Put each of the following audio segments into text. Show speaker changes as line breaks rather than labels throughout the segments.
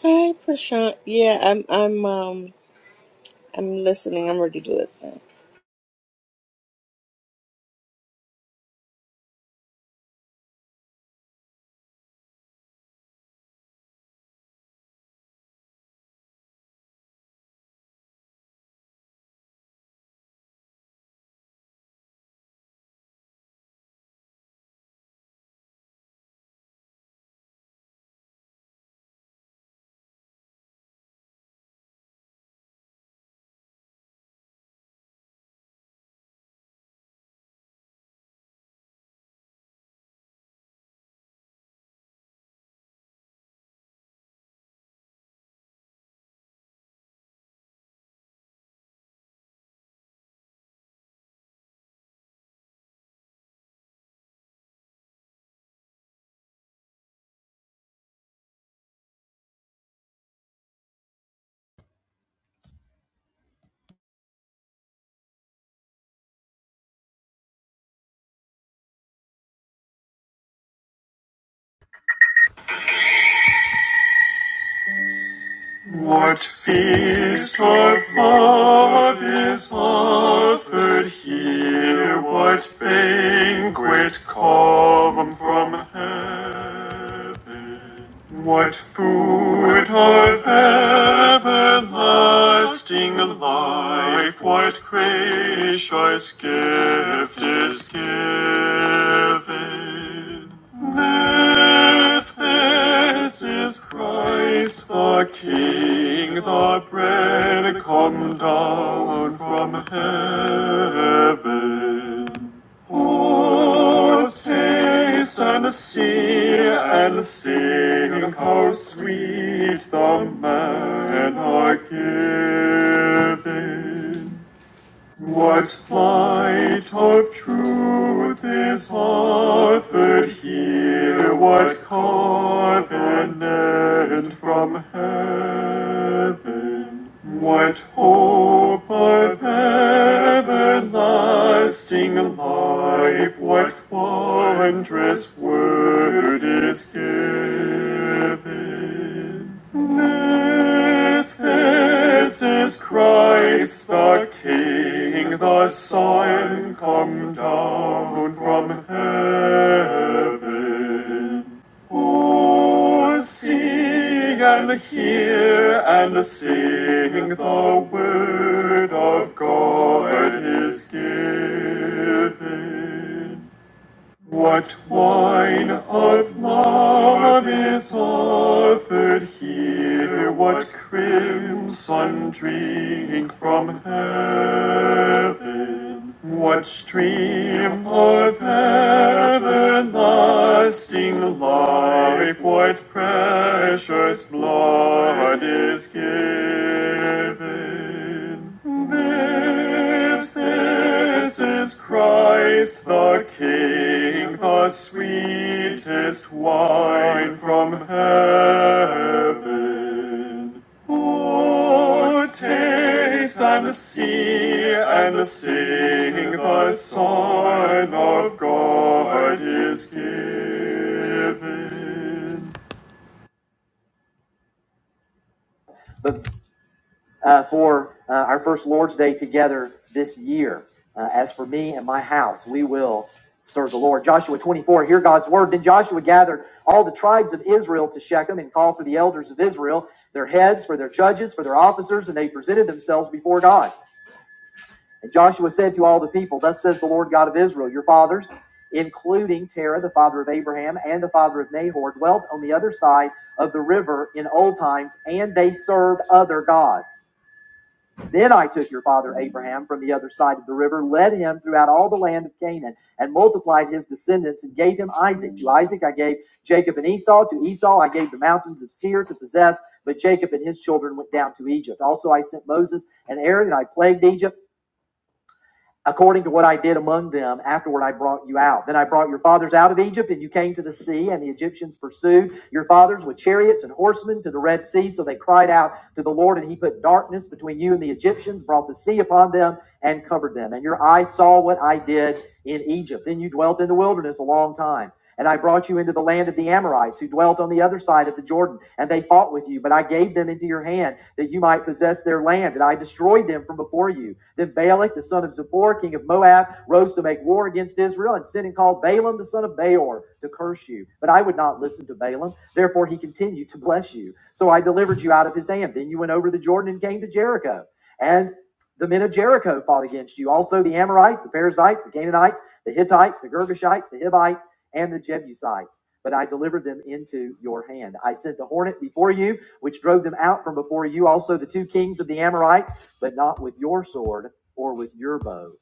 Hey, Prashant. Yeah, I'm. I'm. Um. I'm listening. I'm ready to listen.
What feast of love is offered here? What banquet come from heaven? What food of everlasting life, what gracious gift is given? This, this is Christ the King, the bread come down from heaven. Oh, taste and see and sing how sweet the manna giving. What light of truth is offered here? What covenant from heaven? What hope of everlasting life? What wondrous word is given? This, this is Christ the King, the Son, come down from heaven. Oh, see and hear and sing, the word of God is given. What wine of love is offered here? What crimson drink from heaven? What stream of everlasting life? What precious blood is given? This, this is Christ the King, the sweetest wine from heaven. Oh, taste and see and sing, the Son of God is given. uh, for uh, our first Lord's Day together this year. Uh, as for me and my house, we will serve the Lord. Joshua 24, hear God's word. Then Joshua gathered all the tribes of Israel to Shechem and called for the elders of Israel, their heads, for their judges, for their officers, and they presented themselves before God. And Joshua said to all the people, Thus says the Lord God of Israel, your fathers, including Terah, the father of Abraham, and the father of Nahor, dwelt on the other side of the river in old times, and they served other gods. Then I took your father Abraham from the other side of the river, led him throughout all the land of Canaan, and multiplied his descendants, and gave him Isaac. To Isaac I gave Jacob and Esau. To Esau I gave the mountains of Seir to possess. But Jacob and his children went down to Egypt. Also I sent Moses and Aaron, and I plagued Egypt according to what I did among them afterward I brought you out. Then I brought your fathers out of Egypt, and you came to the sea, and the Egyptians pursued your fathers with chariots and horsemen to the Red Sea. So they cried out to the Lord, and he put darkness between you and the Egyptians, brought the sea upon them, and covered them. And your eyes saw what I did in Egypt. Then you dwelt in the wilderness a long time. And I brought you into the land of the Amorites who dwelt on the other side of the Jordan, and they fought with you. But I gave them into your hand that you might possess their land, and I destroyed them from before you. Then Balak, the son of Zippor, king of Moab, rose to make war against Israel and sent and called Balaam, the son of Beor, to curse you. But I would not listen to Balaam. Therefore, he continued to bless you. So I delivered you out of his hand. Then you went over the Jordan and came to Jericho. And the men of Jericho fought against you. Also, the Amorites, the Perizzites, the Canaanites, the Hittites, the Girgashites, the Hivites and the Jebusites, but I delivered them into your hand. I sent the hornet before you, which drove them out from before you, also the two kings of the Amorites, but not with your sword or with your bow.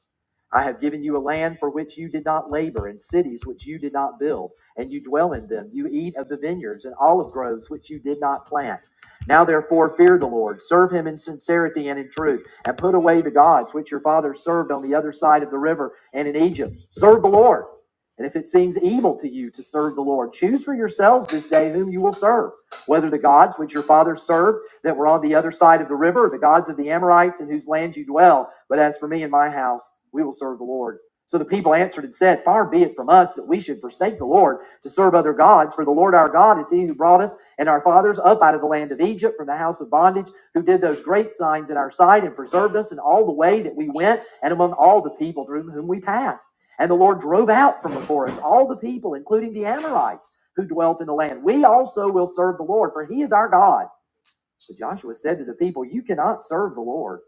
I have given you a land for which you did not labor, and cities which you did not build, and you dwell in them. You eat of the vineyards and olive groves which you did not plant. Now, therefore, fear the Lord, serve him in sincerity and in truth, and put away the gods which your fathers served on the other side of the river and in Egypt. Serve the Lord. And if it seems evil to you to serve the Lord, choose for yourselves this day whom you will serve, whether the gods which your fathers served that were on the other side of the river, the gods of the Amorites in whose land you dwell. But as for me and my house, we will serve the Lord. So the people answered and said, Far be it from us that we should forsake the Lord to serve other gods, for the Lord our God is he who brought us and our fathers up out of the land of Egypt from the house of bondage, who did those great signs in our sight and preserved us in all the way that we went and among all the people through whom we passed. And the Lord drove out from before us all the people, including the Amorites who dwelt in the land. We also will serve the Lord, for he is our God. So Joshua said to the people, You cannot serve the Lord,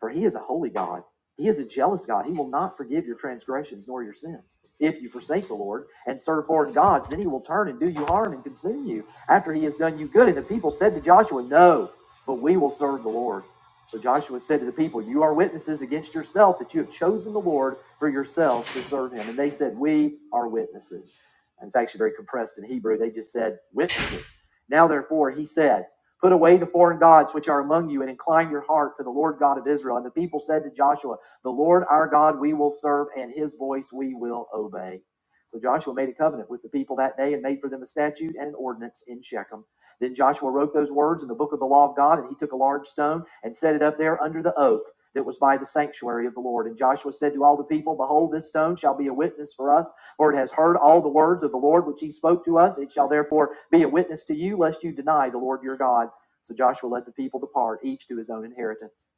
for he is a holy God. He is a jealous God. He will not forgive your transgressions nor your sins. If you forsake the Lord and serve foreign gods, then he will turn and do you harm and consume you after he has done you good. And the people said to Joshua, No, but we will serve the Lord. So Joshua said to the people, You are witnesses against yourself that you have chosen the Lord for yourselves to serve him. And they said, We are witnesses. And it's actually very compressed in Hebrew. They just said, Witnesses. Now, therefore, he said, Put away the foreign gods which are among you and incline your heart to the Lord God of Israel. And the people said to Joshua, The Lord our God we will serve, and his voice we will obey. So Joshua made a covenant with the people that day and made for them a statute and an ordinance in Shechem. Then Joshua wrote those words in the book of the law of God, and he took a large stone and set it up there under the oak that was by the sanctuary of the Lord. And Joshua said to all the people, Behold, this stone shall be a witness for us, for it has heard all the words of the Lord which he spoke to us. It shall therefore be a witness to you, lest you deny the Lord your God. So Joshua let the people depart, each to his own inheritance.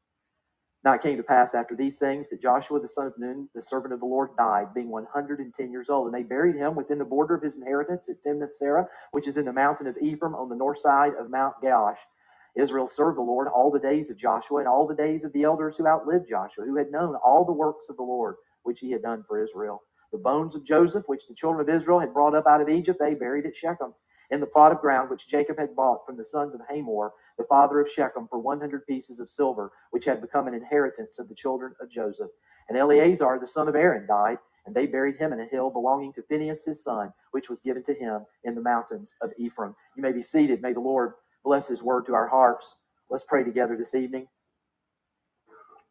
Now it came to pass after these things that Joshua the son of Nun, the servant of the Lord, died, being 110 years old. And they buried him within the border of his inheritance at Timnath Serah, which is in the mountain of Ephraim on the north side of Mount Gaash. Israel served the Lord all the days of Joshua and all the days of the elders who outlived Joshua, who had known all the works of the Lord which he had done for Israel. The bones of Joseph, which the children of Israel had brought up out of Egypt, they buried at Shechem in the plot of ground which Jacob had bought from the sons of Hamor the father of Shechem, for 100 pieces of silver, which had become an inheritance of the children of Joseph. And Eleazar, the son of Aaron, died, and they buried him in a hill belonging to Phinehas his son, which was given to him in the mountains of Ephraim. You may be seated. May the Lord bless his word to our hearts. Let's pray together this evening.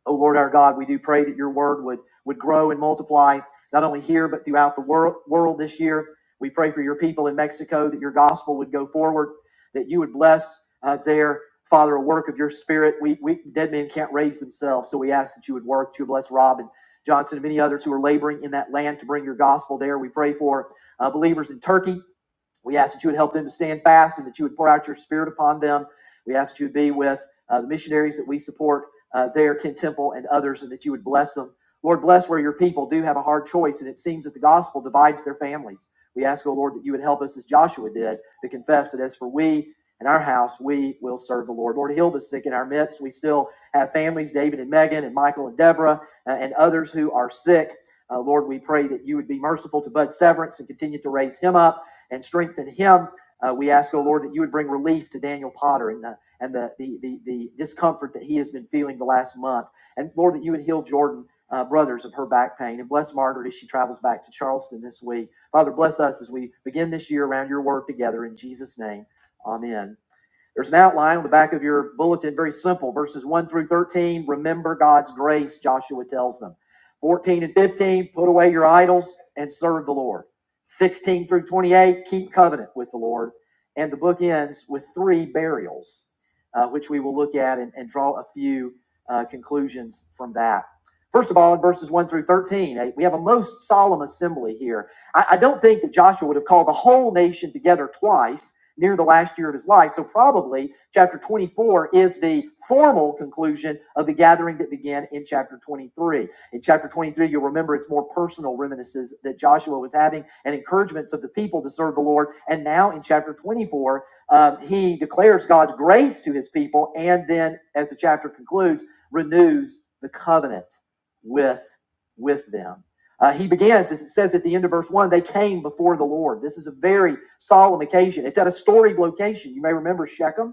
O Lord our God, we do pray that your word would, would grow and multiply, not only here, but throughout the world, world this year. We pray for your people in Mexico that your gospel would go forward, that you would bless uh, their, Father, a work of your spirit. We, we Dead men can't raise themselves, so we ask that you would work, that you would bless Rob and Johnson and many others who are laboring in that land to bring your gospel there. We pray for uh, believers in Turkey we ask that you would help them to stand fast and that you would pour out your spirit upon them. We ask that you would be with uh, the missionaries that we support uh, there, Ken Temple and others, and that you would bless them. Lord, bless where your people do have a hard choice, and it seems that the gospel divides their families. We ask, O Lord, that you would help us as Joshua did to confess that as for we and our house, we will serve the Lord. Lord, heal the sick in our midst. We still have families, David and Megan, and Michael and Deborah, uh, and others who are sick. Uh, Lord, we pray that you would be merciful to Bud Severance and continue to raise him up and strengthen him. Uh, we ask, oh Lord, that you would bring relief to Daniel Potter and, uh, and the, the, the, the discomfort that he has been feeling the last month. And Lord, that you would heal Jordan uh, Brothers of her back pain. And bless Margaret as she travels back to Charleston this week. Father, bless us as we begin this year around your word together. In Jesus' name, amen. There's an outline on the back of your bulletin, very simple. Verses 1 through 13, remember God's grace, Joshua tells them. 14 and 15, put away your idols and serve the Lord. 16 through 28, keep covenant with the Lord. And the book ends with three burials, uh, which we will look at and, and draw a few uh, conclusions from that. First of all, in verses 1 through 13, eh, we have a most solemn assembly here. I, I don't think that Joshua would have called the whole nation together twice near the last year of his life. So probably chapter 24 is the formal conclusion of the gathering that began in chapter 23. In chapter 23, you'll remember it's more personal reminiscences that Joshua was having and encouragements of the people to serve the Lord. And now in chapter 24, um, he declares God's grace to his people. And then as the chapter concludes, renews the covenant with, with them. Uh, he begins, as it says at the end of verse 1, they came before the Lord. This is a very solemn occasion. It's at a storied location. You may remember Shechem.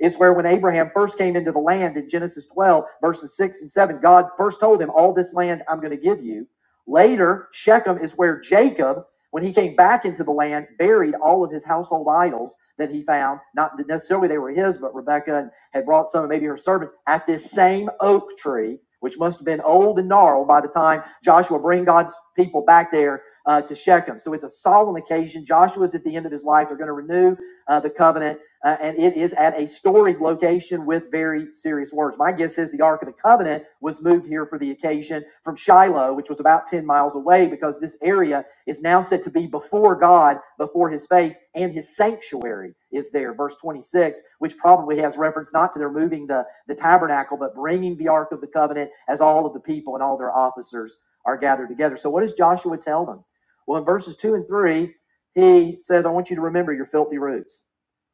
It's where when Abraham first came into the land in Genesis 12, verses 6 and 7, God first told him, All this land I'm going to give you. Later, Shechem is where Jacob, when he came back into the land, buried all of his household idols that he found. Not that necessarily they were his, but Rebecca had brought some, maybe her servants, at this same oak tree, which must have been old and gnarled by the time Joshua, bring God's people back there uh, to Shechem. So it's a solemn occasion. Joshua's at the end of his life. They're going to renew uh, the covenant, uh, and it is at a storied location with very serious words. My guess is the Ark of the Covenant was moved here for the occasion from Shiloh, which was about 10 miles away, because this area is now said to be before God, before his face, and his sanctuary is there. Verse 26, which probably has reference not to their moving the, the tabernacle, but bringing the Ark of the Covenant as all of the people and all their officers are gathered together. So, what does Joshua tell them? Well, in verses two and three, he says, I want you to remember your filthy roots.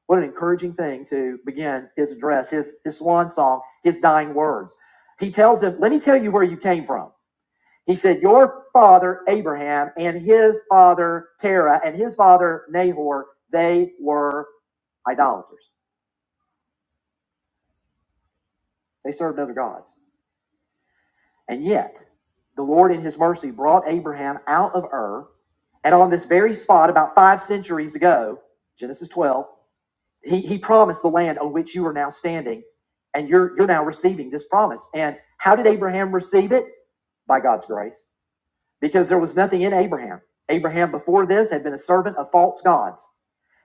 What an encouraging thing to begin his address, his, his swan song, his dying words. He tells them, Let me tell you where you came from. He said, Your father Abraham and his father Terah and his father Nahor, they were idolaters. They served other gods. And yet, the Lord in his mercy brought Abraham out of Ur, and on this very spot, about five centuries ago, Genesis 12, he, he promised the land on which you are now standing, and you're, you're now receiving this promise. And how did Abraham receive it? By God's grace because there was nothing in Abraham. Abraham before this had been a servant of false gods.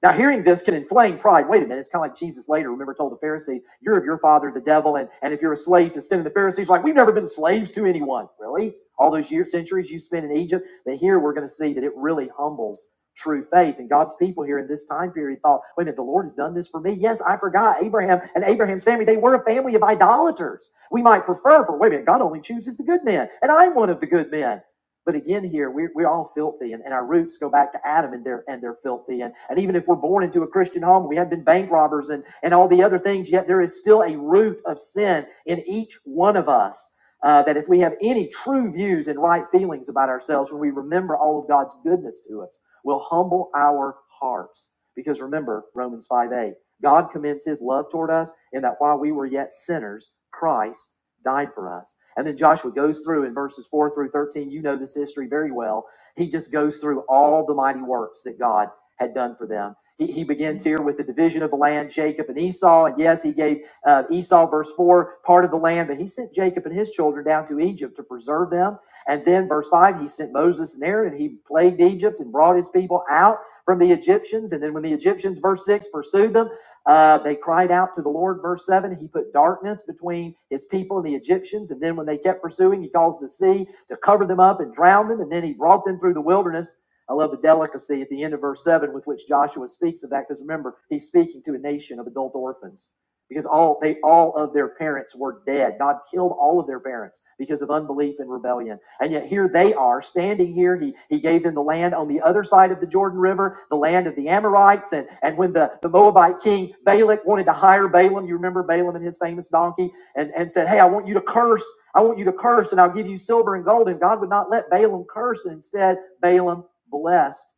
Now, hearing this can inflame pride. Wait a minute, it's kind of like Jesus later, remember, told the Pharisees, You're of your father, the devil, and, and if you're a slave to sin, and the Pharisees are like, We've never been slaves to anyone. Really? All those years, centuries you spent in Egypt. But here we're going to see that it really humbles true faith. And God's people here in this time period thought, Wait a minute, the Lord has done this for me. Yes, I forgot Abraham and Abraham's family. They were a family of idolaters. We might prefer for, wait a minute, God only chooses the good men, and I'm one of the good men. But again, here we're, we're all filthy, and, and our roots go back to Adam and they're and they're filthy. And, and even if we're born into a Christian home, we have been bank robbers and, and all the other things, yet there is still a root of sin in each one of us. Uh, that if we have any true views and right feelings about ourselves, when we remember all of God's goodness to us, we will humble our hearts. Because remember, Romans 5 8, God commends his love toward us in that while we were yet sinners, Christ died for us. And then Joshua goes through in verses 4 through 13. You know this history very well. He just goes through all the mighty works that God had done for them. He, he begins here with the division of the land, Jacob and Esau. And yes, he gave uh, Esau, verse 4, part of the land, but he sent Jacob and his children down to Egypt to preserve them. And then, verse 5, he sent Moses and Aaron, and he plagued Egypt and brought his people out from the Egyptians. And then, when the Egyptians, verse 6, pursued them, uh, they cried out to the Lord, verse 7. He put darkness between his people and the Egyptians. And then when they kept pursuing, he caused the sea to cover them up and drown them. And then he brought them through the wilderness. I love the delicacy at the end of verse 7 with which Joshua speaks of that because remember, he's speaking to a nation of adult orphans because all they all of their parents were dead. God killed all of their parents because of unbelief and rebellion. And yet here they are standing here. He he gave them the land on the other side of the Jordan River, the land of the Amorites. And and when the, the Moabite king Balak wanted to hire Balaam, you remember Balaam and his famous donkey, and, and said, Hey, I want you to curse, I want you to curse, and I'll give you silver and gold. And God would not let Balaam curse, and instead Balaam blessed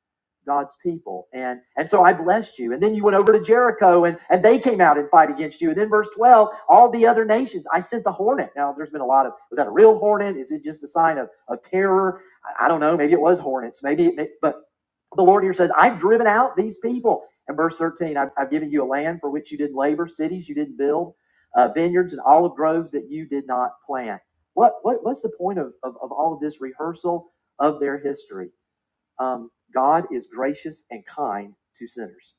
God's people. And and so I blessed you. And then you went over to Jericho and, and they came out and fight against you. And then verse 12, all the other nations, I sent the hornet. Now there's been a lot of was that a real hornet? Is it just a sign of, of terror? I, I don't know. Maybe it was hornets. Maybe it, but the Lord here says, I've driven out these people. And verse 13, I've, I've given you a land for which you didn't labor, cities you didn't build, uh, vineyards and olive groves that you did not plant. What, what what's the point of, of, of all of this rehearsal of their history? Um, God is gracious and kind to sinners.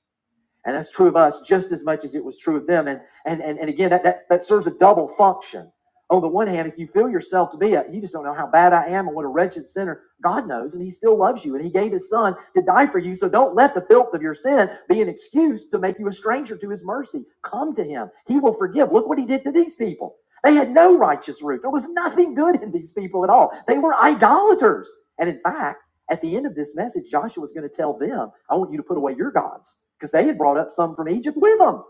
And that's true of us just as much as it was true of them. And and and, and again, that, that that serves a double function. On the one hand, if you feel yourself to be a, you just don't know how bad I am and what a wretched sinner, God knows, and He still loves you, and He gave His Son to die for you. So don't let the filth of your sin be an excuse to make you a stranger to His mercy. Come to Him; He will forgive. Look what He did to these people. They had no righteous root. There was nothing good in these people at all. They were idolaters. And in fact, at the end of this message, Joshua Joshua's going to tell them, "I want you to put away your gods." because they had brought up some from Egypt with them.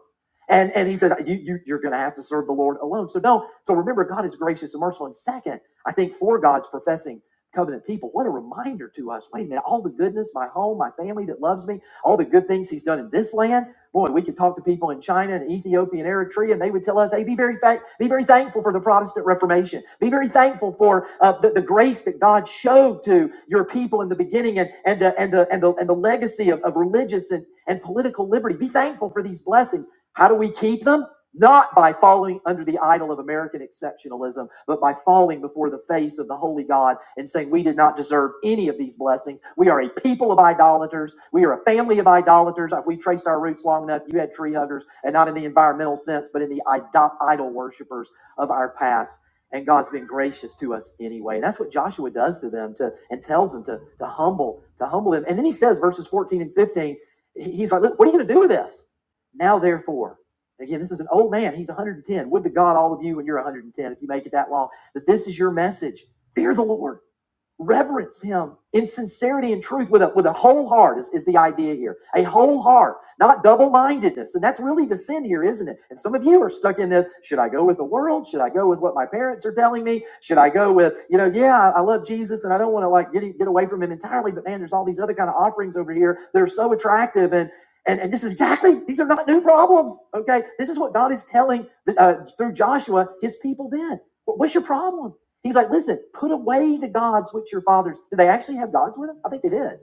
And, and he said, you, you, You're going to have to serve the Lord alone. So, no. So, remember, God is gracious and merciful. And second, I think for God's professing covenant people, what a reminder to us. Wait a minute, all the goodness, my home, my family that loves me, all the good things He's done in this land. Boy, we could talk to people in China and Ethiopia and Eritrea, and they would tell us, "Hey, be very fa- be very thankful for the Protestant Reformation. Be very thankful for uh, the, the grace that God showed to your people in the beginning, and and the and the and the, and the legacy of, of religious and, and political liberty. Be thankful for these blessings. How do we keep them? not by falling under the idol of American exceptionalism, but by falling before the face of the holy God and saying, We did not deserve any of these blessings. We are a people of idolaters. We are a family of idolaters. If we traced our roots long enough, you had tree huggers, and not in the environmental sense, but in the idol, idol worshipers of our past. And God's been gracious to us anyway. And that's what Joshua does to them to and tells them to, to humble, to humble them. And then he says, verses 14 and 15, he's like, Look, what are you gonna do with this? Now therefore. Again, this is an old man. He's 110. Would to God, all of you, when you're 110, if you make it that long, that this is your message. Fear the Lord reverence him in sincerity and truth with a with a whole heart is, is the idea here a whole heart not double-mindedness and that's really the sin here isn't it and some of you are stuck in this should i go with the world should i go with what my parents are telling me should i go with you know yeah i love jesus and i don't want to like get, get away from him entirely but man there's all these other kind of offerings over here that are so attractive and and, and this is exactly these are not new problems okay this is what god is telling uh, through joshua his people then what's your problem He's like, listen, put away the gods which your fathers. Did they actually have gods with them? I think they did.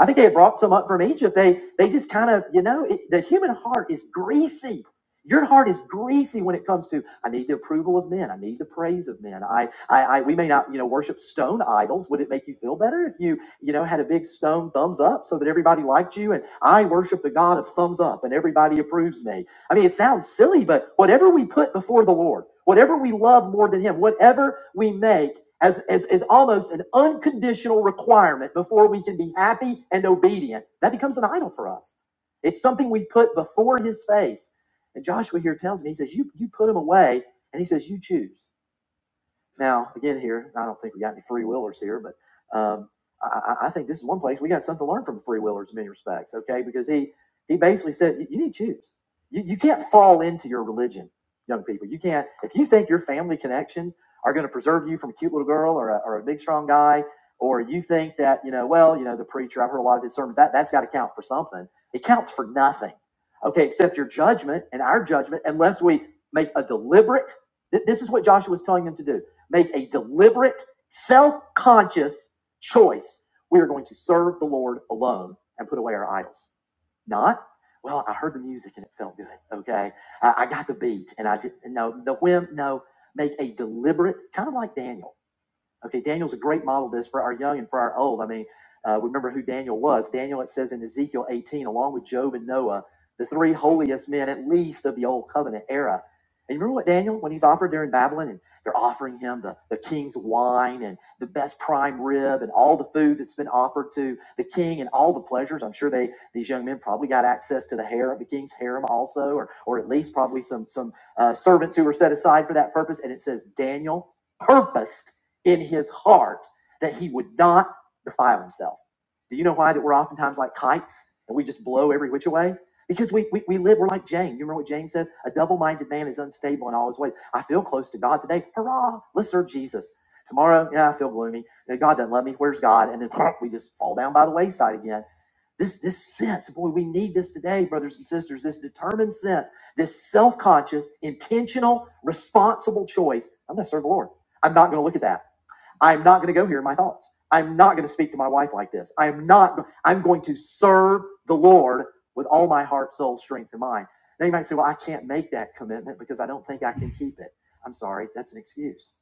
I think they had brought some up from Egypt. They they just kind of, you know, it, the human heart is greasy. Your heart is greasy when it comes to I need the approval of men. I need the praise of men. I, I, I we may not, you know, worship stone idols. Would it make you feel better if you, you know, had a big stone thumbs up so that everybody liked you and I worship the God of thumbs up and everybody approves me? I mean, it sounds silly, but whatever we put before the Lord, whatever we love more than Him, whatever we make as, as, as almost an unconditional requirement before we can be happy and obedient, that becomes an idol for us. It's something we've put before His face. And Joshua here tells me, he says, You, you put Him away, and He says, You choose. Now, again, here, I don't think we got any free willers here, but um, I, I think this is one place we got something to learn from the free willers in many respects, okay? Because he, he basically said, you, you need to choose. You, you can't fall into your religion, young people. You can't, if you think your family connections are going to preserve you from a cute little girl or a, or a big, strong guy, or you think that, you know, well, you know, the preacher, I've heard a lot of his sermons, that, that's got to count for something. It counts for nothing, okay, except your judgment and our judgment, unless we make a deliberate Th- This is what Joshua was telling them to do. Make a deliberate, self conscious choice. We are going to serve the Lord alone and put away our idols. Not, well, I heard the music and it felt good. Okay. I, I got the beat and I did, no, the whim, no. Make a deliberate, kind of like Daniel Okay, Daniel's a great model of this for our young and for our old. I mean, uh, remember who Daniel was. Daniel, it says in Ezekiel 18, along with Job and Noah, the three holiest men, at least of the old covenant era. And you remember what Daniel, when he's offered there in Babylon, and they're offering him the, the king's wine and the best prime rib and all the food that's been offered to the king and all the pleasures. I'm sure they these young men probably got access to the hair of the king's harem also, or or at least probably some some uh, servants who were set aside for that purpose. And it says Daniel purposed in his heart that he would not defile himself. Do you know why that we're oftentimes like kites and we just blow every which way? Because we, we, we live, we're like James. You remember what James says? A double minded man is unstable in all his ways. I feel close to God today. Hurrah! Let's serve Jesus. Tomorrow, yeah, I feel gloomy. Yeah, God doesn't love me. Where's God? And then we just fall down by the wayside again. This, this sense, boy, we need this today, brothers and sisters, this determined sense, this self conscious, intentional, responsible choice. I'm going to serve the Lord. I'm not going to look at that. I'm not going to go here in my thoughts. I'm not going to speak to my wife like this. I'm not, I'm going to serve the Lord with all my heart, soul, strength, and mind. Now you might say, well, I can't make that commitment because I don't think I can keep it. I'm sorry, that's an excuse.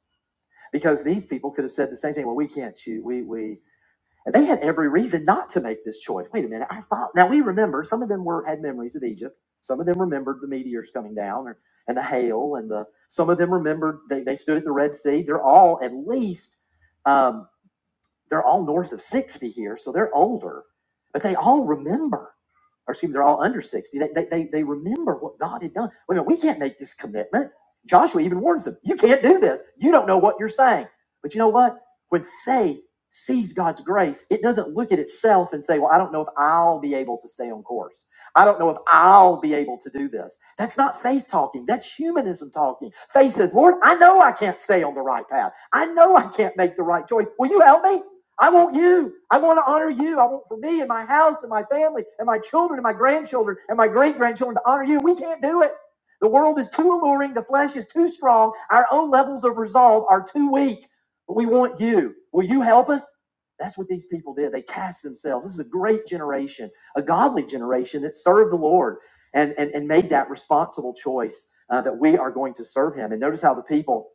Because these people could have said the same thing. Well, we can't choose. We, we, and they had every reason not to make this choice. Wait a minute. I thought, now we remember some of them were, had memories of Egypt. Some of them remembered the meteors coming down or, and the hail and the, some of them remembered they, they stood at the Red Sea. They're all at least, um, they're all north of 60 here, so they're older, but they all remember, or excuse me, they're all under 60. They, they, they, they remember what God had done. Wait a minute, we can't make this commitment. Joshua even warns them, you can't do this. You don't know what you're saying. But you know what? When faith sees God's grace, it doesn't look at itself and say, well, I don't know if I'll be able to stay on course. I don't know if I'll be able to do this. That's not faith talking. That's humanism talking. Faith says, Lord, I know I can't stay on the right path. I know I can't make the right choice. Will you help me? I want you. I want to honor you. I want for me and my house and my family and my children and my grandchildren and my great grandchildren to honor you. We can't do it. The world is too alluring. The flesh is too strong. Our own levels of resolve are too weak. But we want you. Will you help us? That's what these people did. They cast themselves. This is a great generation, a godly generation that served the Lord and, and, and made that responsible choice uh, that we are going to serve him. And notice how the people,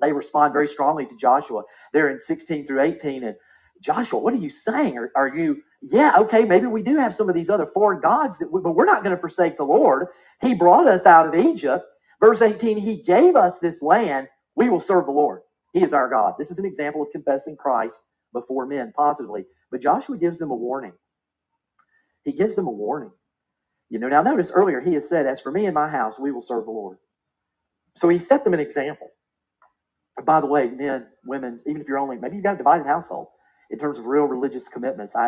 they respond very strongly to Joshua. They're in 16 through 18. and. Joshua, what are you saying? Are, are you, yeah, okay, maybe we do have some of these other foreign gods, that we, but we're not going to forsake the Lord. He brought us out of Egypt. Verse 18, He gave us this land. We will serve the Lord. He is our God. This is an example of confessing Christ before men positively. But Joshua gives them a warning. He gives them a warning. You know, now notice earlier he has said, As for me and my house, we will serve the Lord. So he set them an example. By the way, men, women, even if you're only, maybe you've got a divided household in terms of real religious commitments. I.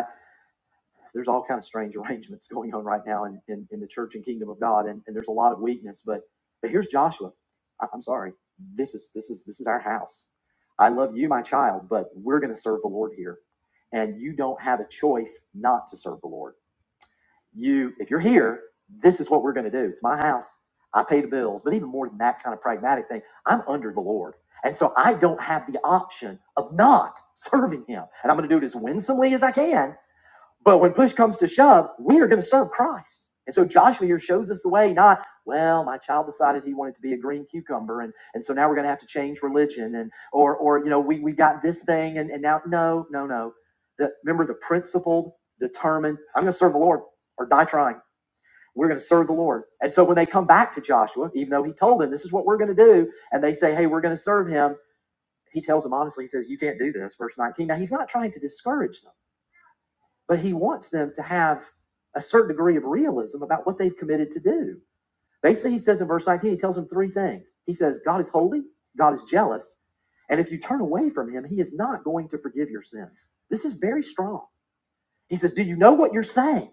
there's all kind of strange arrangements going on right now in, in, in the church and kingdom of God, and, and there's a lot of weakness. But but here's Joshua. I, I'm sorry. This is this is this is our house. I love you, my child, but we're going to serve the Lord here, and you don't have a choice not to serve the Lord. You, if you're here, this is what we're going to do. It's my house. I pay the bills, but even more than that kind of pragmatic thing, I'm under the Lord. And so I don't have the option of not serving him. And I'm going to do it as winsomely as I can but when push comes to shove, we are going to serve Christ. And so Joshua here shows us the way, not, well, my child decided he wanted to be a green cucumber, and, and so now we're going to have to change religion, and or or you know, we we've got this thing, and, and now no, no, no. The, remember the principled, determined, I'm going to serve the Lord or die trying. We're going to serve the Lord. And so when they come back to Joshua, even though he told them this is what we're going to do, and they say, Hey, we're going to serve him, he tells them honestly, he says, You can't do this, verse 19. Now he's not trying to discourage them but he wants them to have a certain degree of realism about what they've committed to do. Basically, he says in verse 19, he tells them three things. He says, God is holy, God is jealous, and if you turn away from him, he is not going to forgive your sins. This is very strong. He says, Do you know what you're saying?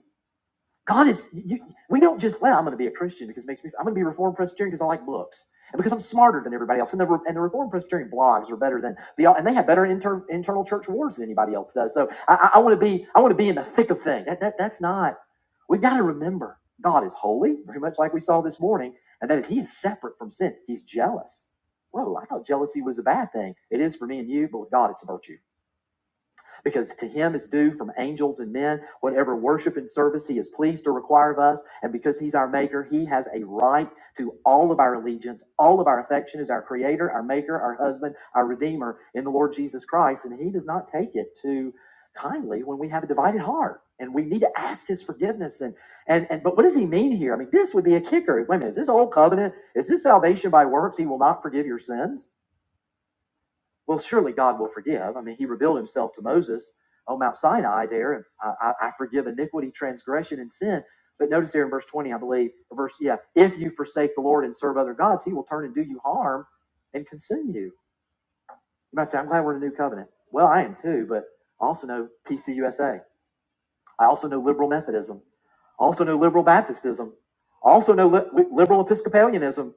God is, you, we don't just, well, I'm going to be a Christian because it makes me, I'm going to be Reformed Presbyterian because I like books and because I'm smarter than everybody else. And the, and the Reformed Presbyterian blogs are better than the, and they have better inter, internal church wars than anybody else does. So I, I, I want to be, I want to be in the thick of things. That, that, that's not, we've got to remember God is holy, very much like we saw this morning, and that is, he is separate from sin. He's jealous. Whoa, I thought jealousy was a bad thing. It is for me and you, but with God, it's a virtue because to him is due from angels and men whatever worship and service he is pleased to require of us. And because he's our maker, he has a right to all of our allegiance, all of our affection is our creator, our maker, our husband, our redeemer in the Lord Jesus Christ. And he does not take it too kindly when we have a divided heart. And we need to ask his forgiveness. And and and but what does he mean here? I mean, this would be a kicker. Wait a minute, is this old covenant? Is this salvation by works? He will not forgive your sins. Well, surely God will forgive. I mean, he revealed himself to Moses on Mount Sinai there. And I, I, I forgive iniquity, transgression, and sin. But notice here in verse 20, I believe, or verse, yeah, if you forsake the Lord and serve other gods, he will turn and do you harm and consume you. You might say, I'm glad we're in a new covenant. Well, I am too, but I also know PCUSA. I also know liberal Methodism. I Also know liberal Baptistism. I Also know li- liberal Episcopalianism.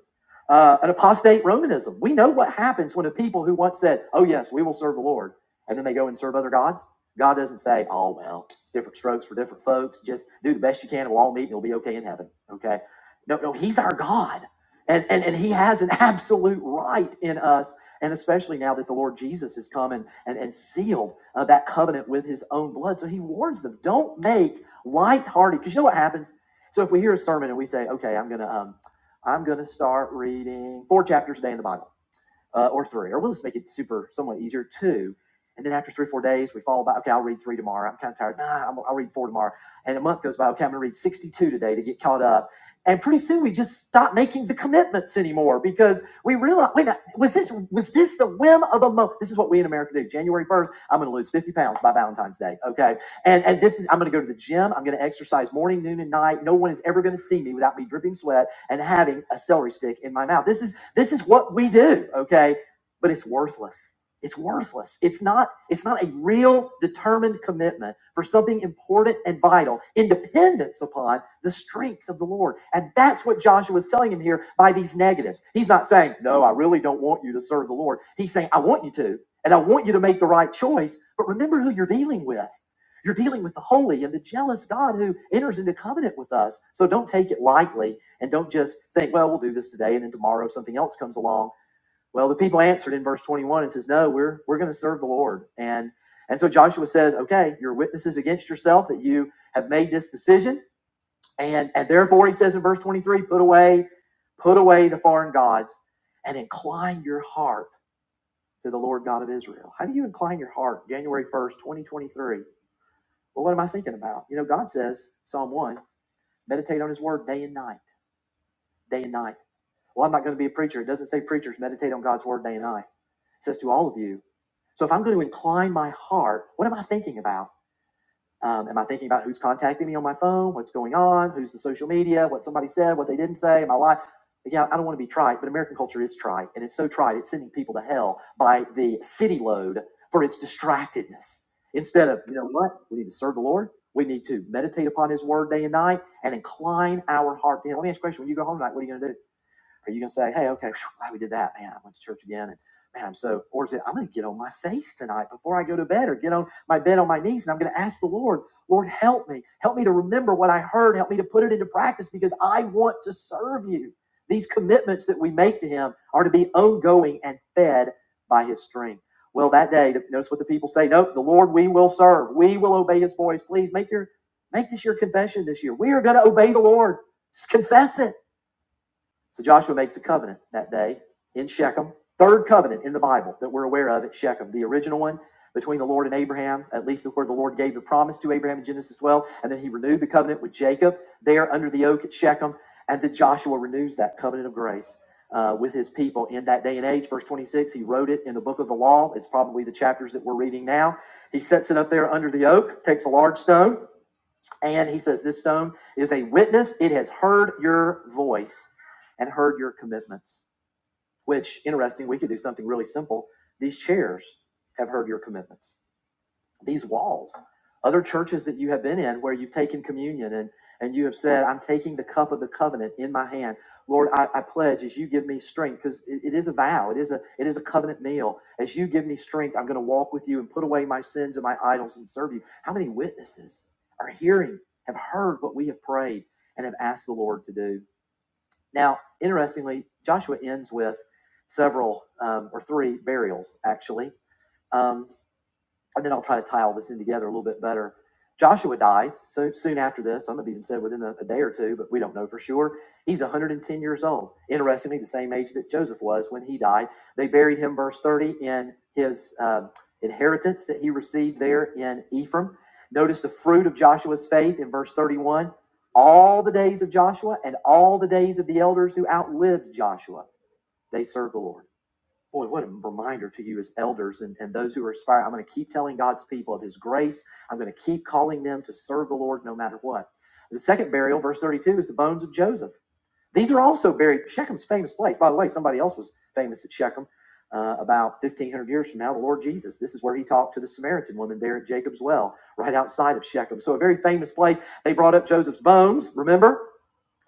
Uh, an apostate Romanism. We know what happens when a people who once said, "Oh yes, we will serve the Lord," and then they go and serve other gods. God doesn't say, "Oh well, it's different strokes for different folks. Just do the best you can, and we'll all meet, and you'll be okay in heaven." Okay? No, no, He's our God, and and and He has an absolute right in us and especially now that the Lord Jesus has come and, and, and sealed uh, that covenant with his own blood. So he warns them, don't make lighthearted. Because you know what happens? So if we hear a sermon and we say, okay, I'm going to, um, I'm going to start reading four chapters a day in the Bible uh, or three, or we'll just make it super, somewhat easier, two. And then after three, or four days, we fall back. Okay, I'll read three tomorrow. I'm kind of tired. Nah, i I'll read four tomorrow. And a month goes by. Okay, I'm going to read 62 today to get caught up. And pretty soon we just stop making the commitments anymore because we realize, wait, a minute, was this was this the whim of a moment? This is what we in America do. January 1st, I'm going to lose 50 pounds by Valentine's Day. Okay, and and this is I'm going to go to the gym. I'm going to exercise morning, noon, and night. No one is ever going to see me without me dripping sweat and having a celery stick in my mouth. This is this is what we do, okay? But it's worthless. It's worthless. It's not it's not a real determined commitment for something important and vital in dependence upon the strength of the Lord. And that's what Joshua is telling him here by these negatives. He's not saying, "No, I really don't want you to serve the Lord." He's saying, "I want you to, and I want you to make the right choice, but remember who you're dealing with." You're dealing with the holy and the jealous God who enters into covenant with us. So don't take it lightly and don't just think, well, we'll do this today and then tomorrow something else comes along. Well, the people answered in verse 21 and says, no, we're we're going to serve the Lord. And and so Joshua says, okay, you're witnesses against yourself that you have made this decision. And and therefore he says in verse 23, put away put away the foreign gods and incline your heart to the Lord God of Israel. How do you incline your heart? January 1st, 2023. Well, what am I thinking about? You know, God says, Psalm 1, meditate on his word day and night day and night. Well, I'm not going to be a preacher. It doesn't say preachers meditate on God's word day and night. It says to all of you. So if I'm going to incline my heart, what am I thinking about? Um, am I thinking about who's contacting me on my phone? What's going on? Who's the social media? What somebody said? What they didn't say? My life. Again, I don't want to be trite, but American culture is trite, and it's so trite it's sending people to hell by the city load for its distractedness. Instead of you know what, we need to serve the Lord. We need to meditate upon His Word day and night, and incline our heart. You know, let me ask you a question: When you go home tonight, what are you going to do? Are you gonna say, hey, okay, phew, glad we did that. Man, I went to church again. And man, I'm so, or is it, I'm going to get on my face tonight before I go to bed or get on my bed on my knees. And I'm going to ask the Lord, Lord, help me. Help me to remember what I heard. Help me to put it into practice because I want to serve you. These commitments that we make to Him are to be ongoing and fed by His strength. Well, that day, notice what the people say. Nope, the Lord we will serve. We will obey His voice. Please make your make this your confession this year. We are going to obey the Lord. Just confess it. So Joshua makes a covenant that day in Shechem, third covenant in the Bible that we're aware of at Shechem, the original one between the Lord and Abraham, at least where the Lord gave the promise to Abraham in Genesis 12. And then he renewed the covenant with Jacob there under the oak at Shechem. And then Joshua renews that covenant of grace. uh, with his people in that day and age. Verse 26, he wrote it in the book of the law. It's probably the chapters that we're reading now. He sets it up there under the oak, takes a large stone, and he says, This stone is a witness. It has heard your voice and heard your commitments, which, interesting, we could do something really simple. These chairs have heard your commitments these walls other churches that you have been in where you've taken communion and and you have said i'm taking the cup of the covenant in my hand lord i, I pledge as you give me strength because it it is a vow it is a it is a covenant meal as you give me strength i'm going to walk with you and put away my sins and my idols and serve you how many witnesses are hearing have heard what we have prayed and have asked the lord to do now interestingly joshua ends with several um, or three burials actually Um, and then I'll try to tie all this in together a little bit better. Joshua dies so soon after this. Some have even said within a, a day or two, but we don't know for sure. He's 110 years old. Interestingly, the same age that Joseph was when he died. They buried him, verse 30, in his um, inheritance that he received there in Ephraim. Notice the fruit of Joshua's faith in verse 31. All the days of Joshua and all the days of the elders who outlived Joshua, they served the Lord boy, what a reminder to you as elders and, and those who are aspiring. I'm going to keep telling God's people of his grace. I'm going to keep calling them to serve the Lord no matter what. The second burial, verse 32, is the bones of Joseph. These are also buried. Shechem's famous place. By the way, somebody else was famous at Shechem uh, about 1,500 years from now, the Lord Jesus. This is where he talked to the Samaritan woman there at Jacob's well, right outside of Shechem. So, a very famous place. They brought up Joseph's bones, remember?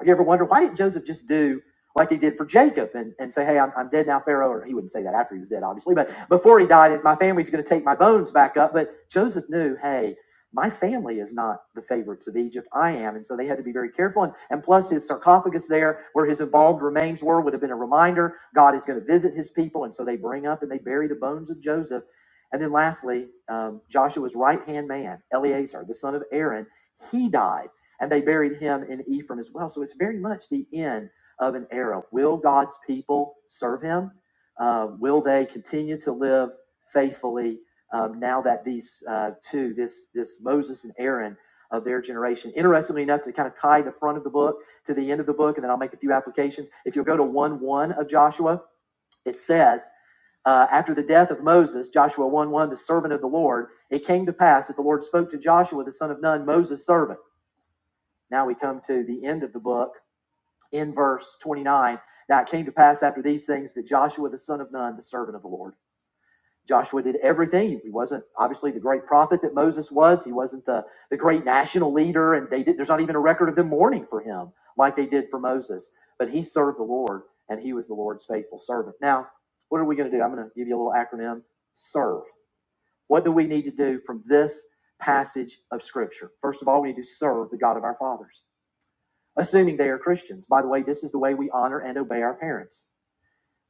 You ever wonder why didn't Joseph just do like he did for Jacob and, and say, Hey, I'm, I'm dead now, Pharaoh? Or he wouldn't say that after he was dead, obviously, but before he died, and my family's going to take my bones back up. But Joseph knew, Hey, my family is not the favorites of Egypt. I am. And so they had to be very careful. And, and plus, his sarcophagus there, where his embalmed remains were, would have been a reminder God is going to visit his people. And so they bring up and they bury the bones of Joseph. And then lastly, um, Joshua's right hand man, Eleazar, the son of Aaron, he died and they buried him in Ephraim as well. So it's very much the end of an era. Will God's people serve him? Uh, will they continue to live faithfully um, now that these uh, two, this this Moses and Aaron of their generation, interestingly enough, to kind of tie the front of the book to the end of the book, and then I'll make a few applications. If you'll go to one one of Joshua, it says. Uh, after the death of Moses, Joshua 1 1, the servant of the Lord, it came to pass that the Lord spoke to Joshua, the son of Nun, Moses' servant. Now we come to the end of the book in verse 29. Now it came to pass after these things that Joshua the son of Nun, the servant of the Lord, Joshua did everything. He wasn't obviously the great prophet that Moses was. He wasn't the, the great national leader, and they did, there's not even a record of them mourning for him like they did for Moses. But he served the Lord, and he was the Lord's faithful servant. Now, what are we going to do? I'm going to give you a little acronym: serve. What do we need to do from this passage of Scripture? First of all, we need to serve the God of our fathers assuming they are Christians. By the way, this is the way we honor and obey our parents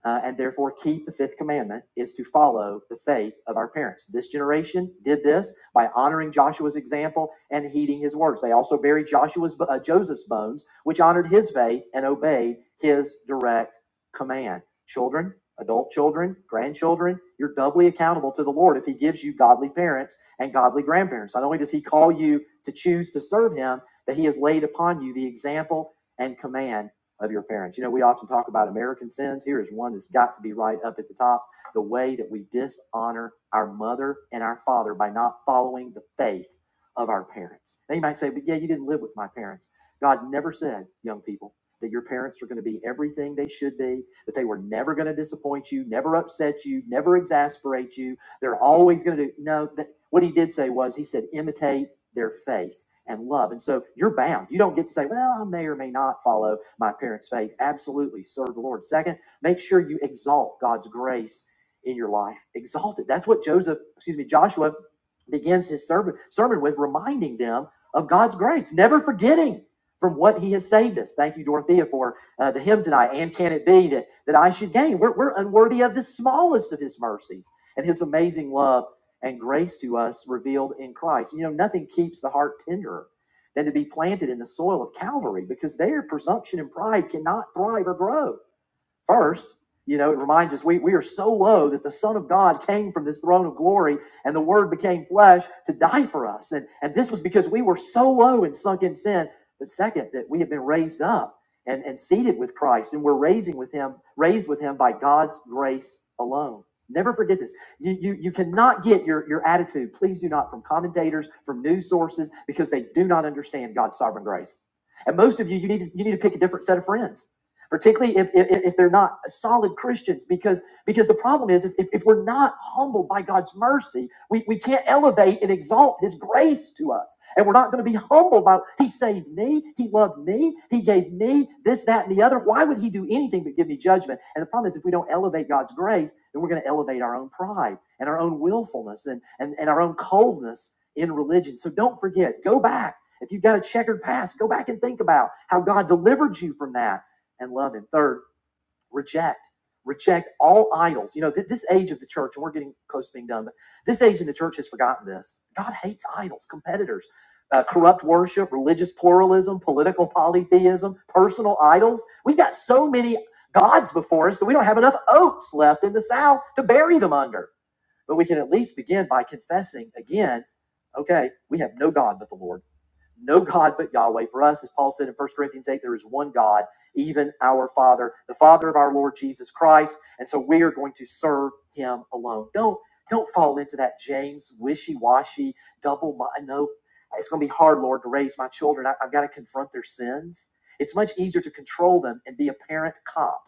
uh, and therefore keep the fifth commandment is to follow the faith of our parents. This generation did this by honoring Joshua's example and heeding his words. They also buried Joshua's uh, Joseph's bones, which honored his faith and obeyed his direct command. Children, adult children, grandchildren, you're doubly accountable to the Lord if he gives you godly parents and godly grandparents. Not only does he call you to choose to serve him, but he has laid upon you the example and command of your parents. You know, we often talk about American sins. Here is one that's got to be right up at the top the way that we dishonor our mother and our father by not following the faith of our parents. Now, you might say, but yeah, you didn't live with my parents. God never said, young people, that your parents were going to be everything they should be, that they were never going to disappoint you, never upset you, never exasperate you. They're always going to do. No, that, what he did say was, he said, imitate their faith and love. And so you're bound. You don't get to say, well, I may or may not follow my parents' faith. Absolutely serve the Lord. Second, make sure you exalt God's grace in your life. Exalt it. That's what Joseph, excuse me, Joshua begins his sermon, sermon with, reminding them of God's grace, never forgetting from what he has saved us. Thank you, Dorothea, for uh, the hymn tonight. And can it be that, that I should gain? We're, we're unworthy of the smallest of his mercies and his amazing love and grace to us revealed in Christ. You know, nothing keeps the heart tenderer than to be planted in the soil of Calvary because there presumption and pride cannot thrive or grow. First, you know, it reminds us we, we are so low that the Son of God came from this throne of glory and the Word became flesh to die for us. And, and this was because we were so low and sunk in sin. But second, that we have been raised up and, and seated with Christ and we're raising with him, raised with him by God's grace alone. Never forget this. You, you, you cannot get your, your attitude, please do not, from commentators, from news sources, because they do not understand God's sovereign grace. And most of you, you need to, you need to pick a different set of friends particularly if, if, if they're not solid Christians, because, because the problem is if, if, if we're not humbled by God's mercy, we, we can't elevate and exalt his grace to us. And we're not going to be humbled by, he saved me, he loved me, he gave me this, that, and the other. Why would he do anything but give me judgment? And the problem is if we don't elevate God's grace, then we're going to elevate our own pride and our own willfulness and, and, and our own coldness in religion. So don't forget, go back. If you've got a checkered past, go back and think about how God delivered you from that and love him. Third, reject. Reject all idols. You know, th- this age of the church, and we're getting close to being done, but this age in the church has forgotten this. God hates idols, competitors, uh, corrupt worship, religious pluralism, political polytheism, personal idols. We've got so many gods before us that we don't have enough oats left in the south to bury them under. But we can at least begin by confessing again okay, we have no God but the Lord no God but Yahweh. For us, as Paul said in First Corinthians 8, there is one God, even our Father, the Father of our Lord Jesus Christ. And so we are going to serve him alone. Don't don't fall into that James wishy-washy, double mind. No, it's going to be hard, Lord, to raise my children. I, I've got to confront their sins. It's much easier to control them and be a parent cop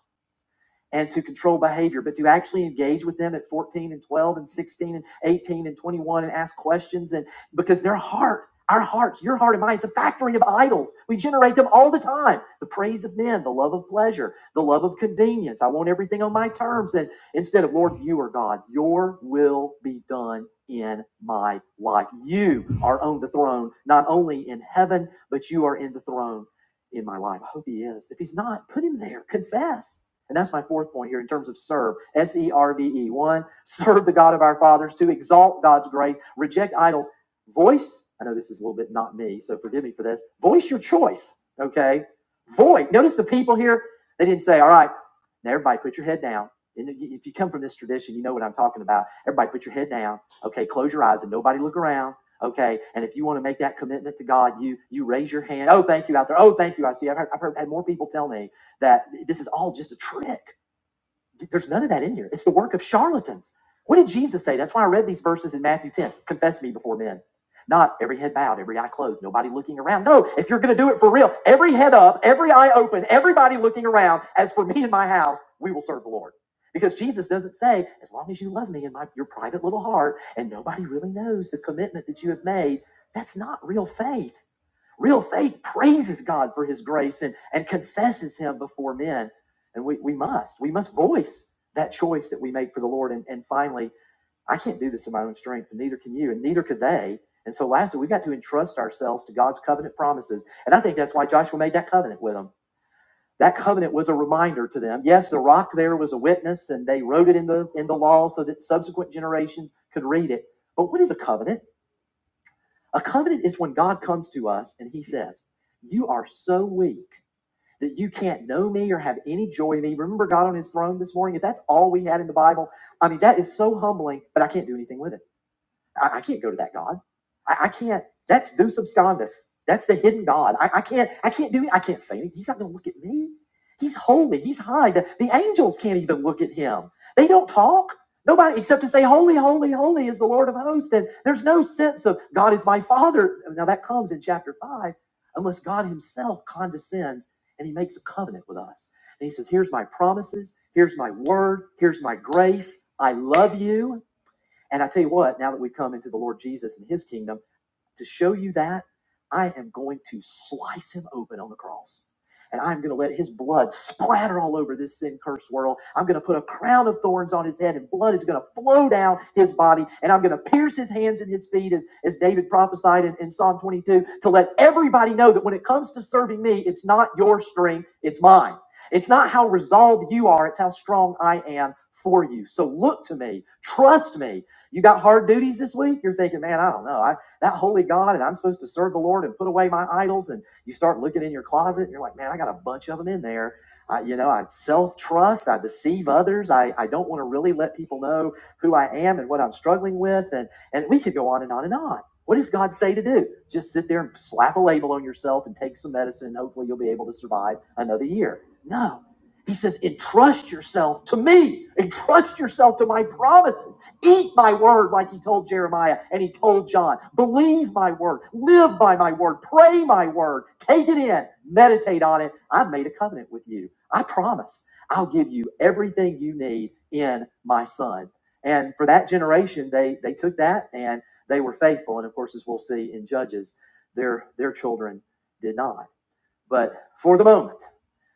and to control behavior, but to actually engage with them at 14 and 12 and 16 and 18 and 21 and ask questions and because their heart, our hearts, your heart and mine, it's a factory of idols. We generate them all the time. The praise of men, the love of pleasure, the love of convenience. I want everything on my terms. And instead of Lord, you are God, your will be done in my life. You are on the throne, not only in heaven, but you are in the throne in my life. I hope he is. If he's not, put him there. Confess and that's my fourth point here in terms of serve. S E R V E. One, serve the God of our fathers. Two, exalt God's grace. Reject idols. Voice, I know this is a little bit not me, so forgive me for this. Voice your choice, okay? Voice. Notice the people here, they didn't say, all right, now everybody put your head down. And if you if you come from this tradition, you know what I'm talking about. Everybody put your head down, okay? Close your eyes and nobody look around. Okay, and if you want to make that commitment to God, you you raise your hand. Oh, thank you out there. Oh, thank you. I see. I've heard, I've heard had more people tell me that this is all just a trick. There's none of that in here. It's the work of charlatans. What did Jesus say? That's why I read these verses in Matthew 10. Confess me before men. Not every head bowed, every eye closed, nobody looking around. No, if you're going to do it for real, every head up, every eye open, everybody looking around. As for me and my house, we will serve the Lord. Because Jesus doesn't say, as long as you love me in my, your private little heart and nobody really knows the commitment that you have made, that's not real faith. Real faith praises God for his grace and, and confesses him before men. And we, we must, we must voice that choice that we make for the Lord. And, and finally, I can't do this in my own strength, and neither can you, and neither could they. And so, lastly, we've got to entrust ourselves to God's covenant promises. And I think that's why Joshua made that covenant with them. That covenant was a reminder to them. Yes, the rock there was a witness, and they wrote it in the in the law so that subsequent generations could read it. But what is a covenant? A covenant is when God comes to us and He says, "You are so weak that you can't know me or have any joy in me. Remember God on his throne this morning? If that's all we had in the Bible, I mean, that is so humbling, but I can't do anything with it. I, I can't go to that God. I, I can't. That's Deus Abscondus. That's the hidden God. I, I can't. I can't do. it. I can't say it. He's not going to look at me. He's holy. He's high. The, the angels can't even look at him. They don't talk. Nobody except to say, "Holy, holy, holy is the Lord of hosts." And there's no sense of God is my Father. Now that comes in chapter five, unless God Himself condescends and He makes a covenant with us. And He says, "Here's my promises. Here's my word. Here's my grace. I love you." And I tell you what, now that we've come into the Lord Jesus and his kingdom, to show you that, I am going to slice him open on the cross. And I'm going to let his blood splatter all over this sin cursed world. I'm going to put a crown of thorns on his head, and blood is going to flow down his body. And I'm going to pierce his hands and his feet, as, as David prophesied in, in Psalm 22, to let everybody know that when it comes to serving me, it's not your strength, it's mine. It's not how resolved you are, it's how strong I am for you. So look to me, trust me, you got hard duties this week? You're thinking, man, I don't know. I, that holy God, and I'm supposed to serve the Lord and put away my idols. And you start looking in your closet, and you're like, man, I got a bunch of them in there. I, you know, I self trust, I deceive others, I, I don't want to really let people know who I am and what I'm struggling with. And, and we could go on and on and on. What does God say to do? Just sit there and slap a label on yourself and take some medicine. And hopefully, you'll be able to survive another year. No. He says, entrust yourself to me, entrust yourself to my promises. Eat my word, like he told Jeremiah and he told John. Believe my word. Live by my word. Pray my word. Take it in. Meditate on it. I've made a covenant with you. I promise I'll give you everything you need in my son. And for that generation, they, they took that and they were faithful. And of course, as we'll see in Judges, their, their children did not. But for the moment,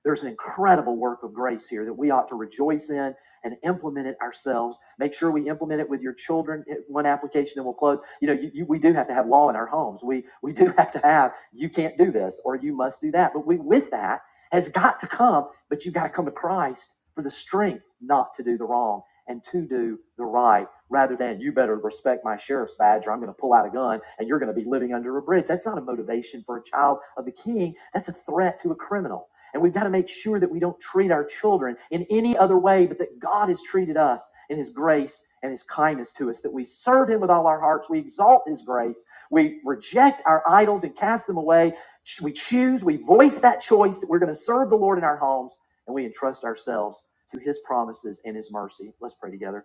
there's an incredible work of grace here that we ought to rejoice in and implement it ourselves. Make sure we implement it with your children. Eh, One application, then we'll close. You know, you, you, we do have to have law in our homes. We we do have to have you can't do this or you must do that. But we with that has got to come. But you've got to come to Christ for the strength not to do the wrong and to do the right, rather than you better respect my sheriff's badge or I'm going to pull out a gun and you're going to be living under a bridge. That's not a motivation for a child of the King. That's a threat to a criminal and we've got to make sure that we don't treat our children in any other way, but that God has treated us in His grace and His kindness to us, that we serve Him with all our hearts, we exalt His grace, we reject our idols and cast them away. We choose, we voice that choice that we're going to serve the Lord in our homes, and we entrust ourselves to His promises and His mercy. Let's pray together.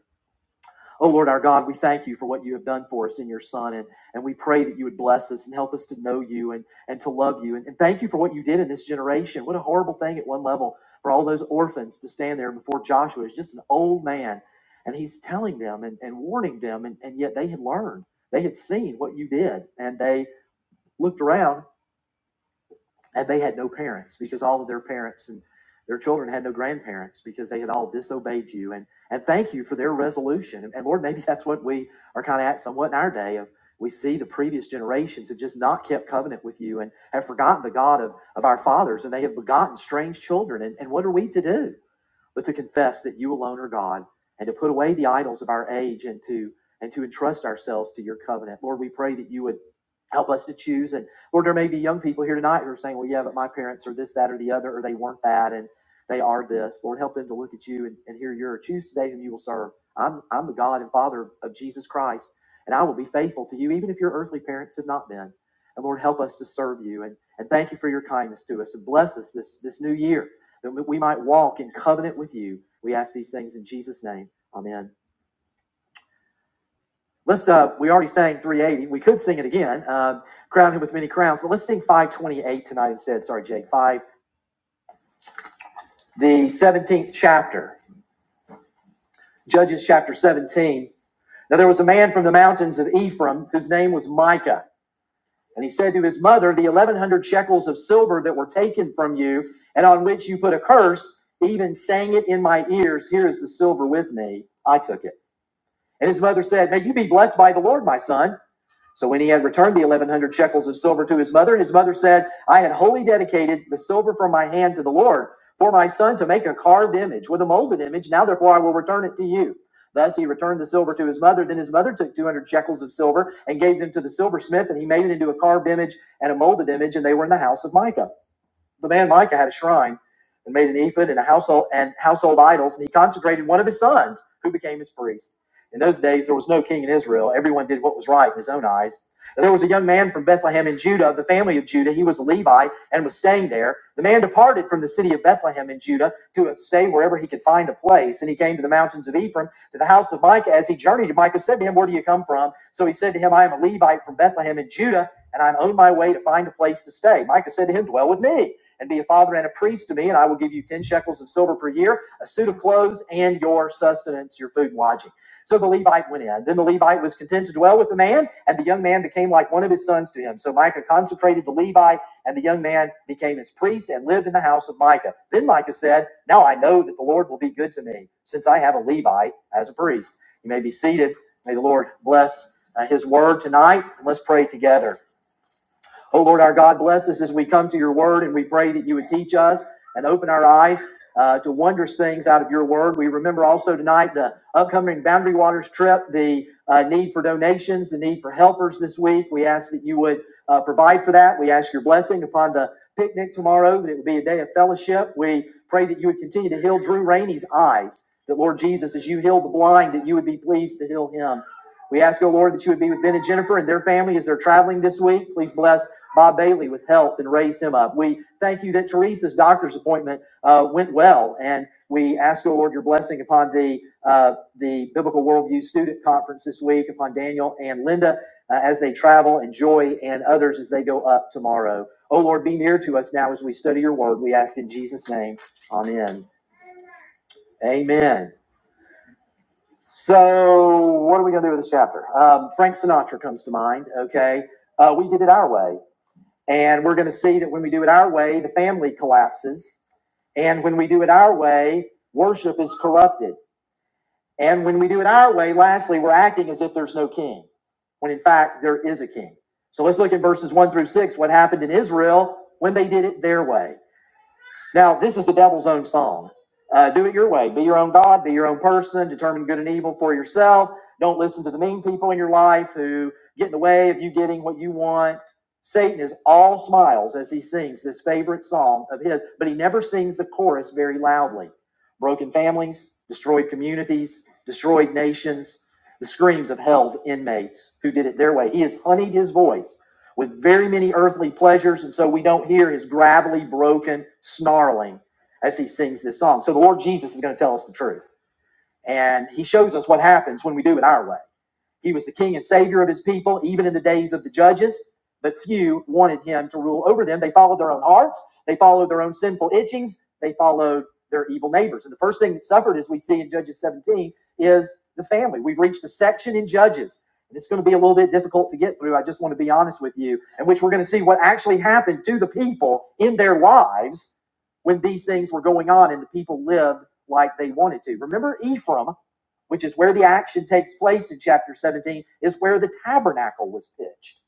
Oh Lord our God, we thank you for what you have done for us in your Son, and, and we pray that you would bless us and help us to know you and, and to love you. And, and thank you for what you did in this generation. What a horrible thing at one level for all those orphans to stand there before Joshua is just an old man. And he's telling them and, and warning them, and, and yet they had learned. They had seen what you did, and they looked around and they had no parents because all of their parents and their children had no grandparents because they had all disobeyed you and and thank you for their resolution and, and lord maybe that's what we are kind of at somewhat in our day of we see the previous generations have just not kept covenant with you and have forgotten the god of, of our fathers and they have begotten strange children and, and what are we to do but to confess that you alone are God and to put away the idols of our age and to and to entrust ourselves to your covenant. Lord, we pray that you would help us to choose. And Lord, there may be young people here tonight who are saying, Well, yeah, but my parents are this, that, or the other, or they weren't that, and they are this. Lord, help them to look at you and, and hear your choose today whom you will serve. I'm I'm the God and Father of Jesus Christ, and I will be faithful to you, even if your earthly parents have not been. And Lord, help us to serve you and, and thank you for your kindness to us and bless us this this new year that we might walk in covenant with you. We ask these things in Jesus' name. Amen. Let's, uh, we already sang 380. We could sing it again, um, crown him with many crowns, but let's sing 528 tonight instead. Sorry, Jake. 5, the 17th chapter, Judges chapter 17. Now there was a man from the mountains of Ephraim whose name was Micah. And he said to his mother, The 1100 shekels of silver that were taken from you and on which you put a curse, even sang it in my ears, Here is the silver with me. I took it. And his mother said, May you be blessed by the Lord, my son. So when he had returned the 1100 shekels of silver to his mother, his mother said, I had wholly dedicated the silver from my hand to the Lord for my son to make a carved image with a molded image. Now therefore I will return it to you. Thus he returned the silver to his mother. Then his mother took 200 shekels of silver and gave them to the silversmith, and he made it into a carved image and a molded image, and they were in the house of Micah. The man Micah had a shrine and made an ephod and a household and household idols, and he consecrated one of his sons, who became his priest. In those days, there was no king in Israel. Everyone did what was right in his own eyes. And there was a young man from Bethlehem in Judah, of the family of Judah. He was a Levite and was staying there. The man departed from the city of Bethlehem in Judah to stay wherever he could find a place. And he came to the mountains of Ephraim, to the house of Micah. As he journeyed, Micah said to him, Where do you come from? So he said to him, I am a Levite from Bethlehem in Judah, and I'm on my way to find a place to stay. Micah said to him, Dwell with me and be a father and a priest to me, and I will give you 10 shekels of silver per year, a suit of clothes, and your sustenance, your food and lodging. So the Levite went in. Then the Levite was content to dwell with the man, and the young man became like one of his sons to him. So Micah consecrated the Levite, and the young man became his priest and lived in the house of Micah. Then Micah said, Now I know that the Lord will be good to me, since I have a Levite as a priest. You may be seated. May the Lord bless uh, his word tonight. and Let's pray together. Oh Lord, our God, bless us as we come to your word and we pray that you would teach us and open our eyes uh, to wondrous things out of your word. We remember also tonight the upcoming Boundary Waters trip, the uh, need for donations, the need for helpers this week. We ask that you would uh, provide for that. We ask your blessing upon the picnic tomorrow, that it would be a day of fellowship. We pray that you would continue to heal Drew Rainey's eyes, that Lord Jesus, as you heal the blind, that you would be pleased to heal him. We ask, oh Lord, that you would be with Ben and Jennifer and their family as they're traveling this week. Please bless Bob Bailey with health and raise him up. We thank you that Teresa's doctor's appointment uh, went well, and we ask, O Lord, your blessing upon the uh, the Biblical Worldview Student Conference this week, upon Daniel and Linda uh, as they travel, and Joy and others as they go up tomorrow. O Lord, be near to us now as we study your word. We ask in Jesus' name. Amen. Amen. So, what are we going to do with this chapter? Um, Frank Sinatra comes to mind. Okay, uh, we did it our way. And we're going to see that when we do it our way, the family collapses. And when we do it our way, worship is corrupted. And when we do it our way, lastly, we're acting as if there's no king, when in fact there is a king. So let's look at verses one through six, what happened in Israel when they did it their way. Now, this is the devil's own song. Uh, do it your way. Be your own God. Be your own person. Determine good and evil for yourself. Don't listen to the mean people in your life who get in the way of you getting what you want. Satan is all smiles as he sings this favorite song of his, but he never sings the chorus very loudly. Broken families, destroyed communities, destroyed nations, the screams of hell's inmates who did it their way. He has honeyed his voice with very many earthly pleasures, and so we don't hear his gravelly, broken snarling as he sings this song. So the Lord Jesus is going to tell us the truth, and he shows us what happens when we do it our way. He was the king and savior of his people, even in the days of the judges, but few wanted him to rule over them. They followed their own hearts, they followed their own sinful itchings, they followed their evil neighbors. And the first thing that suffered, as we see in Judges 17, is the family. We've reached a section in Judges. and It's going to be a little bit difficult to get through. I just want to be honest with you, in which we're going to see what actually happened to the people in their lives when these things were going on and the people lived like they wanted to. Remember Ephraim which is where the action takes place in chapter 17, is where the tabernacle was pitched.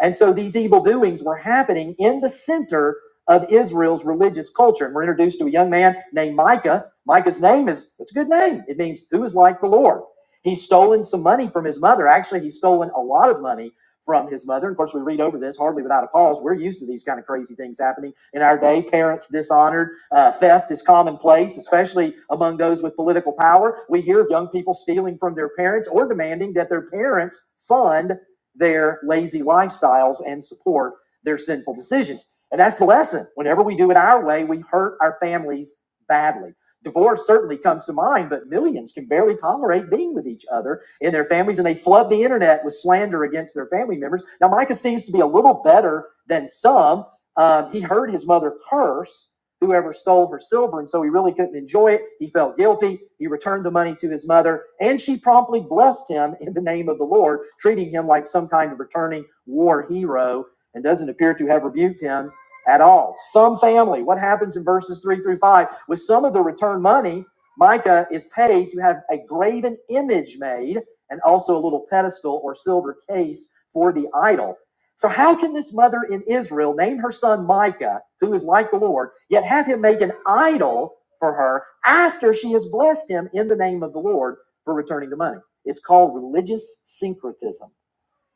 And so these evil doings were happening in the center of Israel's religious culture. And we're introduced to a young man named Micah. Micah's name is, it's a good name. It means who is like the Lord. He's stolen some money from his mother. Actually, he's stolen a lot of money from his mother. And of course, we read over this hardly without a pause. We're used to these kind of crazy things happening in our day. Parents dishonored, uh, theft is commonplace, especially among those with political power. We hear of young people stealing from their parents or demanding that their parents fund their lazy lifestyles and support their sinful decisions. And that's the lesson. Whenever we do it our way, we hurt our families badly. Divorce certainly comes to mind, but millions can barely tolerate being with each other in their families, and they flood the internet with slander against their family members. Now, Micah seems to be a little better than some. Um, he heard his mother curse whoever stole her silver, and so he really couldn't enjoy it. He felt guilty. He returned the money to his mother, and she promptly blessed him in the name of the Lord, treating him like some kind of returning war hero, and doesn't appear to have rebuked him at all. Some family, what happens in verses three through five? With some of the return money, Micah is paid to have a graven image made and also a little pedestal or silver case for the idol. So, how can this mother in Israel name her son Micah, who is like the Lord, yet have him make an idol for her after she has blessed him in the name of the Lord for returning the money? It's called religious syncretism.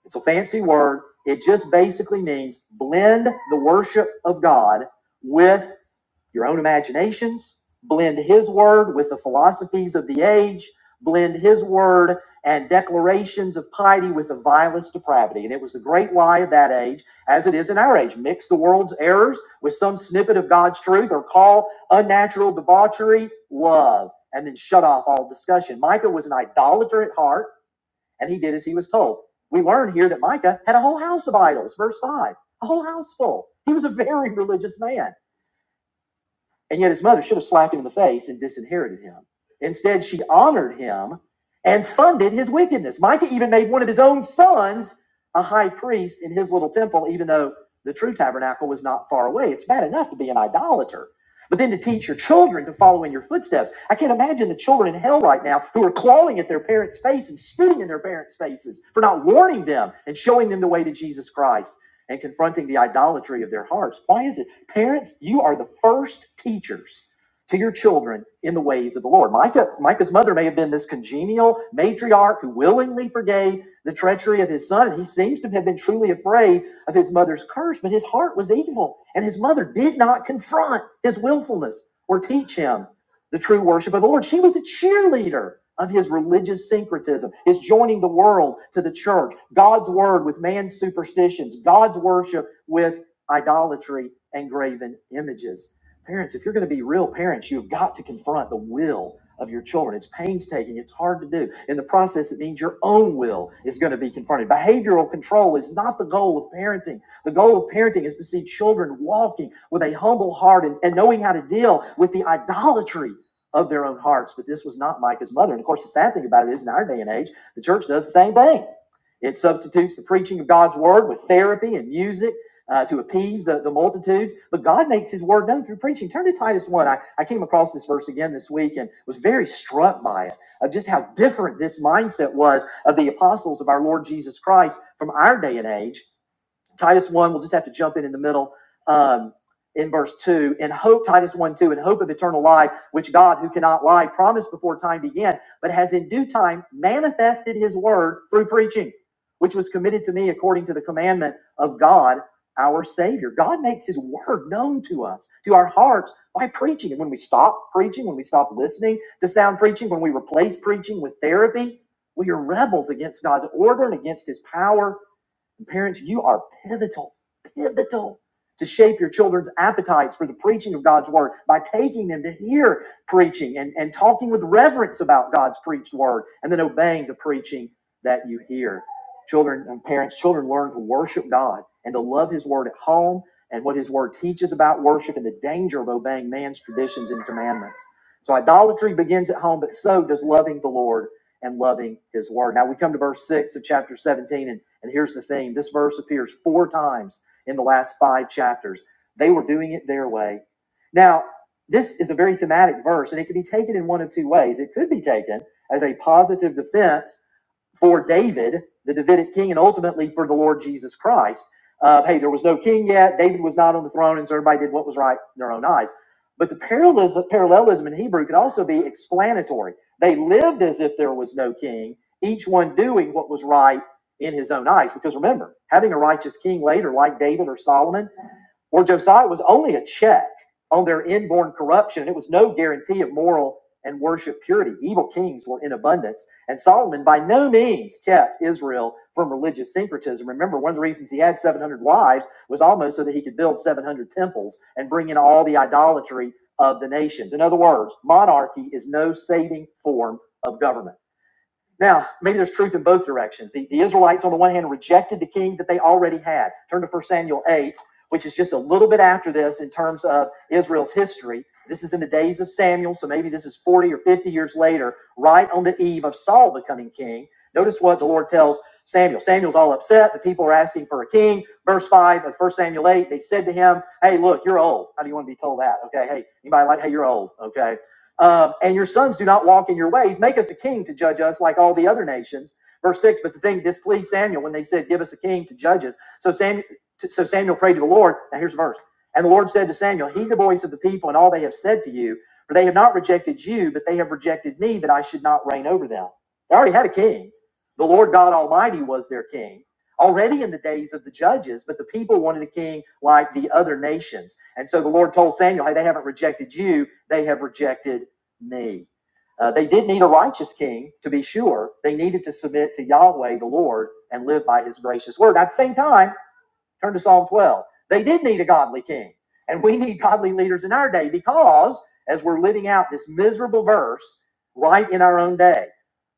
It's a fancy word. It just basically means blend the worship of God with your own imaginations, blend His word with the philosophies of the age, blend His word and declarations of piety with the vilest depravity. And it was the great lie of that age, as it is in our age. Mix the world's errors with some snippet of God's truth or call unnatural debauchery love and then shut off all discussion. Micah was an idolater at heart and he did as he was told. We learn here that Micah had a whole house of idols, verse 5, a whole house full. He was a very religious man. And yet his mother should have slapped him in the face and disinherited him. Instead, she honored him and funded his wickedness. Micah even made one of his own sons a high priest in his little temple, even though the true tabernacle was not far away. It's bad enough to be an idolater, but then to teach your children to follow in your footsteps. I can't imagine the children in hell right now who are clawing at their parents' face and spitting in their parents' faces for not warning them and showing them the way to Jesus Christ and confronting the idolatry of their hearts. Why is it? Parents, you are the first teachers to your children in the ways of the Lord. Micah, Micah's mother may have been this congenial matriarch who willingly forgave the treachery of his son, and he seems to have been truly afraid of his mother's curse, but his heart was evil, and his mother did not confront his willfulness or teach him the true worship of the Lord. She was a cheerleader of his religious syncretism, his joining the world to the church, God's word with man's superstitions, God's worship with idolatry and graven images. Parents, if you're going to be real parents, you've got to confront the will of your children. It's painstaking, it's hard to do. In the process, it means your own will is going to be confronted. Behavioral control is not the goal of parenting. The goal of parenting is to see children walking with a humble heart and, and knowing how to deal with the idolatry of their own hearts. But this was not Micah's mother. And of course, the sad thing about it is in our day and age, the church does the same thing. It substitutes the preaching of God's word with therapy and music uh, to appease the, the multitudes. But God makes his word known through preaching. Turn to Titus 1. I, I came across this verse again this week and was very struck by it, of just how different this mindset was of the apostles of our Lord Jesus Christ from our day and age. Titus 1, we'll just have to jump in in the middle um, in verse 2. In hope, Titus 1 2, in hope of eternal life, which God, who cannot lie, promised before time began, but has in due time manifested his word through preaching, which was committed to me according to the commandment of God, our Savior. God makes his word known to us, to our hearts, by preaching. And when we stop preaching, when we stop listening to sound preaching, when we replace preaching with therapy, we are rebels against God's order and against his power Parents, you are pivotal, pivotal to shape your children's appetites for the preaching of God's word by taking them to hear preaching and, and talking with reverence about God's preached word and then obeying the preaching that you hear. Children and parents, children learn to worship God and to love his word at home and what his word teaches about worship and the danger of obeying man's traditions and commandments. So idolatry begins at home, but so does loving the Lord and loving his word. Now we come to verse 6 of chapter 17, and, and here's the theme this verse appears four times in the last five chapters. They were doing it their way. Now, this is a very thematic verse, and it can be taken in one of two ways. It could be taken as a positive defense for David, the Davidic king, and ultimately for the Lord Jesus Christ. Uh, hey, there was no king yet. David was not on the throne, and so everybody did what was right in their own eyes. But the parallelism, parallelism in Hebrew could also be explanatory. They lived as if there was no king, each one doing what was right in his own eyes. Because remember, having a righteous king later, like David or Solomon, where Josiah was only a check on their inborn corruption. It was no guarantee of moral and worship purity. Evil kings were in abundance. And Solomon by no means kept Israel from religious syncretism. Remember, one of the reasons he had 700 wives was almost so that he could build 700 temples and bring in all the idolatry of the nations. In other words, monarchy is no saving form of government. Now, maybe there's truth in both directions. The, the Israelites, on the one hand, rejected the king that they already had. Turn to First Samuel 8, which is just a little bit after this in terms of Israel's history. This is in the days of Samuel, so maybe this is 40 or 50 years later, right on the eve of Saul becoming king. Notice what the Lord tells Samuel. Samuel's all upset. The people are asking for a king. Verse 5 of First Samuel 8, they said to him, Hey, look, you're old. How do you want to be told that? Okay, hey, anybody like, hey, you're old. Okay, uh, and your sons do not walk in your ways. Make us a king to judge us like all the other nations. Verse 6 But the thing displeased Samuel when they said, Give us a king to judge us. So Samuel, so Samuel prayed to the Lord. Now here's the verse. And the Lord said to Samuel, Heed the voice of the people and all they have said to you, for they have not rejected you, but they have rejected me that I should not reign over them. They already had a king. The Lord God Almighty was their king already in the days of the judges, but the people wanted a king like the other nations. And so the Lord told Samuel, Hey, they haven't rejected you, they have rejected me. Uh, they did need a righteous king, to be sure. They needed to submit to Yahweh, the Lord, and live by his gracious word. At the same time, Turn to Psalm 12. They did need a godly king. And we need godly leaders in our day because as we're living out this miserable verse right in our own day,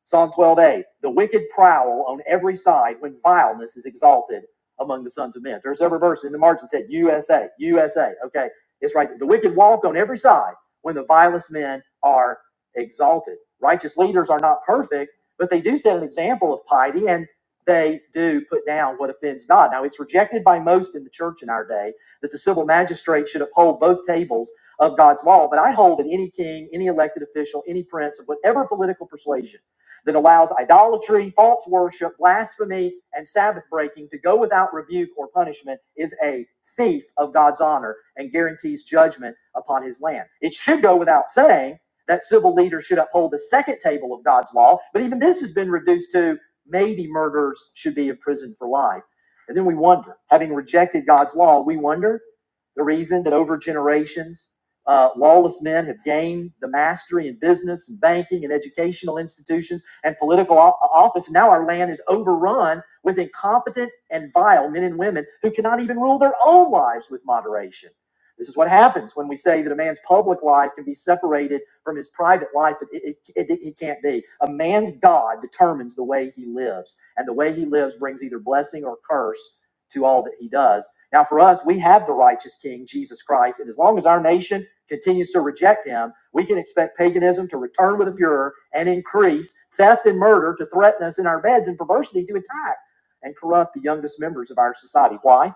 Psalm 12a, the wicked prowl on every side when vileness is exalted among the sons of men. There's every verse in the margin said USA, USA. Okay, it's right there. The wicked walk on every side when the vilest men are exalted. Righteous leaders are not perfect, but they do set an example of piety. and they do put down what offends God. Now, it's rejected by most in the church in our day that the civil magistrate should uphold both tables of God's law, but I hold that any king, any elected official, any prince of whatever political persuasion that allows idolatry, false worship, blasphemy, and Sabbath breaking to go without rebuke or punishment is a thief of God's honor and guarantees judgment upon his land. It should go without saying that civil leaders should uphold the second table of God's law, but even this has been reduced to maybe murderers should be in prison for life. And then we wonder, having rejected God's law, we wonder the reason that over generations, uh, lawless men have gained the mastery in business and banking and educational institutions and political office. Now our land is overrun with incompetent and vile men and women who cannot even rule their own lives with moderation. This is what happens when we say that a man's public life can be separated from his private life, but it, it, it, he can't be. A man's God determines the way he lives, and the way he lives brings either blessing or curse to all that he does. Now, for us, we have the righteous King, Jesus Christ, and as long as our nation continues to reject him, we can expect paganism to return with a furor and increase, theft and murder to threaten us in our beds, and perversity to attack and corrupt the youngest members of our society. Why?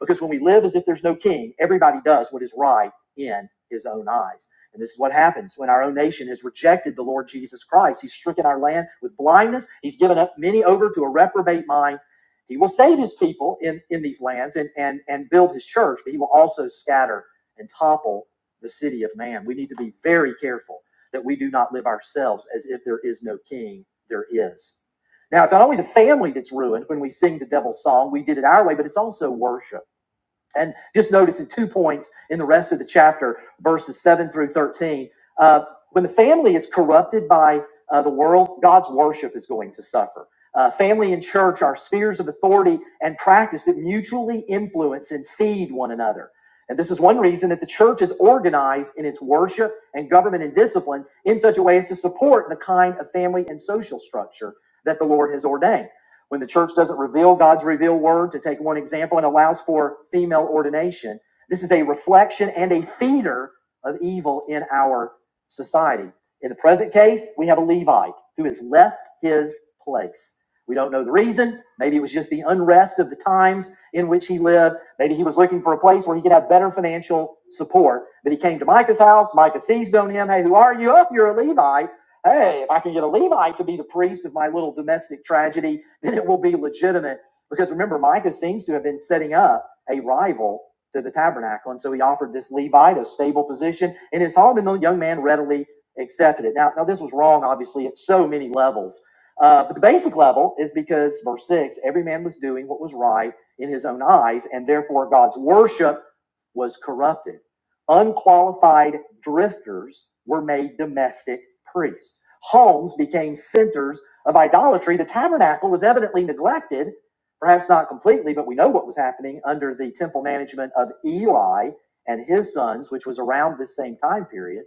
Because when we live as if there's no king, everybody does what is right in his own eyes. And this is what happens when our own nation has rejected the Lord Jesus Christ. He's stricken our land with blindness. He's given up many over to a reprobate mind. He will save his people in, in these lands and, and, and build his church, but he will also scatter and topple the city of man. We need to be very careful that we do not live ourselves as if there is no king, there is. Now, it's not only the family that's ruined when we sing the devil's song, we did it our way, but it's also worship and just notice in two points in the rest of the chapter, verses 7 through 13, uh, when the family is corrupted by uh, the world, God's worship is going to suffer. Uh, family and church are spheres of authority and practice that mutually influence and feed one another. And this is one reason that the church is organized in its worship and government and discipline in such a way as to support the kind of family and social structure that the Lord has ordained. When the church doesn't reveal God's revealed word, to take one example, and allows for female ordination, this is a reflection and a feeder of evil in our society. In the present case, we have a Levite who has left his place. We don't know the reason. Maybe it was just the unrest of the times in which he lived. Maybe he was looking for a place where he could have better financial support. But he came to Micah's house. Micah seized on him. Hey, who are you? Oh, you're a Levite hey, if I can get a Levite to be the priest of my little domestic tragedy, then it will be legitimate. Because remember, Micah seems to have been setting up a rival to the tabernacle. And so he offered this Levite a stable position in his home, and the young man readily accepted it. Now, now this was wrong, obviously, at so many levels. Uh, but the basic level is because, verse 6, every man was doing what was right in his own eyes, and therefore God's worship was corrupted. Unqualified drifters were made domestic priests. Homes became centers of idolatry. The tabernacle was evidently neglected, perhaps not completely, but we know what was happening under the temple management of Eli and his sons, which was around this same time period.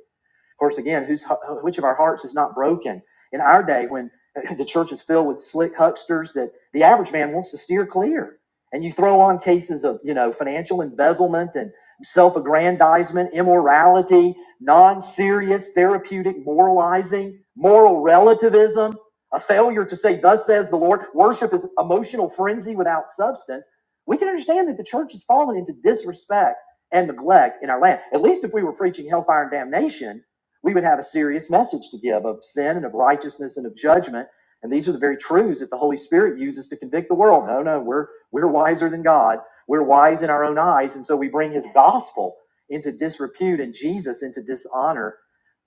Of course, again, who's, which of our hearts is not broken? In our day, when the church is filled with slick hucksters that the average man wants to steer clear, and you throw on cases of you know financial embezzlement and self-aggrandizement, immorality, non-serious therapeutic moralizing, moral relativism, a failure to say "Thus says the Lord," worship is emotional frenzy without substance. We can understand that the church has fallen into disrespect and neglect in our land. At least if we were preaching hellfire and damnation we would have a serious message to give of sin and of righteousness and of judgment. And these are the very truths that the Holy Spirit uses to convict the world. No, no, we're we're wiser than God. We're wise in our own eyes, and so we bring His gospel into disrepute and Jesus into dishonor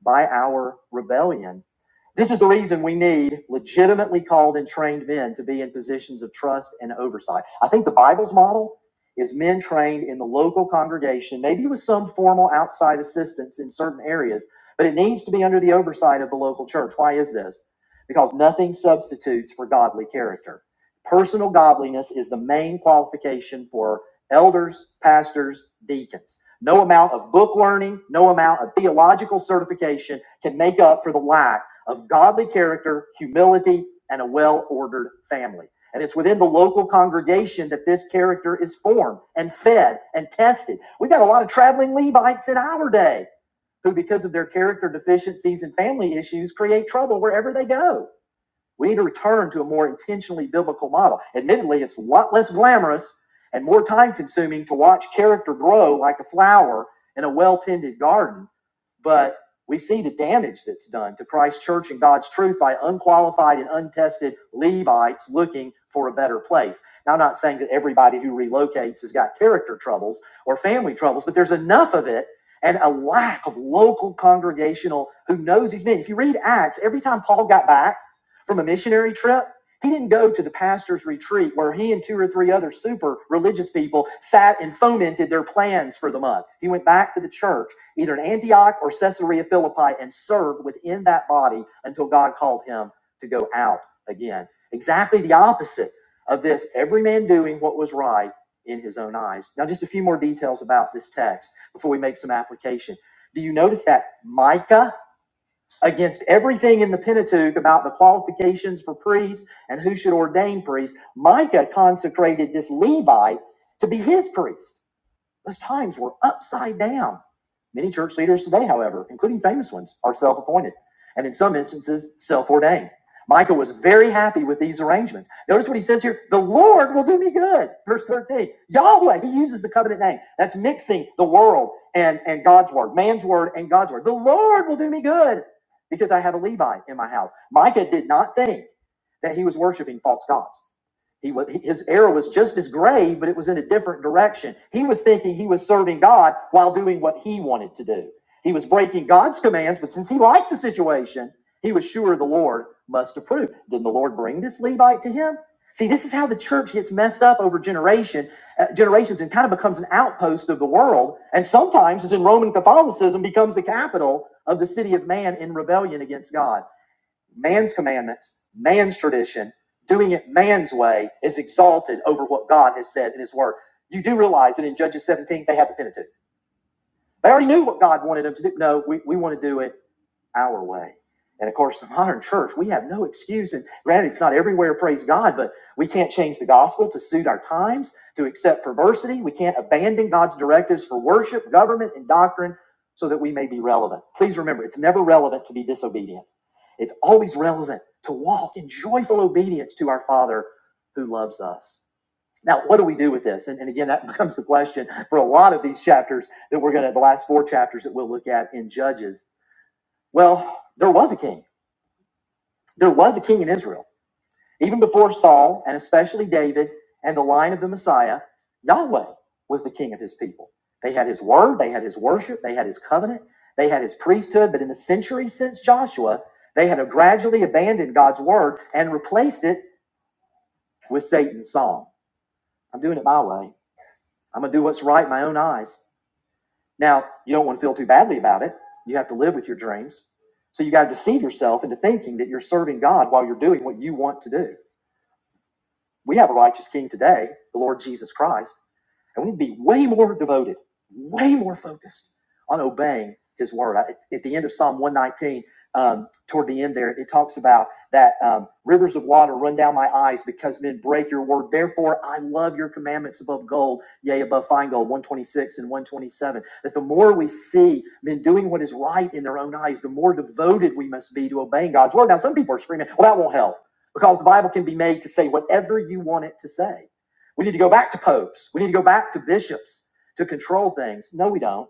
by our rebellion. This is the reason we need legitimately called and trained men to be in positions of trust and oversight. I think the Bible's model is men trained in the local congregation, maybe with some formal outside assistance in certain areas, but it needs to be under the oversight of the local church. Why is this? Because nothing substitutes for godly character. Personal godliness is the main qualification for elders, pastors, deacons. No amount of book learning, no amount of theological certification can make up for the lack of godly character, humility, and a well ordered family. And it's within the local congregation that this character is formed and fed and tested. We've got a lot of traveling Levites in our day who, because of their character deficiencies and family issues, create trouble wherever they go. We need to return to a more intentionally biblical model. Admittedly, it's a lot less glamorous and more time consuming to watch character grow like a flower in a well tended garden, but we see the damage that's done to Christ's church and God's truth by unqualified and untested Levites looking for a better place. Now, I'm not saying that everybody who relocates has got character troubles or family troubles, but there's enough of it and a lack of local congregational who knows these men. If you read Acts, every time Paul got back, from a missionary trip, he didn't go to the pastor's retreat where he and two or three other super religious people sat and fomented their plans for the month. He went back to the church, either in Antioch or Caesarea Philippi, and served within that body until God called him to go out again. Exactly the opposite of this every man doing what was right in his own eyes. Now, just a few more details about this text before we make some application. Do you notice that Micah? against everything in the Pentateuch about the qualifications for priests and who should ordain priests, Micah consecrated this Levite to be his priest. Those times were upside down. Many church leaders today, however, including famous ones, are self appointed and in some instances self ordained. Micah was very happy with these arrangements. Notice what he says here the Lord will do me good. Verse 13 Yahweh, he uses the covenant name. That's mixing the world and, and God's word, man's word and God's word. The Lord will do me good because I have a Levite in my house. Micah did not think that he was worshiping false gods. He was his error was just as grave, but it was in a different direction. He was thinking he was serving God while doing what he wanted to do. He was breaking God's commands, but since he liked the situation, he was sure the Lord must approve. Didn't the Lord bring this Levite to him? See, this is how the church gets messed up over generation, uh, generations and kind of becomes an outpost of the world. And sometimes, as in Roman Catholicism, becomes the capital of the city of man in rebellion against God man's commandments, man's tradition, doing it man's way is exalted over what God has said in His Word. You do realize that in Judges 17, they had the Pentateuch. They already knew what God wanted them to do. No, we, we want to do it our way. And of course, the modern church, we have no excuse. And granted, it's not everywhere, praise God, but we can't change the gospel to suit our times, to accept perversity. We can't abandon God's directives for worship, government, and doctrine so that we may be relevant. Please remember, it's never relevant to be disobedient. It's always relevant to walk in joyful obedience to our Father who loves us. Now, what do we do with this? And, and again, that becomes the question for a lot of these chapters that we're going to, the last four chapters that we'll look at in Judges. Well, there was a king. There was a king in Israel. Even before Saul, and especially David and the line of the Messiah, Yahweh was the king of his people. They had his word, they had his worship, they had his covenant, they had his priesthood. But in the century since Joshua, they had gradually abandoned God's word and replaced it with Satan's song. I'm doing it my way. I'm going to do what's right in my own eyes. Now, you don't want to feel too badly about it. You have to live with your dreams. So you got to deceive yourself into thinking that you're serving God while you're doing what you want to do. We have a righteous king today, the Lord Jesus Christ. And we'd be way more devoted, way more focused on obeying his word. at the end of Psalm 119, um, toward the end there, it talks about that um, rivers of water run down my eyes because men break your word. Therefore, I love your commandments above gold, yea, above fine gold, 126 and 127. That the more we see men doing what is right in their own eyes, the more devoted we must be to obeying God's word. Now, some people are screaming, well, that won't help because the Bible can be made to say whatever you want it to say. We need to go back to popes. We need to go back to bishops to control things. No, we don't.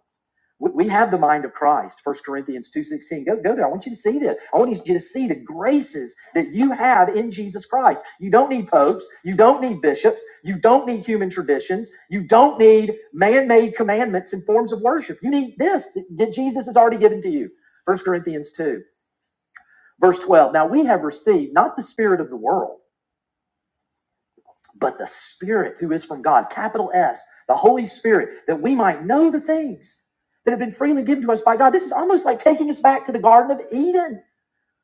We, we have the mind of Christ. First Corinthians 2.16. Go, go there. I want you to see this. I want you to see the graces that you have in Jesus Christ. You don't need popes. You don't need bishops. You don't need human traditions. You don't need man-made commandments and forms of worship. You need this that Jesus has already given to you. First Corinthians 2, verse 12. Now we have received not the spirit of the world but the Spirit who is from God, capital S, the Holy Spirit, that we might know the things that have been freely given to us by God. This is almost like taking us back to the Garden of Eden.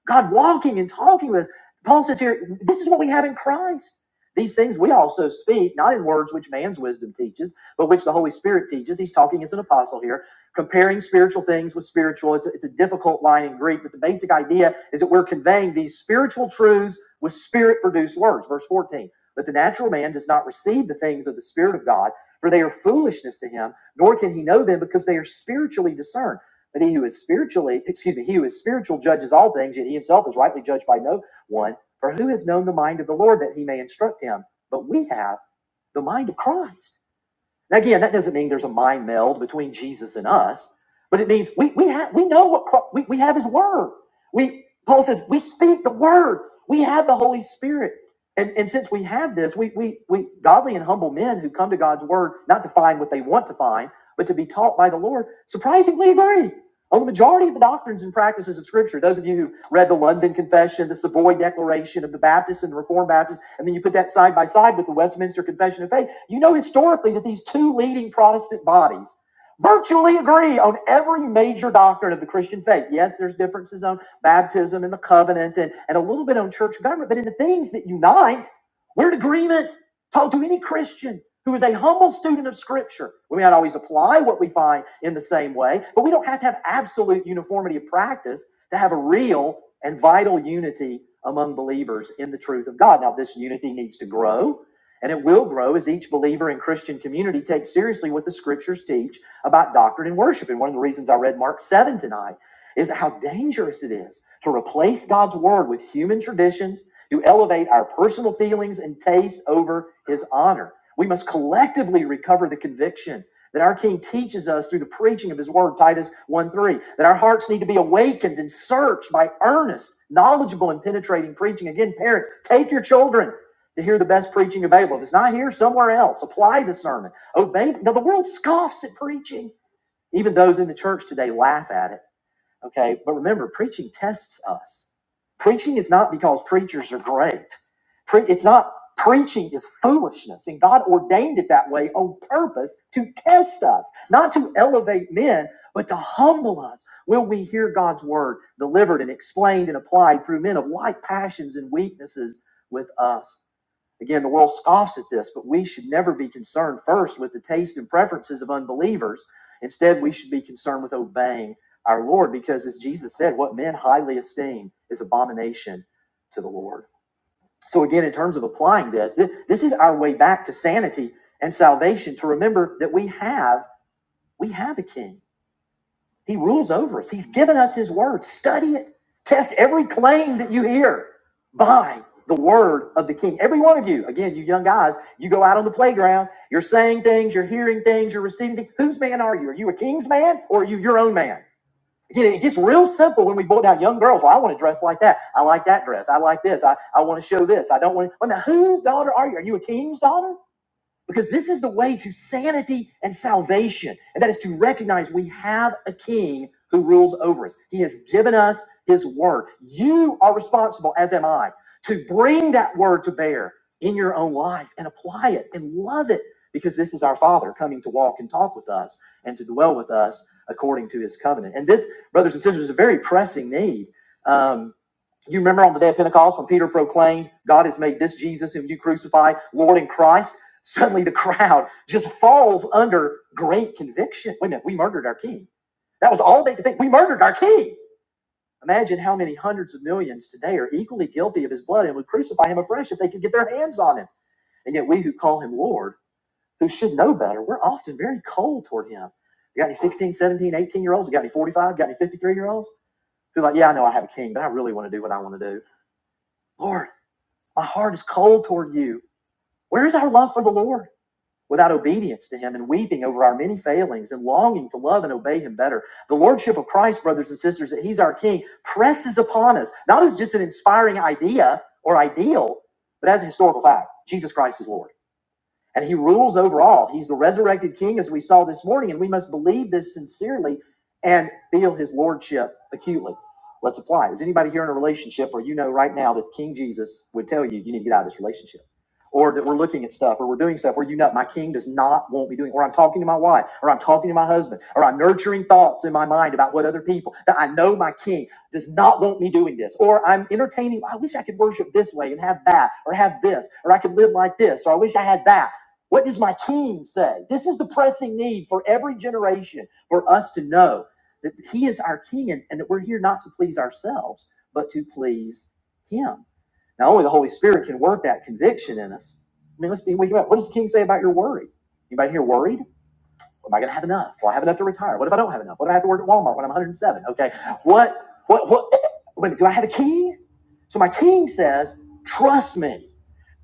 God walking and talking with us. Paul says here, this is what we have in Christ. These things we also speak, not in words which man's wisdom teaches, but which the Holy Spirit teaches. He's talking as an apostle here, comparing spiritual things with spiritual. It's a, it's a difficult line in Greek, but the basic idea is that we're conveying these spiritual truths with spirit produced words. Verse 14. But the natural man does not receive the things of the Spirit of God, for they are foolishness to him, nor can he know them because they are spiritually discerned. But he who is spiritually, excuse me, he who is spiritual judges all things, yet he himself is rightly judged by no one. For who has known the mind of the Lord that he may instruct him? But we have the mind of Christ. Now, again, that doesn't mean there's a mind meld between Jesus and us, but it means we we have we know what Chri- we, we have His Word. We Paul says we speak the Word. We have the Holy Spirit, and and since we have this, we we we godly and humble men who come to God's Word not to find what they want to find, but to be taught by the Lord, surprisingly agree on the majority of the doctrines and practices of Scripture. Those of you who read the London Confession, the Savoy Declaration of the Baptist and the Reformed Baptist, and then you put that side by side with the Westminster Confession of Faith, you know historically that these two leading Protestant bodies virtually agree on every major doctrine of the Christian faith. Yes, there's differences on baptism and the covenant and, and a little bit on church government, but in the things that unite, we're in agreement. Talk to any Christian who is a humble student of Scripture. We may not always apply what we find in the same way, but we don't have to have absolute uniformity of practice to have a real and vital unity among believers in the truth of God. Now, this unity needs to grow, and it will grow as each believer in Christian community takes seriously what the Scriptures teach about doctrine and worship. And one of the reasons I read Mark 7 tonight is how dangerous it is to replace God's word with human traditions to elevate our personal feelings and tastes over his honor. We must collectively recover the conviction that our King teaches us through the preaching of his word, Titus 1 3, that our hearts need to be awakened and searched by earnest, knowledgeable, and penetrating preaching. Again, parents, take your children to hear the best preaching available. If it's not here, somewhere else. Apply the sermon. Obey. Now, the world scoffs at preaching. Even those in the church today laugh at it. Okay. But remember, preaching tests us. Preaching is not because preachers are great. Pre- it's not preaching is foolishness. And God ordained it that way on purpose to test us, not to elevate men, but to humble us. Will we hear God's word delivered and explained and applied through men of like passions and weaknesses with us? Again, the world scoffs at this, but we should never be concerned first with the taste and preferences of unbelievers. Instead, we should be concerned with obeying our Lord because, as Jesus said, what men highly esteem is abomination to the Lord. So, again, in terms of applying this, thi- this is our way back to sanity and salvation to remember that we have we have a king he rules over us. He's given us his word. Study it. Test every claim that you hear by the word of the king. Every one of you, again, you young guys, you go out on the playground, you're saying things, you're hearing things, you're receiving things. Whose man are you? Are you a king's man or are you your own man? Again, it gets real simple when we boil down young girls. Well, I want to dress like that. I like that dress. I like this. I, I want to show this. I don't want to. Well, now, whose daughter are you? Are you a king's daughter? Because this is the way to sanity and salvation, and that is to recognize we have a king who rules over us. He has given us his word. You are responsible, as am I, to bring that word to bear in your own life and apply it and love it because this is our Father coming to walk and talk with us and to dwell with us according to his covenant. And this, brothers and sisters, is a very pressing need. Um, you remember on the day of Pentecost when Peter proclaimed, God has made this Jesus whom you crucified, Lord and Christ? Suddenly the crowd just falls under great conviction. Wait a minute, we murdered our king. That was all they could think. We murdered our king. Imagine how many hundreds of millions today are equally guilty of his blood and would crucify him afresh if they could get their hands on him. And yet we who call him Lord, who should know better, we're often very cold toward him. You got any 16, year olds? You got any 45? You got any 53 year olds? Who like, yeah, I know I have a king, but I really want to do what I want to do. Lord, my heart is cold toward you. Where is our love for the Lord? Without obedience to him and weeping over our many failings and longing to love and obey him better. The Lordship of Christ, brothers and sisters, that he's our King, presses upon us, not as just an inspiring idea or ideal, but as a historical fact. Jesus Christ is Lord and he rules over all. He's the resurrected king, as we saw this morning, and we must believe this sincerely and feel his lordship acutely. Let's apply. it. Is anybody here in a relationship or you know right now that King Jesus would tell you you need to get out of this relationship? Or that we're looking at stuff or we're doing stuff where you know my king does not want me doing, or I'm talking to my wife, or I'm talking to my husband, or I'm nurturing thoughts in my mind about what other people that I know my king does not want me doing this, or I'm entertaining. I wish I could worship this way and have that, or have this, or I could live like this, or I wish I had that what does my king say? This is the pressing need for every generation for us to know that he is our king and, and that we're here not to please ourselves, but to please him. Now, only the Holy Spirit can work that conviction in us. I mean, let's be wake up. What does the king say about your worry? Anybody here worried? Am I going to have enough? Will I have enough to retire? What if I don't have enough? What do I have to work at Walmart when I'm 107? Okay. What, what, what? Wait, do I have a king? So my king says, trust me.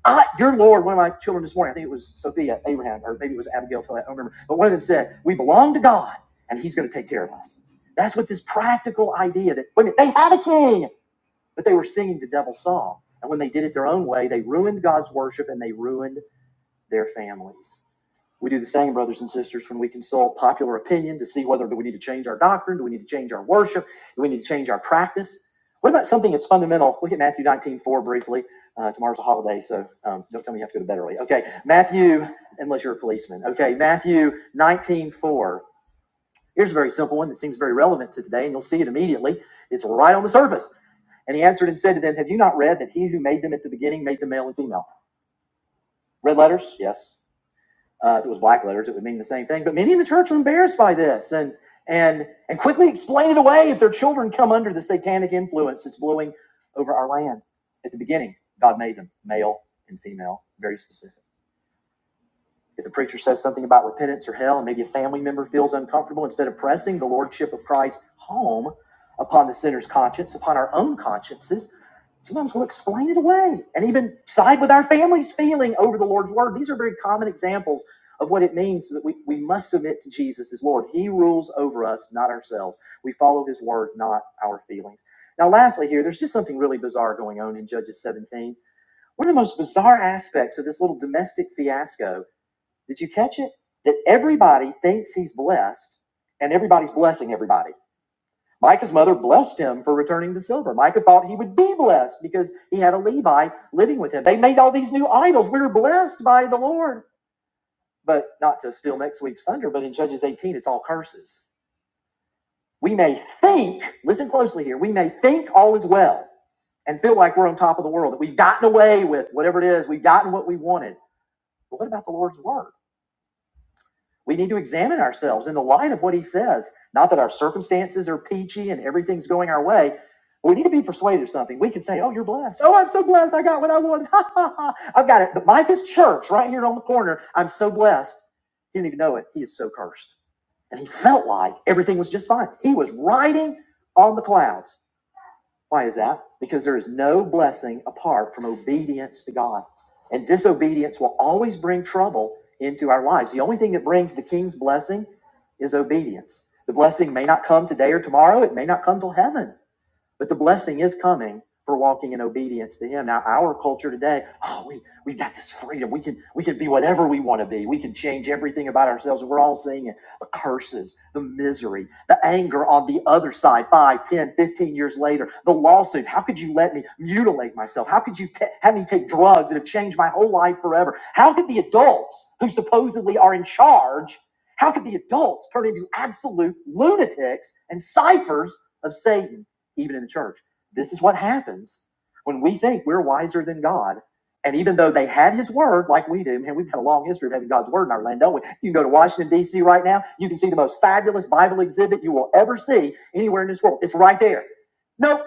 I, your Lord, one of my children this morning, I think it was Sophia, Abraham, or maybe it was Abigail, I don't remember. But one of them said, We belong to God and he's going to take care of us. That's what this practical idea that, wait a minute, they had a king, but they were singing the devil's song. And when they did it their own way, they ruined God's worship and they ruined their families. We do the same, brothers and sisters, when we consult popular opinion to see whether do we need to change our doctrine, do we need to change our worship, do we need to change our practice. What about something that's fundamental? Look at Matthew 19 4 briefly. Uh, tomorrow's a holiday, so um, don't tell me you have to go to bed early. Okay, Matthew, unless you're a policeman. Okay, Matthew 19 4. Here's a very simple one that seems very relevant to today, and you'll see it immediately. It's right on the surface. And he answered and said to them, Have you not read that he who made them at the beginning made them male and female? Red letters? Yes. Uh, if it was black letters, it would mean the same thing. But many in the church are embarrassed by this and and and quickly explain it away if their children come under the satanic influence that's blowing over our land. At the beginning, God made them male and female, very specific. If the preacher says something about repentance or hell, and maybe a family member feels uncomfortable, instead of pressing the lordship of Christ home upon the sinner's conscience, upon our own consciences, Sometimes we'll explain it away and even side with our family's feeling over the Lord's word. These are very common examples of what it means that we, we must submit to Jesus as Lord. He rules over us, not ourselves. We follow his word, not our feelings. Now, lastly, here, there's just something really bizarre going on in Judges 17. One of the most bizarre aspects of this little domestic fiasco, did you catch it? That everybody thinks he's blessed and everybody's blessing everybody. Micah's mother blessed him for returning the silver. Micah thought he would be blessed because he had a Levi living with him. They made all these new idols. We were blessed by the Lord. But not to steal next week's thunder, but in Judges 18, it's all curses. We may think, listen closely here, we may think all is well and feel like we're on top of the world, that we've gotten away with whatever it is, we've gotten what we wanted. But what about the Lord's word? We need to examine ourselves in the light of what he says. Not that our circumstances are peachy and everything's going our way. We need to be persuaded of something. We can say, Oh, you're blessed. Oh, I'm so blessed. I got what I wanted. Ha ha ha. I've got it. The Micah's church right here on the corner. I'm so blessed. He didn't even know it. He is so cursed. And he felt like everything was just fine. He was riding on the clouds. Why is that? Because there is no blessing apart from obedience to God. And disobedience will always bring trouble into our lives. The only thing that brings the king's blessing is obedience. The blessing may not come today or tomorrow, it may not come till heaven. But the blessing is coming for walking in obedience to Him. Now, our culture today, oh, we we've got this freedom. We can we can be whatever we want to be. We can change everything about ourselves. We're all seeing it. The curses, the misery, the anger on the other side, 5, 10, 15 years later, the lawsuits. How could you let me mutilate myself? How could you ta- have me take drugs that have changed my whole life forever? How could the adults who supposedly are in charge, how could the adults turn into absolute lunatics and ciphers of Satan? even in the church. This is what happens when we think we're wiser than God. And even though they had his word, like we do, man, we've had a long history of having God's word in our land, don't we? You can go to Washington, D.C. right now. You can see the most fabulous Bible exhibit you will ever see anywhere in this world. It's right there. Nope.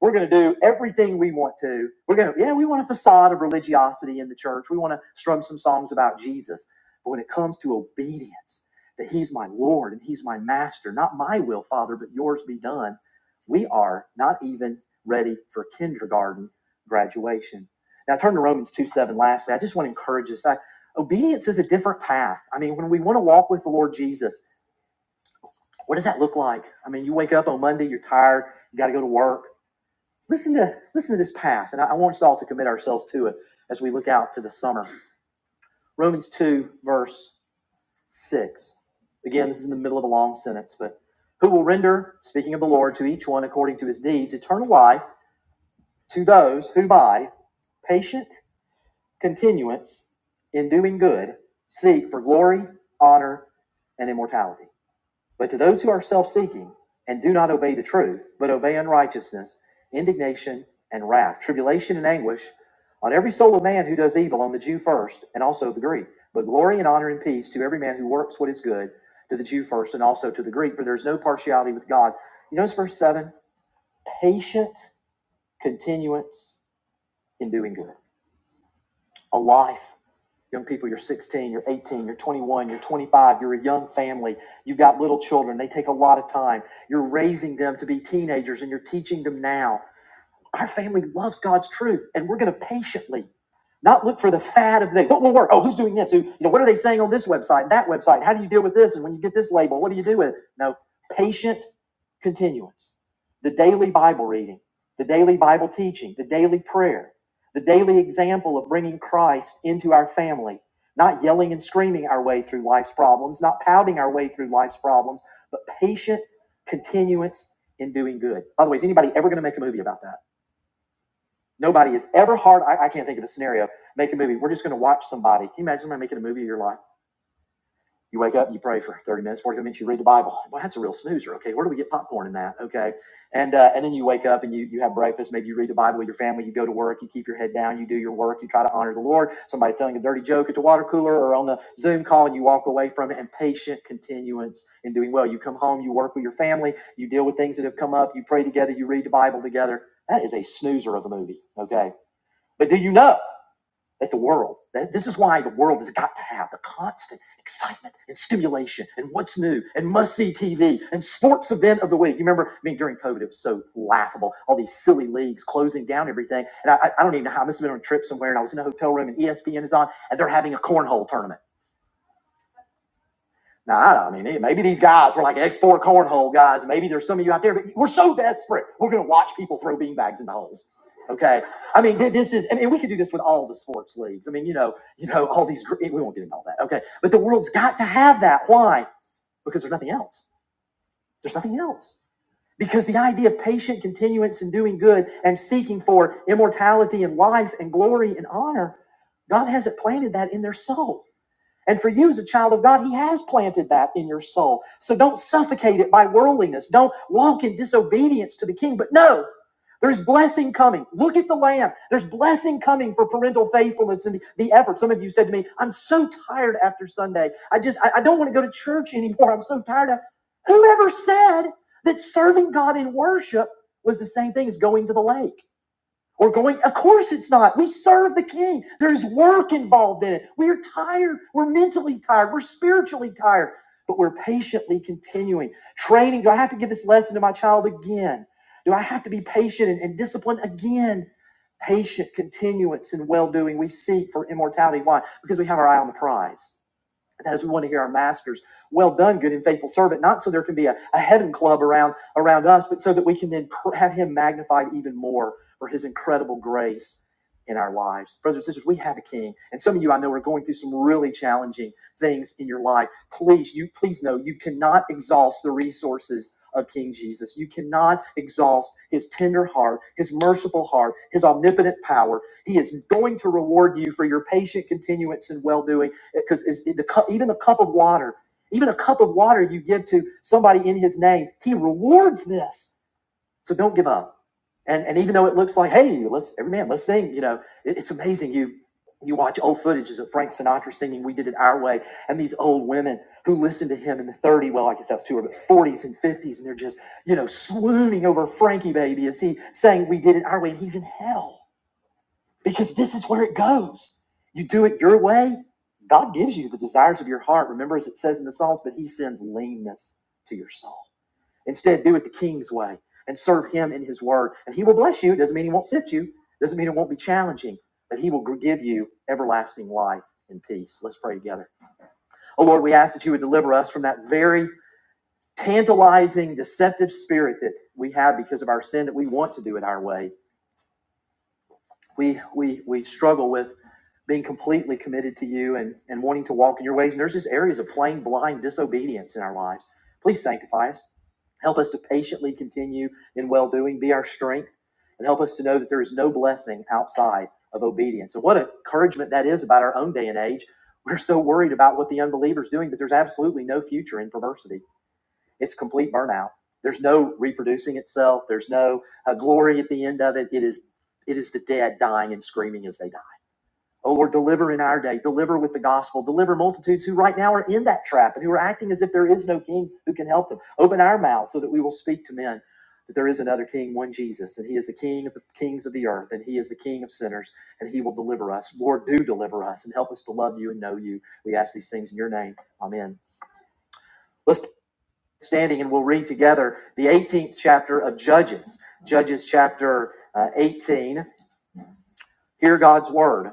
We're going to do everything we want to. We're going to, yeah, we want a facade of religiosity in the church. We want to strum some songs about Jesus. But when it comes to obedience, that He's my Lord and He's my Master, not my will, Father, but yours be done, we are not even ready for kindergarten graduation. Now turn to Romans 2 7 lastly. I just want to encourage us. I, obedience is a different path. I mean, when we want to walk with the Lord Jesus, what does that look like? I mean, you wake up on Monday, you're tired, you got to go to work. Listen to listen to this path, and I, I want us all to commit ourselves to it as we look out to the summer. Romans two verse six. Again, this is in the middle of a long sentence, but who will render, speaking of the Lord, to each one according to his deeds, eternal life to those who by patient continuance in doing good seek for glory, honor, and immortality. But to those who are self seeking and do not obey the truth, but obey unrighteousness, indignation, and wrath, tribulation and anguish, on every soul of man who does evil, on the Jew first, and also the Greek, but glory and honor and peace to every man who works what is good, to the Jew first, and also to the Greek, for there is no partiality with God. You notice verse 7 patient continuance in doing good, a life Young people, you're 16, you're 18, you're 21, you're 25, you're a young family, you've got little children, they take a lot of time. You're raising them to be teenagers and you're teaching them now. Our family loves God's truth, and we're going to patiently not look for the fad of the day. What will work? Oh, who's doing this? Who, you know, what are they saying on this website, that website? How do you deal with this? And when you get this label, what do you do with it? No, patient continuance. The daily Bible reading, the daily Bible teaching, the daily prayer, the daily example of bringing Christ into our family, not yelling and screaming our way through life's problems, not pouting our way through life's problems, but patient continuance in doing good. By the way, is anybody ever going to make a movie about that? Nobody is ever hard. I, I can't think of a scenario. Make a movie. We're just going to watch somebody. Can you imagine somebody making a movie of your life? You wake up, you pray for 30 minutes, forty minutes, you read the Bible. Well, that's a real snoozer. Okay. Where do we get popcorn in that? Okay. And, uh, and then you wake up and you, you have breakfast. Maybe you read the Bible with your family. You go to work. You keep your head down. You do your work. You try to honor the Lord. Somebody's telling a dirty joke at the water cooler or on the Zoom call and you walk away from it and patient continuance in doing well. You come home, you work with your family, you deal with things that have come up, you pray together, you read the Bible together. That is a snoozer of a movie. Okay but do you know that the world, that this is why the world has got to have the constant excitement and stimulation and what's new and must see TV and sports event of the week. You remember, I mean, during COVID, it was so laughable. All these silly leagues closing down everything. And I, I I don't even know how I must have been on a trip somewhere and I was in a hotel room and ESPN is on and they're having a cornhole tournament. Now, I, mean, eh, maybe these guys were like X4 cornhole guys. Maybe there's some of you out there, but we're so desperate. We're going to watch people throw beanbags into holes. Okay. I mean, this is, I mean, we could do this with all the sports leagues. I mean, you know, you know, all these, we won't get into all that. Okay. But the world's got to have that. Why? Because there's nothing else. There's nothing else. Because the idea of patient continuance and doing good and seeking for immortality and life and glory and honor, God hasn't planted that in their soul. And for you as a child of God, He has planted that in your soul. So don't suffocate it by worldliness. Don't walk in disobedience to the King. But no, there's blessing coming. Look at the Lamb. There's blessing coming for parental faithfulness and the, the effort. Some of you said to me, I'm so tired after Sunday. I just, I, I don't want to go to church anymore. I'm so tired. Of, whoever said that serving God in worship was the same thing as going to the lake? or going, of course it's not. We serve the king. There's work involved in it. We are tired. We're mentally tired. We're spiritually tired, but we're patiently continuing. Training. Do I have to give this lesson to my child again? Do I have to be patient and, and disciplined again? Patient continuance and well doing we seek for immortality. Why? Because we have our eye on the prize as we want to hear our masters well done good and faithful servant not so there can be a, a heaven club around around us but so that we can then pr- have him magnified even more for his incredible grace in our lives brothers and sisters we have a king and some of you i know are going through some really challenging things in your life please you please know you cannot exhaust the resources of king jesus you cannot exhaust his tender heart his merciful heart his omnipotent power he is going to reward you for your patient continuance and well-doing because even a cup of water, even a cup of water you give to somebody in His name, He rewards this. So don't give up. And and even though it looks like, hey, let's every man, let's sing. You know, it- it's amazing. You you watch old footages of Frank Sinatra singing "We Did It Our Way," and these old women who listened to him in the 30, well, I guess that was two, or but 40s and 50s, and they're just you know swooning over Frankie baby as he sang "We Did It Our Way," and he's in hell because this is where it goes. You do it your way, God gives you the desires of your heart. Remember, as it says in the Psalms, but He sends leanness to your soul. Instead, do it the King's way and serve Him in His word. And He will bless you. It doesn't mean He won't sit you, It doesn't mean it won't be challenging, but He will give you everlasting life and peace. Let's pray together. Oh Lord, we ask that you would deliver us from that very tantalizing, deceptive spirit that we have because of our sin that we want to do it our way. We, we, we struggle with being completely committed to you and, and wanting to walk in your ways. And there's just areas of plain blind disobedience in our lives. Please sanctify us. Help us to patiently continue in well doing, be our strength, and help us to know that there is no blessing outside of obedience. And what encouragement that is about our own day and age. We're so worried about what the unbeliever's doing, but there's absolutely no future in perversity. It's complete burnout. There's no reproducing itself. There's no uh, glory at the end of it. It is, it is the dead dying and screaming as they die. Oh Lord, deliver in our day, deliver with the gospel, deliver multitudes who right now are in that trap and who are acting as if there is no king who can help them. Open our mouths so that we will speak to men that there is another king, one Jesus, and he is the king of the kings of the earth, and he is the king of sinners, and he will deliver us. Lord, do deliver us and help us to love you and know you. We ask these things in your name. Amen. Let's stand standing and we'll read together the 18th chapter of Judges, Judges chapter uh, 18. Hear God's word.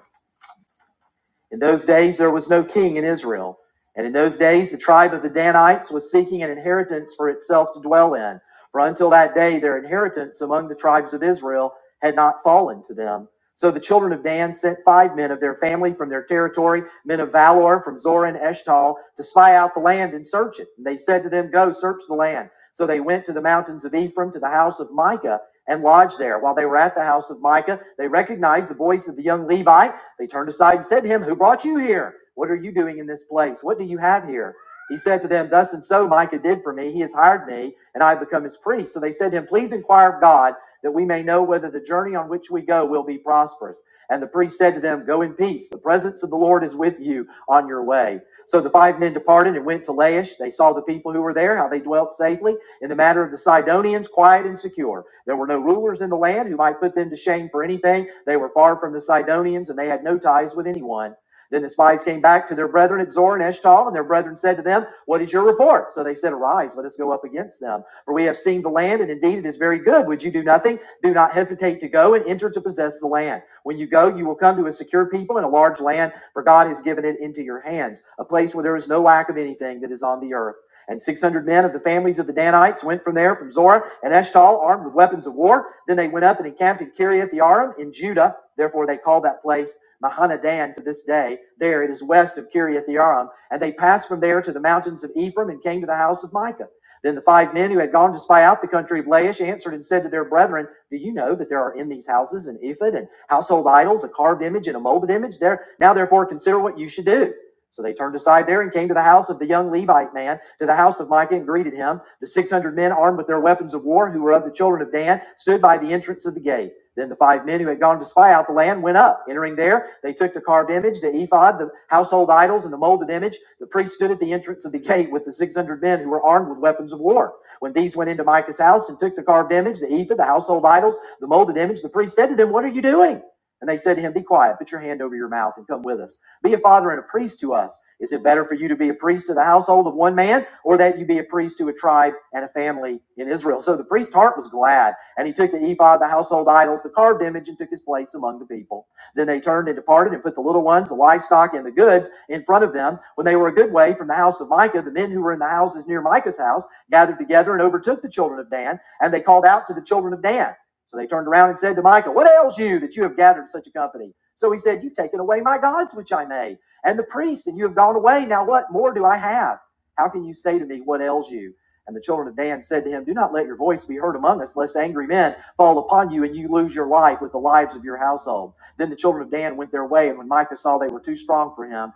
In those days there was no king in Israel. And in those days the tribe of the Danites was seeking an inheritance for itself to dwell in. For until that day their inheritance among the tribes of Israel had not fallen to them. So the children of Dan sent five men of their family from their territory, men of valor from Zorah and Eshtal, to spy out the land and search it. And they said to them, Go search the land. So they went to the mountains of Ephraim to the house of Micah and lodged there. While they were at the house of Micah, they recognized the voice of the young Levite they turned aside and said to him, Who brought you here? What are you doing in this place? What do you have here? He said to them, Thus and so Micah did for me. He has hired me, and I have become his priest. So they said to him, Please inquire of God, that we may know whether the journey on which we go will be prosperous. And the priest said to them, Go in peace. The presence of the Lord is with you on your way. So the five men departed and went to Laish. They saw the people who were there, how they dwelt safely in the matter of the Sidonians, quiet and secure. There were no rulers in the land who might put them to shame for anything. They were far from the Sidonians, and they had no ties with anyone. Then the spies came back to their brethren at Zor and Eshtal, and their brethren said to them, What is your report? So they said, Arise, let us go up against them. For we have seen the land, and indeed it is very good. Would you do nothing? Do not hesitate to go and enter to possess the land. When you go, you will come to a secure people and a large land, for God has given it into your hands, a place where there is no lack of anything that is on the earth. And 600 men of the families of the Danites went from there from Zorah and Eshtal armed with weapons of war. Then they went up and encamped in Kiriath Jearim in Judah. Therefore they call that place Mahanadan to this day. There it is west of Kiriath Jearim. And they passed from there to the mountains of Ephraim and came to the house of Micah. Then the five men who had gone to spy out the country of Laish answered and said to their brethren, Do you know that there are in these houses an ephod and household idols, a carved image and a molded image? There now therefore consider what you should do. So they turned aside there and came to the house of the young Levite man, to the house of Micah, and greeted him. The 600 men armed with their weapons of war, who were of the children of Dan, stood by the entrance of the gate. Then the five men who had gone to spy out the land went up. Entering there, they took the carved image, the ephod, the household idols, and the molded image. The priest stood at the entrance of the gate with the 600 men who were armed with weapons of war. When these went into Micah's house and took the carved image, the ephod, the household idols, the molded image, the priest said to them, What are you doing? And they said to him, Be quiet, put your hand over your mouth and come with us. Be a father and a priest to us. Is it better for you to be a priest to the household of one man or that you be a priest to a tribe and a family in Israel? So the priest's heart was glad, and he took the ephod, the household idols, the carved image, and took his place among the people. Then they turned and departed and put the little ones, the livestock, and the goods in front of them. When they were a good way from the house of Micah, the men who were in the houses near Micah's house gathered together and overtook the children of Dan, and they called out to the children of Dan. So they turned around and said to Micah, What ails you that you have gathered such a company? So he said, You've taken away my gods which I made, and the priest, and you have gone away. Now what more do I have? How can you say to me, What ails you? And the children of Dan said to him, Do not let your voice be heard among us, lest angry men fall upon you and you lose your life with the lives of your household. Then the children of Dan went their way, and when Micah saw they were too strong for him,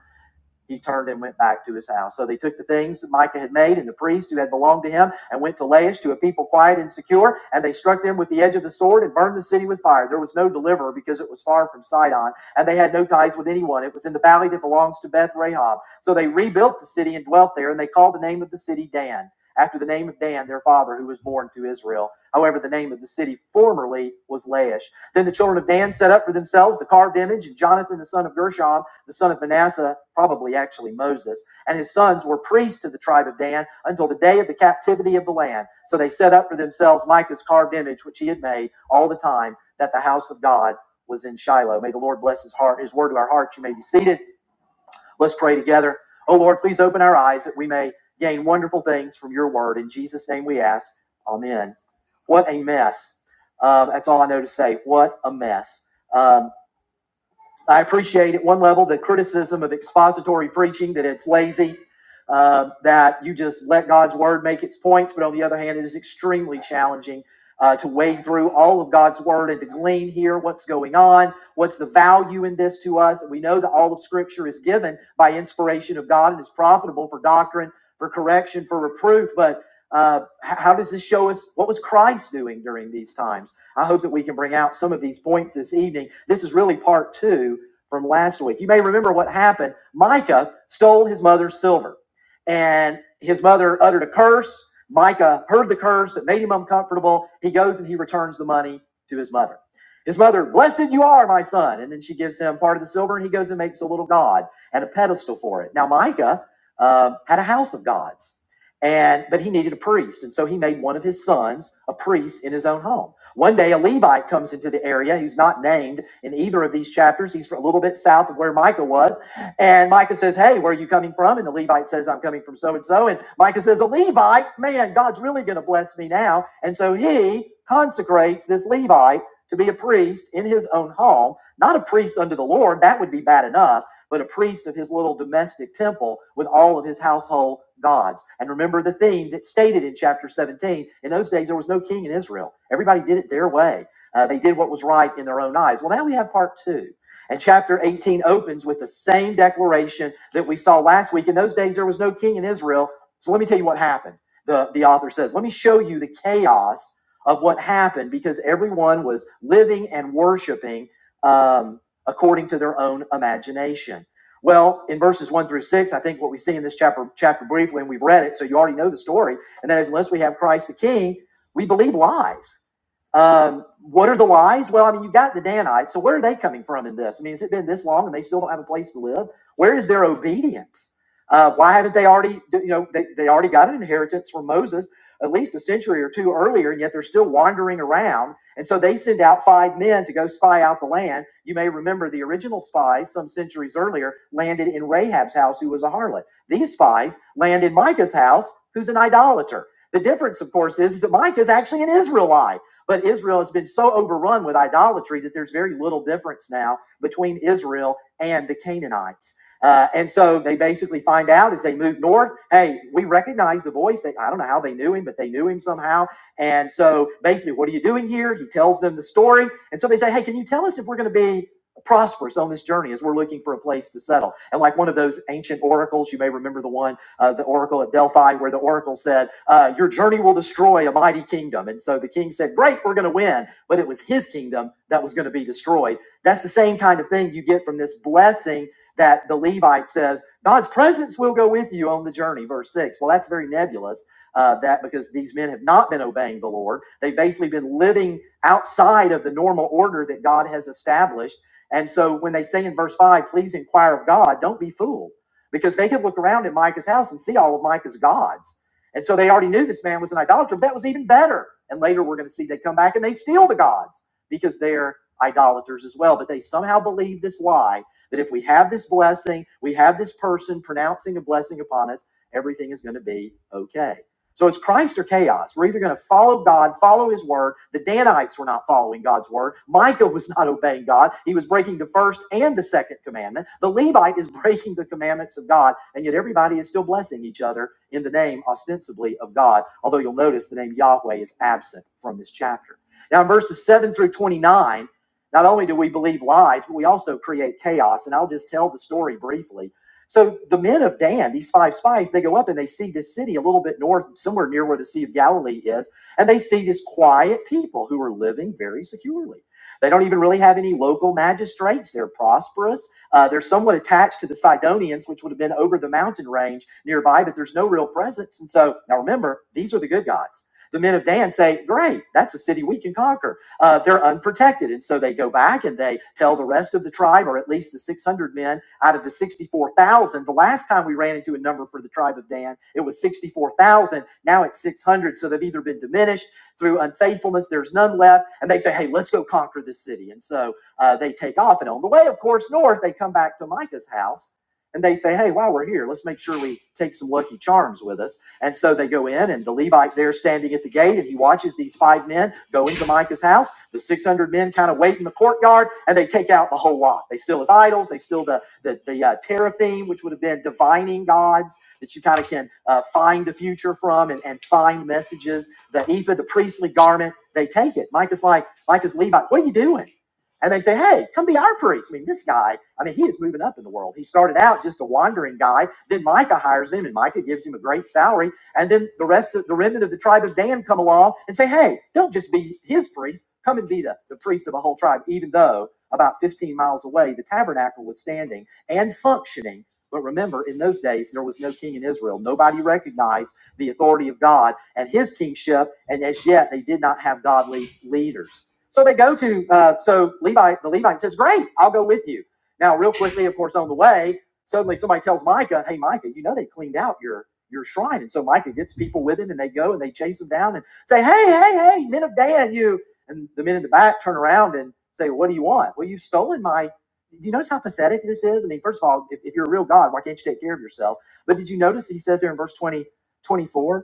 he turned and went back to his house. So they took the things that Micah had made and the priest who had belonged to him and went to Laish to a people quiet and secure, and they struck them with the edge of the sword and burned the city with fire. There was no deliverer because it was far from Sidon, and they had no ties with anyone. It was in the valley that belongs to Beth Rahab. So they rebuilt the city and dwelt there, and they called the name of the city Dan, after the name of Dan, their father, who was born to Israel. However, the name of the city formerly was Laish. Then the children of Dan set up for themselves the carved image, and Jonathan, the son of Gershom, the son of Manasseh, probably actually Moses, and his sons were priests to the tribe of Dan until the day of the captivity of the land. So they set up for themselves Micah's carved image, which he had made all the time that the house of God was in Shiloh. May the Lord bless his heart, his word to our hearts. You may be seated. Let's pray together. Oh Lord, please open our eyes that we may gain wonderful things from your word. In Jesus' name we ask. Amen. What a mess. Um, that's all I know to say. What a mess. Um, I appreciate at one level the criticism of expository preaching that it's lazy, uh, that you just let God's word make its points. But on the other hand, it is extremely challenging uh, to wade through all of God's word and to glean here what's going on, what's the value in this to us. And we know that all of Scripture is given by inspiration of God and is profitable for doctrine, for correction, for reproof. But uh, how does this show us what was Christ doing during these times? I hope that we can bring out some of these points this evening. This is really part two from last week. You may remember what happened. Micah stole his mother's silver, and his mother uttered a curse. Micah heard the curse. It made him uncomfortable. He goes and he returns the money to his mother. His mother, blessed you are, my son. And then she gives him part of the silver, and he goes and makes a little god and a pedestal for it. Now, Micah um, had a house of gods, and but he needed a priest, and so he made one of his sons a priest in his own home. One day, a Levite comes into the area who's not named in either of these chapters. He's a little bit south of where Micah was. And Micah says, Hey, where are you coming from? And the Levite says, I'm coming from so and so. And Micah says, A Levite? Man, God's really going to bless me now. And so he consecrates this Levite to be a priest in his own home, not a priest unto the Lord. That would be bad enough but a priest of his little domestic temple with all of his household gods. And remember the theme that's stated in chapter 17. In those days, there was no king in Israel, everybody did it their way. Uh, they did what was right in their own eyes. Well, now we have part two. And chapter 18 opens with the same declaration that we saw last week. In those days, there was no king in Israel. So let me tell you what happened. The, the author says, Let me show you the chaos of what happened because everyone was living and worshiping. Um, according to their own imagination. Well, in verses one through six, I think what we see in this chapter, chapter briefly, and we've read it, so you already know the story, and that is unless we have Christ the King, we believe lies. Um, what are the lies? Well, I mean, you got the Danites, so where are they coming from in this? I mean, has it been this long and they still don't have a place to live? Where is their obedience? Uh, why haven't they already, you know, they, they already got an inheritance from Moses at least a century or two earlier, and yet they're still wandering around and so they send out five men to go spy out the land. You may remember the original spies, some centuries earlier, landed in Rahab's house, who was a harlot. These spies land in Micah's house, who's an idolater. The difference, of course, is, is that Micah is actually an Israelite. But Israel has been so overrun with idolatry that there's very little difference now between Israel and the Canaanites. Uh, and so they basically find out as they move north hey, we recognize the voice. They, I don't know how they knew him, but they knew him somehow and so basically, what are you doing here? He tells them the story. And so they say, Hey, can you tell us if we're going to be prosperous on this journey as we're looking for a place to settle? And like one of those ancient oracles, you may remember the one, uh, the oracle at Delphi, where the oracle said, uh, Your journey will destroy a mighty kingdom. And so the king said, Great, we're going to win. But it was his kingdom that was going to be destroyed. That's the same kind of thing you get from this blessing that the Levite says, God's presence will go with you on the journey, verse 6. Well, that's very nebulous uh, that because these men have not been obeying the Lord. They've basically been living outside of the normal order that God has established. And so when they say in verse 5, please inquire of God, don't be fooled, because they could look around at Micah's house and see all of Micah's gods. And so they already knew this man was an idolater, but that was even better. And later we're going to see they come back and they steal the gods because they're idolaters as well. But they somehow believe this lie that if we have this blessing, we have this person pronouncing a blessing upon us, everything is going to be okay. So it's Christ or chaos. We're either going to follow God, follow his word. The Danites were not following God's word. Micah was not obeying God. He was breaking the first and the second commandment. The Levite is breaking the commandments of God. And yet everybody is still blessing each other in the name, ostensibly, of God. Although you'll notice the name Yahweh is absent from this chapter. Now, in verses 7 through 29, not only do we believe lies, but we also create chaos. And I'll just tell the story briefly so the men of Dan, these five spies, they go up and they see this city a little bit north, somewhere near where the Sea of Galilee is, and they see this quiet people who are living very securely. They don't even really have any local magistrates. They're prosperous. Uh, they're somewhat attached to the Sidonians, which would have been over the mountain range nearby, but there's no real presence. And so now remember, these are the good guys. The men of Dan say, Great, that's a city we can conquer uh, they're unprotected. And so they go back and they tell the rest of the tribe, or at least the 600 men out of the 64,000. The last time we ran into a number for the tribe of Dan, it was 64,000. Now it's 600. So they've either been diminished through unfaithfulness, there's none left. And they say, hey, let's go conquer this city. And so uh, they take off. And on the way, of course, north, they come back to Micah's house and they say, hey, while we're here, let's make sure we take some lucky charms with us and so they go in, and the Levite there standing at the gate, and he watches these five men go into Micah's house. The 600 men kind of wait in the courtyard, and they take out the whole lot. They steal his idols, they steal the, the, the uh, teraphim, which would have been divining gods that you kind of can uh, find the future from and, and find messages. The ephod, the priestly garment, they take it. Micah's like, Micah's Levite, what are you doing? And they say, hey, come be our priest. I mean, this guy, I mean, he is moving up in the world. He started out just a wandering guy. Then Micah hires him, and Micah gives him a great salary and then the rest of the remnant of the tribe of Dan come along and say, hey, don't just be his priest, come and be the, the priest of a whole tribe, even though about 15 miles away the tabernacle was standing and functioning. But remember, in those days, there was no king in Israel. Nobody recognized the authority of God and his kingship, and as yet they did not have godly leaders. So they go to, uh, so Levi, the Levite says, Great, I'll go with you. Now, real quickly, of course, on the way, suddenly somebody tells Micah, Hey, Micah, you know they cleaned out your your shrine. And so Micah gets people with him and they go and they chase him down and say, Hey, hey, hey, men of Dan, you. And the men in the back turn around and say, What do you want? Well, you've stolen my. You notice how pathetic this is? I mean, first of all, if, if you're a real God, why can't you take care of yourself? But did you notice he says there in verse 20 24,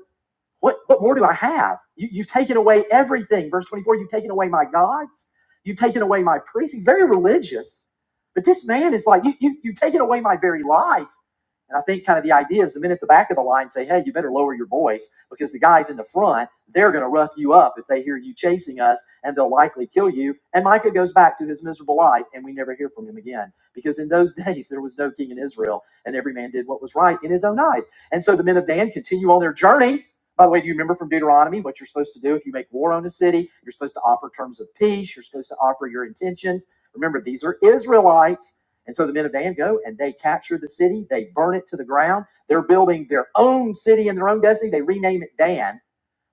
what, what more do I have? You, you've taken away everything. Verse 24, you've taken away my gods. You've taken away my priests. You're Very religious. But this man is like, you, you, You've taken away my very life and I think kind of the idea is the men at the back of the line say, hey, you better lower your voice because the guys in the front, they're going to rough you up if they hear you chasing us and they'll likely kill you. And Micah goes back to his miserable life and we never hear from him again because in those days there was no king in Israel and every man did what was right in his own eyes. And so the men of Dan continue on their journey. By the way, do you remember from Deuteronomy what you're supposed to do if you make war on a city? You're supposed to offer terms of peace. You're supposed to offer your intentions. Remember, these are Israelites and so the men of Dan go and they capture the city, they burn it to the ground. They're building their own city and their own destiny. They rename it Dan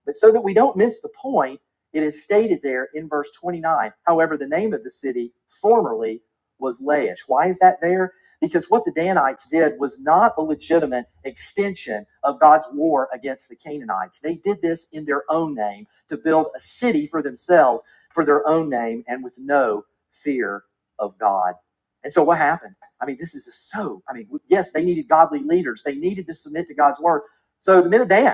but so that we don't miss the point, it is stated there in verse 29. However, the name of the city formerly was Laish. Why is that there? Because what the Danites did was not a legitimate extension of God's war against the Canaanites. They did this in their own name to build a city for themselves, for their own name, and with no fear of God. And so what happened? I mean, this is so, I mean, yes, they needed godly leaders. They needed to submit to God's word. So the men of Dan.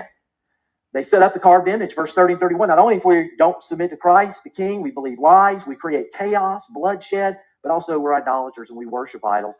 They set up the carved image, verse 30 and 31. Not only if we don't submit to Christ, the King, we believe lies, we create chaos, bloodshed, but also we're idolaters and we worship idols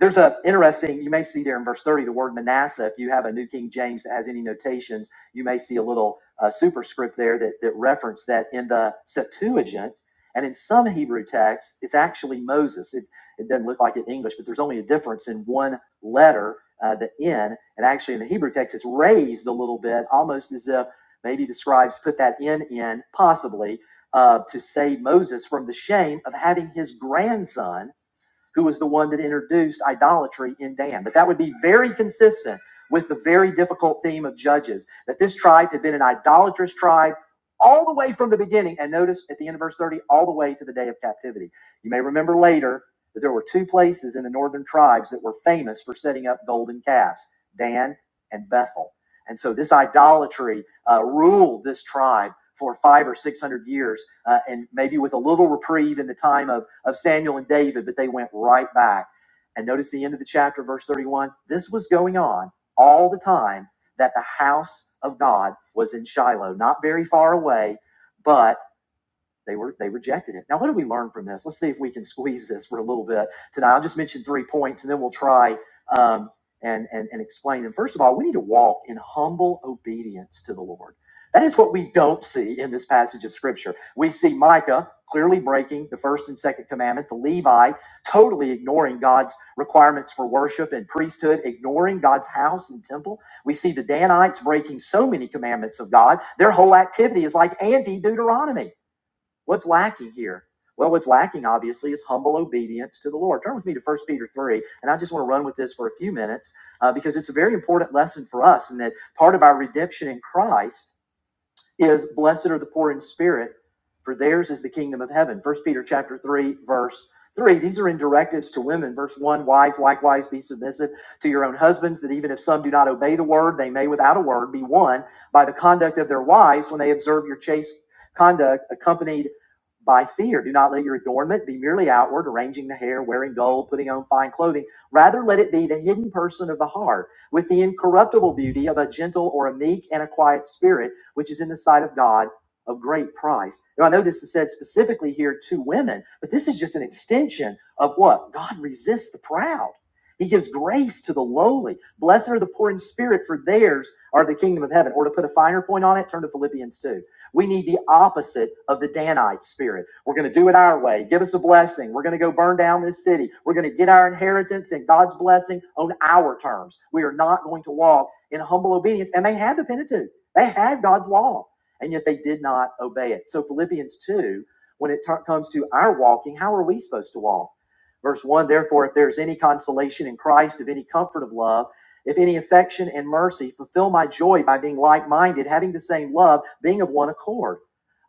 there's a interesting you may see there in verse 30 the word manasseh if you have a new king james that has any notations you may see a little uh, superscript there that, that reference that in the septuagint and in some hebrew texts it's actually moses it, it doesn't look like it in english but there's only a difference in one letter uh, the n and actually in the hebrew text it's raised a little bit almost as if maybe the scribes put that n in possibly uh, to save moses from the shame of having his grandson who was the one that introduced idolatry in Dan. But that would be very consistent with the very difficult theme of Judges, that this tribe had been an idolatrous tribe all the way from the beginning. And notice at the end of verse 30, all the way to the day of captivity. You may remember later that there were two places in the northern tribes that were famous for setting up golden calves Dan and Bethel. And so this idolatry uh, ruled this tribe for five or six hundred years, uh, and maybe with a little reprieve in the time of, of Samuel and David, but they went right back. And notice the end of the chapter, verse 31. This was going on all the time that the house of God was in Shiloh, not very far away, but they were they rejected it. Now, what do we learn from this? Let's see if we can squeeze this for a little bit tonight. I'll just mention three points, and then we'll try um, and, and and explain them. First of all, we need to walk in humble obedience to the Lord. That is what we don't see in this passage of Scripture. We see Micah clearly breaking the first and second commandment, the Levi totally ignoring God's requirements for worship and priesthood, ignoring God's house and temple. We see the Danites breaking so many commandments of God, their whole activity is like anti Deuteronomy. What's lacking here? Well, what's lacking obviously is humble obedience to the Lord. Turn with me to First Peter 3, and I just want to run with this for a few minutes uh, because it's a very important lesson for us, and that part of our redemption in Christ is blessed are the poor in spirit, for theirs is the kingdom of heaven. First Peter chapter three, verse three. These are in directives to women. Verse one, wives likewise be submissive to your own husbands, that even if some do not obey the word, they may without a word be won by the conduct of their wives when they observe your chaste conduct accompanied by fear. Do not let your adornment be merely outward, arranging the hair, wearing gold, putting on fine clothing. Rather, let it be the hidden person of the heart, with the incorruptible beauty of a gentle or a meek and a quiet spirit which is in the sight of God of great price. Now, I know this is said specifically here to women, but this is just an extension of what? God resists the proud. He gives grace to the lowly. Blessed are the poor in spirit, for theirs are the kingdom of heaven. Or to put a finer point on it, turn to Philippians 2. We need the opposite of the Danite spirit. We're going to do it our way. Give us a blessing. We're going to go burn down this city. We're going to get our inheritance and God's blessing on our terms. We are not going to walk in humble obedience. And they had the Pentateuch. They had God's law, and yet they did not obey it. So, Philippians 2, when it tur- comes to our walking, how are we supposed to walk? Verse 1 Therefore, if there is any consolation in Christ, of any comfort of love, if any affection and mercy, fulfill my joy by being like minded, having the same love, being of one accord,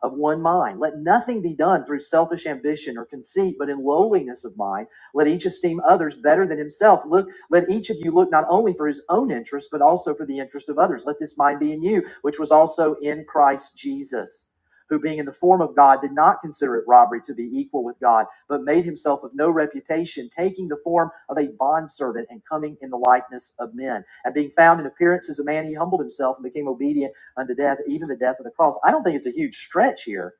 of one mind. Let nothing be done through selfish ambition or conceit, but in lowliness of mind, let each esteem others better than himself. Look, let each of you look not only for his own interest, but also for the interest of others. Let this mind be in you, which was also in Christ Jesus, who being in the form of God did not consider it robbery to be equal with God, but made himself of no reputation, taking the form of a bondservant and coming in the likeness of men. And being found in appearance as a man, he humbled himself and became obedient unto death, even the death of the cross. I don't think it's a huge stretch here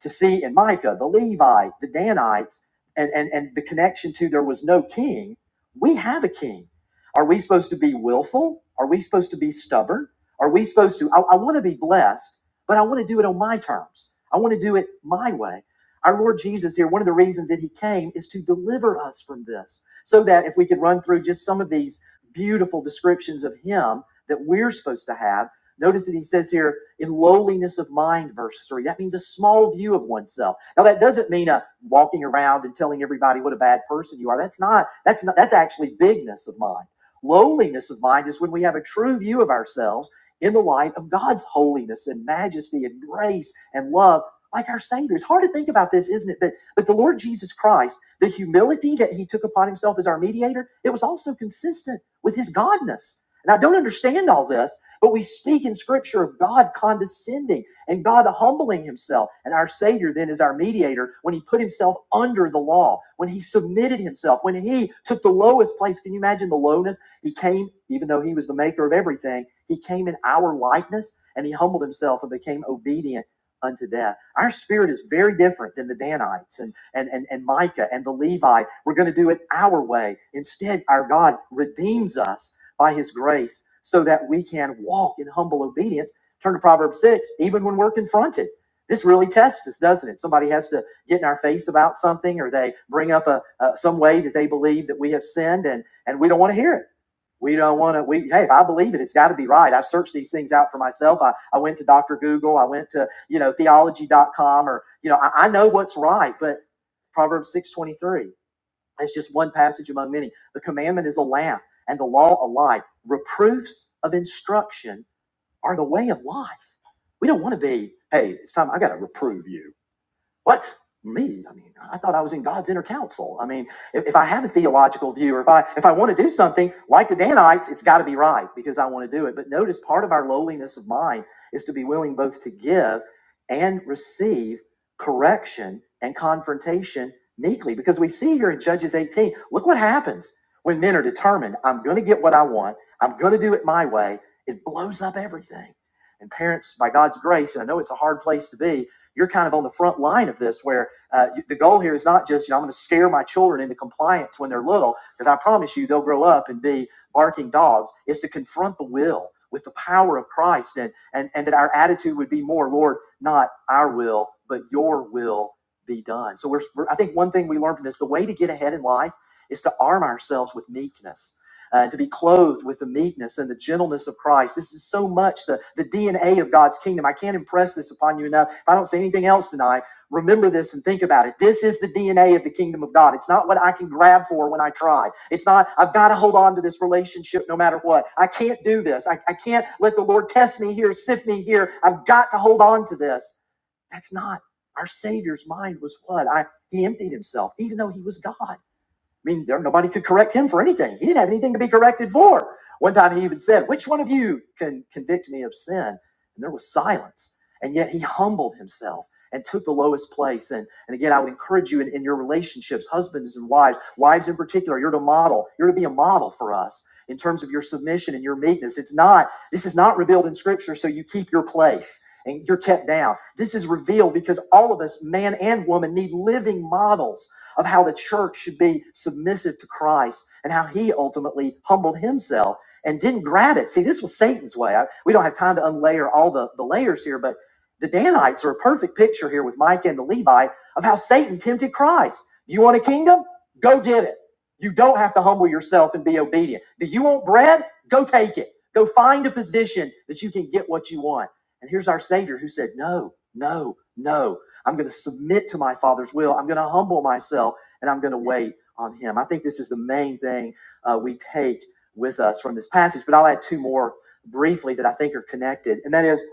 to see in Micah, the Levite, the Danites, and, and, and the connection to there was no king, we have a king. Are we supposed to be willful? Are we supposed to be stubborn? Are we supposed to? I, I want to be blessed, but I want to do it on my terms. I want to do it my way. Our Lord Jesus here, one of the reasons that he came is to deliver us from this. So that if we could run through just some of these beautiful descriptions of him that we're supposed to have, notice that he says here, in lowliness of mind, verse 3. That means a small view of oneself. Now, that doesn't mean a walking around and telling everybody what a bad person you are. That's not, that's not, that's actually bigness of mind. Lowliness of mind is when we have a true view of ourselves in the light of God's holiness and majesty and grace and love, like our Savior. It's hard to think about this, isn't it? But, but the Lord Jesus Christ, the humility that He took upon Himself as our mediator, it was also consistent with His Godness. And I don't understand all this, but we speak in scripture of God condescending and God humbling himself. And our Savior then is our mediator when he put himself under the law, when he submitted himself, when he took the lowest place. Can you imagine the lowness? He came, even though he was the maker of everything, he came in our likeness and he humbled himself and became obedient unto death. Our spirit is very different than the Danites and, and, and, and Micah and the Levi. We're going to do it our way. Instead, our God redeems us by his grace so that we can walk in humble obedience. Turn to Proverbs 6, even when we're confronted. This really tests us, doesn't it? Somebody has to get in our face about something or they bring up a, a some way that they believe that we have sinned and and we don't want to hear it. We don't want to we hey, if I believe it, it's got to be right. I've searched these things out for myself. I, I went to Dr. Google, I went to, you know, theology dot com, or you know, I, I know what's right, but Proverbs 6:23. It's just one passage among many. The commandment is a laugh, and the law a light. Reproofs of instruction are the way of life. We don't want to be, hey, it's time I got to reprove you. What? Me? I mean, I thought I was in God's inner council. I mean, if, if I have a theological view or if I if I want to do something like the Danites, it's got to be right because I want to do it. But notice part of our lowliness of mind is to be willing both to give and receive correction and confrontation meekly. Because we see here in Judges 18, look what happens when men are determined, I'm gonna get what I want, I'm gonna do it my way, it blows up everything. And parents, by God's grace, and I know it's a hard place to be, you're kind of on the front line of this where uh, the goal here is not just, you know, I'm going to scare my children into compliance when they're little, because I promise you they'll grow up and be barking dogs. It's to confront the will with the power of Christ and, and, and that our attitude would be more, Lord, not our will, but your will be done. So we're, we're, I think one thing we learned from this, the way to get ahead in life is to arm ourselves with meekness uh, to be clothed with the meekness and the gentleness of Christ. This is so much the, the DNA of God's kingdom. I can't impress this upon you enough. If I don't say anything else tonight, remember this and think about it. This is the DNA of the kingdom of God. It's not what I can grab for when I try. It's not, I've got to hold on to this relationship no matter what. I can't do this. I, I can't let the Lord test me here, sift me here. I've got to hold on to this. That's not our Savior's mind was what? I he emptied himself, even though he was God. I mean, there, nobody could correct him for anything. He didn't have anything to be corrected for. One time he even said, Which one of you can convict me of sin? And there was silence. And yet he humbled himself and took the lowest place. And, and again, I would encourage you in, in your relationships, husbands and wives, wives in particular, you're to model, you're to be a model for us in terms of your submission and your meekness. It's not, this is not revealed in scripture, so you keep your place and you're kept down. This is revealed because all of us, man and woman, need living models of how the church should be submissive to Christ and how he ultimately humbled himself and didn't grab it. See, this was Satan's way. I, we don't have time to unlayer all the, the layers here, but the Danites are a perfect picture here with Mike and the Levite of how Satan tempted Christ. You want a kingdom? Go get it. You don't have to humble yourself and be obedient. Do you want bread? Go take it. Go find a position that you can get what you want. And here's our Savior who said, No, no, no. I'm going to submit to my Father's will. I'm going to humble myself and I'm going to wait on Him. I think this is the main thing uh, we take with us from this passage. But I'll add two more briefly that I think are connected. And that is,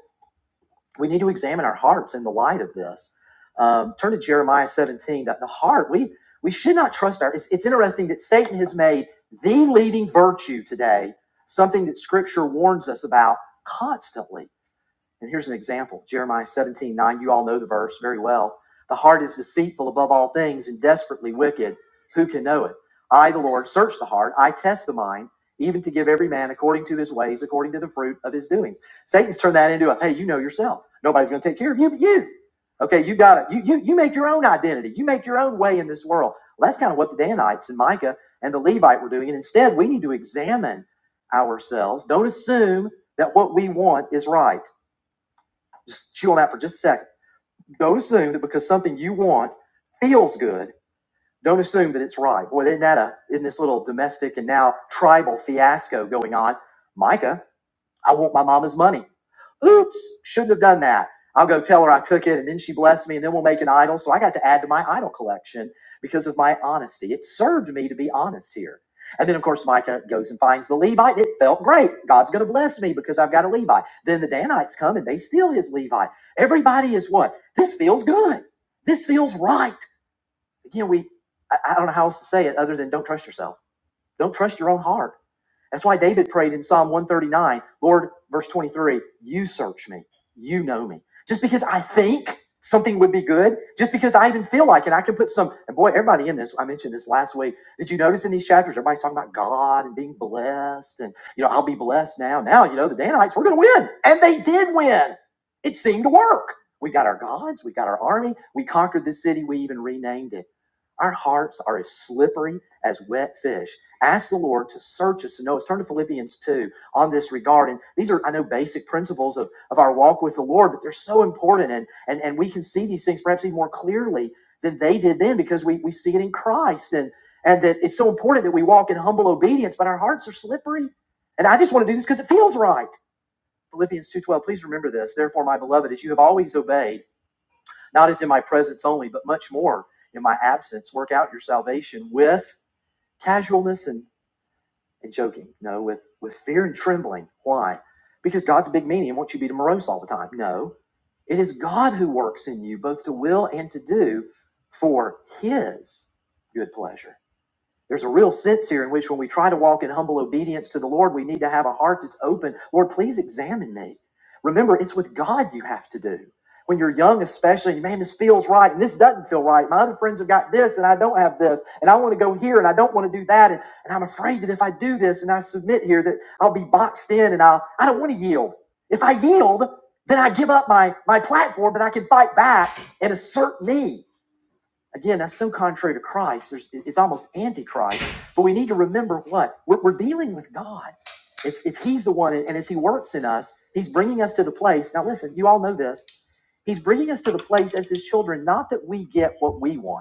we need to examine our hearts in the light of this. Um, turn to Jeremiah 17. That the heart, we we should not trust our. It's, it's interesting that Satan has made the leading virtue today something that Scripture warns us about constantly and here's an example Jeremiah 17 9. You all know the verse very well. The heart is deceitful above all things and desperately wicked. Who can know it? I, the Lord, search the heart. I test the mind, even to give every man according to his ways, according to the fruit of his doings. Satan's turned that into a hey, you know yourself. Nobody's going to take care of you but you. Okay, you got it. you, you, you make your own identity. You make your own way in this world. Well, that's kind of what the Danites and Micah and the Levite were doing. And instead, we need to examine ourselves. Don't assume that what we want is right just chew on that for just a second. Don't assume that because something you want feels good, don't assume that it's right. Boy, isn't that a in this little domestic and now tribal fiasco going on? Micah I want my mama's money. Oops, shouldn't have done that. I'll go tell her I took it and then she blessed me and then we'll make an idol. So I got to add to my idol collection because of my honesty. It served me to be honest here. And then, of course, Micah goes and finds the Levite. It felt great. God's going to bless me because I've got a Levite. Then the Danites come and they steal his Levite. Everybody is what? This feels good. This feels right. You know, we, I, I don't know how else to say it other than don't trust yourself. Don't trust your own heart that's why David prayed in Psalm 139, Lord, verse 23, you search me, you know me. Just because I think something would be good, just because I even feel like it, I can put some, and boy, everybody in this, I mentioned this last week. Did you notice in these chapters, everybody's talking about God and being blessed and, you know, I'll be blessed now. Now, you know, the Danites, we're going to win. And they did win. It seemed to work. We got our gods, we got our army, we conquered this city, we even renamed it. Our hearts are as slippery as wet fish Ask the Lord to search us and know us. Turn to Philippians 2 on this regard. And these are, I know, basic principles of, of our walk with the Lord, but they're so important. And, and, and we can see these things perhaps even more clearly than they did then because we, we see it in Christ. And, and that it's so important that we walk in humble obedience, but our hearts are slippery. And I just want to do this because it feels right. Philippians 2.12, please remember this. Therefore, my beloved, as you have always obeyed, not as in my presence only, but much more in my absence, work out your salvation with casualness and and joking. No, with with fear and trembling. Why? Because God's a big meanie and wants you to be morose all the time. No, it is God who works in you both to will and to do for His good pleasure. There's a real sense here in which when we try to walk in humble obedience to the Lord, we need to have a heart that's open. Lord, please examine me. Remember, it's with God you have to do. When you're young, especially, man, this feels right and this doesn't feel right. My other friends have got this and I don't have this, and I want to go here and I don't want to do that. And, and I'm afraid that if I do this and I submit here, that I'll be boxed in and I'll, I don't want to yield. If I yield, then I give up my, my platform, but I can fight back and assert me. Again, that's so contrary to Christ. There's, it's almost antichrist. But we need to remember what we're, we're dealing with God. It's, it's He's the one, and as He works in us, He's bringing us to the place. Now, listen, you all know this. He's bringing us to the place as His children, not that we get what we want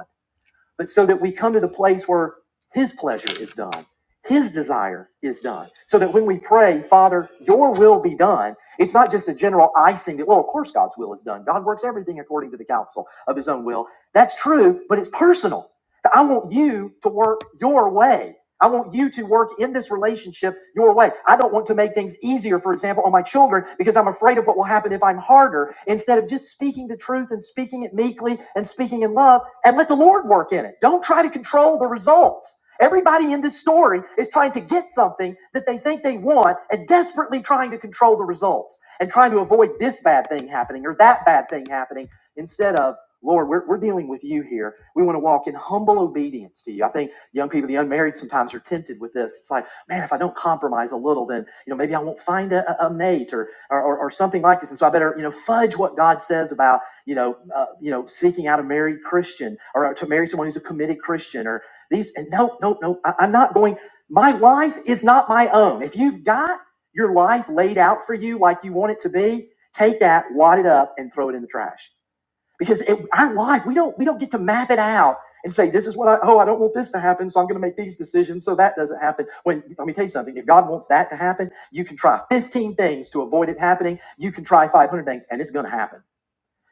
but so that we come to the place where His pleasure is done, His desire is done. So that when we pray, Father, your will be done, it's not just a general icing that, well, of course God's will is done. God works everything according to the counsel of His own will. That's true, but it's personal. So I want you to work your way. I want you to work in this relationship your way. I don't want to make things easier, for example, on my children because I'm afraid of what will happen if I'm harder instead of just speaking the truth and speaking it meekly and speaking in love and let the Lord work in it. Don't try to control the results. Everybody in this story is trying to get something that they think they want and desperately trying to control the results and trying to avoid this bad thing happening or that bad thing happening Instead of, Lord, we're, we're dealing with you here. We want to walk in humble obedience to you. I think young people, the unmarried, sometimes are tempted with this. It's like, man, if I don't compromise a little, then you know maybe I won't find a, a mate or, or or or something like this. And so I better you know fudge what God says about you know uh, you know seeking out a married Christian or to marry someone who's a committed Christian or these. And no, no, no, I, I'm not going. My life is not my own. If you've got your life laid out for you like you want it to be, take that, wad it up, and throw it in the trash because it, our life we don't we don't get to map it out and say this is what I oh I don't want this to happen so I'm going to make these decisions so that doesn't happen. When let me tell you something, if God wants that to happen, you can try 15 things to avoid it happening. You can try 500 things, and it's going to happen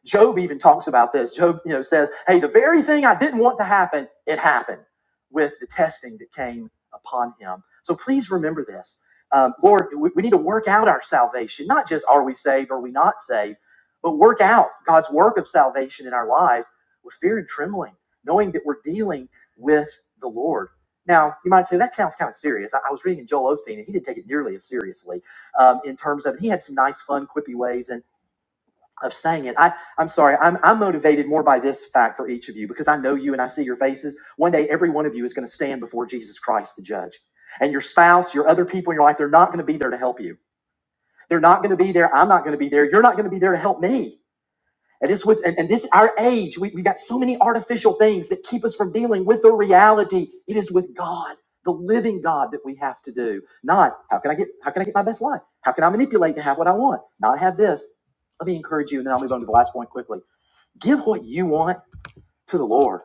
Job even talks about this. Job, you know, says, "Hey, the very thing I didn't want to happen, it happened with the testing that came upon him." So please remember this, um, Lord. We, we need to work out our salvation. Not just are we saved, are we not saved, but work out God's work of salvation in our lives with fear and trembling, knowing that we're dealing with the Lord. Now, you might say that sounds kind of serious. I, I was reading Joel Osteen, and he didn't take it nearly as seriously um, in terms of. He had some nice, fun, quippy ways of saying it. I, I'm sorry. I'm, I'm motivated more by this fact for each of you because I know you and I see your faces. One day, every one of you is going to stand before Jesus Christ to judge. And your spouse, your other people in your life, they're not going to be there to help you. They're not going to be there. I'm not going to be there. You're not going to be there to help me. And it's with and, and this our age, we, we got so many artificial things that keep us from dealing with the reality. It is with God, the living God that we have to do. Not how can I get how can I get my best life? How can I manipulate to have what I want? Not have this. Let me encourage you, and then I'll move on to the last point quickly. Give what you want to the Lord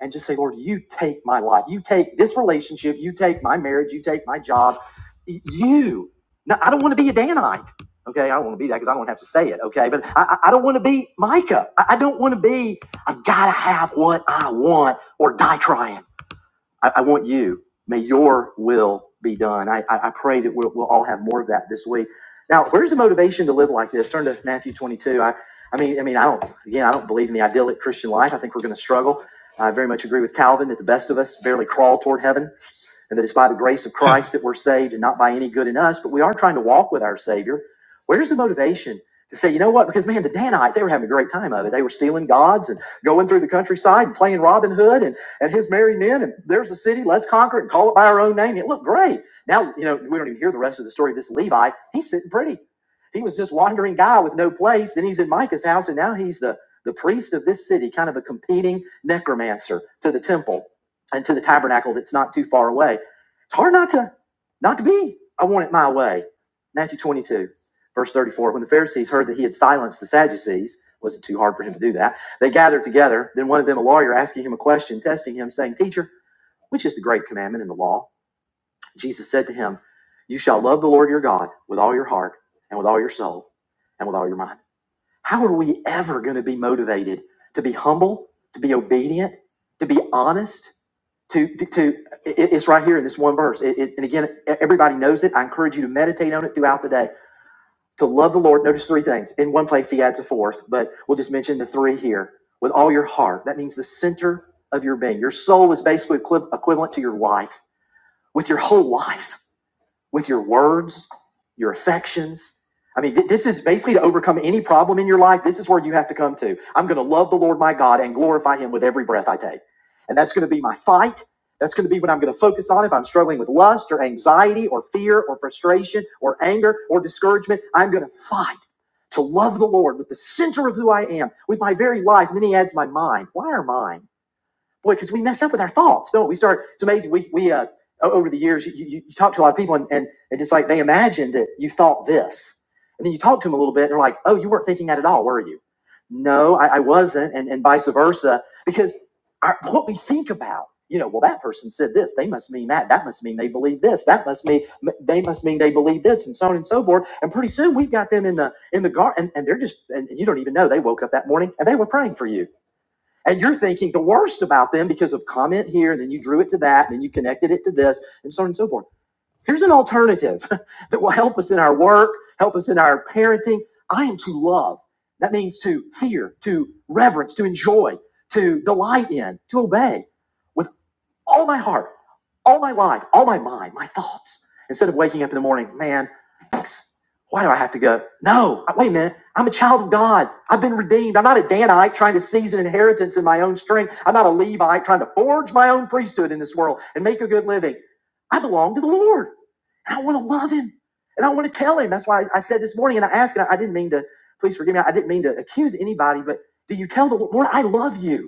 and just say, Lord, you take my life. You take this relationship. You take my marriage. You take my job. You. No, I don't want to be a Danite. Okay. I don't want to be that because I don't have to say it. Okay. But I, I I don't want to be Micah. I, I don't want to be, I've got to have what I want or die trying. I, I want you. May your will be done. I, I, I pray that we'll, we'll all have more of that this week. Now, where's the motivation to live like this? Turn to Matthew 22. I, I mean, I mean, I don't. Again, I don't believe in the idyllic Christian life. I think we're going to struggle. I very much agree with Calvin that the best of us barely crawl toward heaven and that it's by the grace of Christ that we're saved and not by any good in us, but we are trying to walk with our Savior. Where's the motivation to say, you know what? Because man, the Danites, they were having a great time of it. They were stealing gods and going through the countryside and playing Robin Hood and, and his merry men. And there's a city, let's conquer it and call it by our own name. It looked great. Now, you know, we don't even hear the rest of the story of this Levi. He's sitting pretty. He was just wandering guy with no place. Then he's in Micah's house and now he's the, the priest of this city, kind of a competing necromancer to the temple and to the tabernacle that's not too far away. It's hard not to not to be. I want it my way. Matthew 22, verse 34. When the Pharisees heard that he had silenced the Sadducees, it wasn't too hard for him to do that. They gathered together. Then one of them, a lawyer, asking him a question, testing him, saying, Teacher, which is the great commandment in the law? Jesus said to him, You shall love the Lord your God with all your heart and with all your soul and with all your mind. How are we ever going to be motivated to be humble, to be obedient, to be honest, to to to it, it's right here in this one verse. It, it- and again, e- everybody knows it. I encourage you to meditate on it throughout the day. To love the Lord, notice three things. In one place, he adds a fourth, but we'll just mention the three here. With all your heart, that means the center of your being. Your soul is basically equivalent to your life. With your whole life, with your words, your affections. I mean, th- this is basically to overcome any problem in your life. This is where you have to come to. I'm going to love the Lord my God and glorify him with every breath I take. And that's going to be my fight. That's going to be what I'm going to focus on if I'm struggling with lust or anxiety or fear or frustration or anger or discouragement. I'm going to fight to love the Lord with the center of who I am, with my very life. And then he adds my mind. Why our mind? boy, because we mess up with our thoughts, don't we? Start. It's amazing. We we uh, over the years, you, you, you talk to a lot of people, and, and and just like they imagine that you thought this, and then you talk to them a little bit, and they're like, oh, you weren't thinking that at all, were you? No, I, I wasn't, and and vice versa, because our, what we think about. You know, well, that person said this. They must mean that. That must mean they believe this. That must mean they must mean they believe this, and so on and so forth. And pretty soon, we've got them in the in the garden, and, and they're just and you don't even know they woke up that morning and they were praying for you and you're thinking the worst about them because of comment here, and then you drew it to that, and then you connected it to this, and so on and so forth. Here's an alternative that will help us in our work, help us in our parenting. I am to love. That means to fear, to reverence, to enjoy, to delight in, to obey with all my heart, all my life, all my mind, my thoughts. Instead of waking up in the morning, man, thanks. Why do I have to go? No, wait a minute. I'm a child of God. I've been redeemed. I'm not a Danite trying to seize an inheritance in my own strength. I'm not a Levite trying to forge my own priesthood in this world and make a good living. I belong to the Lord. And I want to love him. And I want to tell him. That's why I said this morning and I asked, and I didn't mean to, please forgive me. I didn't mean to accuse anybody, but do you tell the Lord, I love you?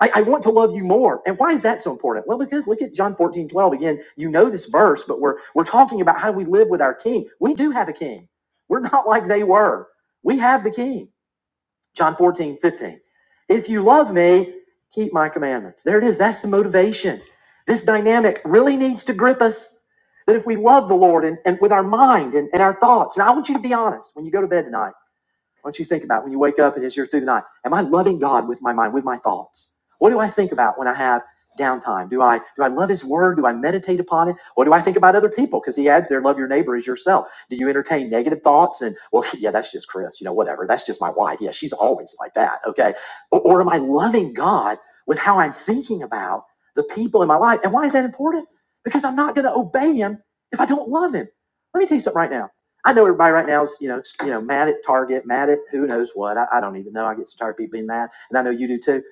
I, I want to love you more. And why is that so important? Well, because look at John 14 12 Again, you know this verse, but we're we're talking about how we live with our king. We do have a king. We're not like they were. We have the king. John 14 15. If you love me, keep my commandments. There it is. That's the motivation. This dynamic really needs to grip us. That if we love the Lord and, and with our mind and, and our thoughts, and I want you to be honest when you go to bed tonight. Why don't you to think about when you wake up and as you're through the night? Am I loving God with my mind, with my thoughts? What do I think about when I have downtime? Do I do I love His Word? Do I meditate upon it? What do I think about other people? Because He adds there, love your neighbor as yourself. Do you entertain negative thoughts and well, yeah, that's just Chris, you know, whatever. That's just my wife. Yeah, she's always like that. Okay, or, or am I loving God with how I'm thinking about the people in my life? And why is that important? Because I'm not going to obey Him if I don't love Him. Let me tell you something right now I know everybody right now is, you know, you know, mad at Target, mad at who knows what. I, I don't even know. I get so tired of people being mad, and I know you do too.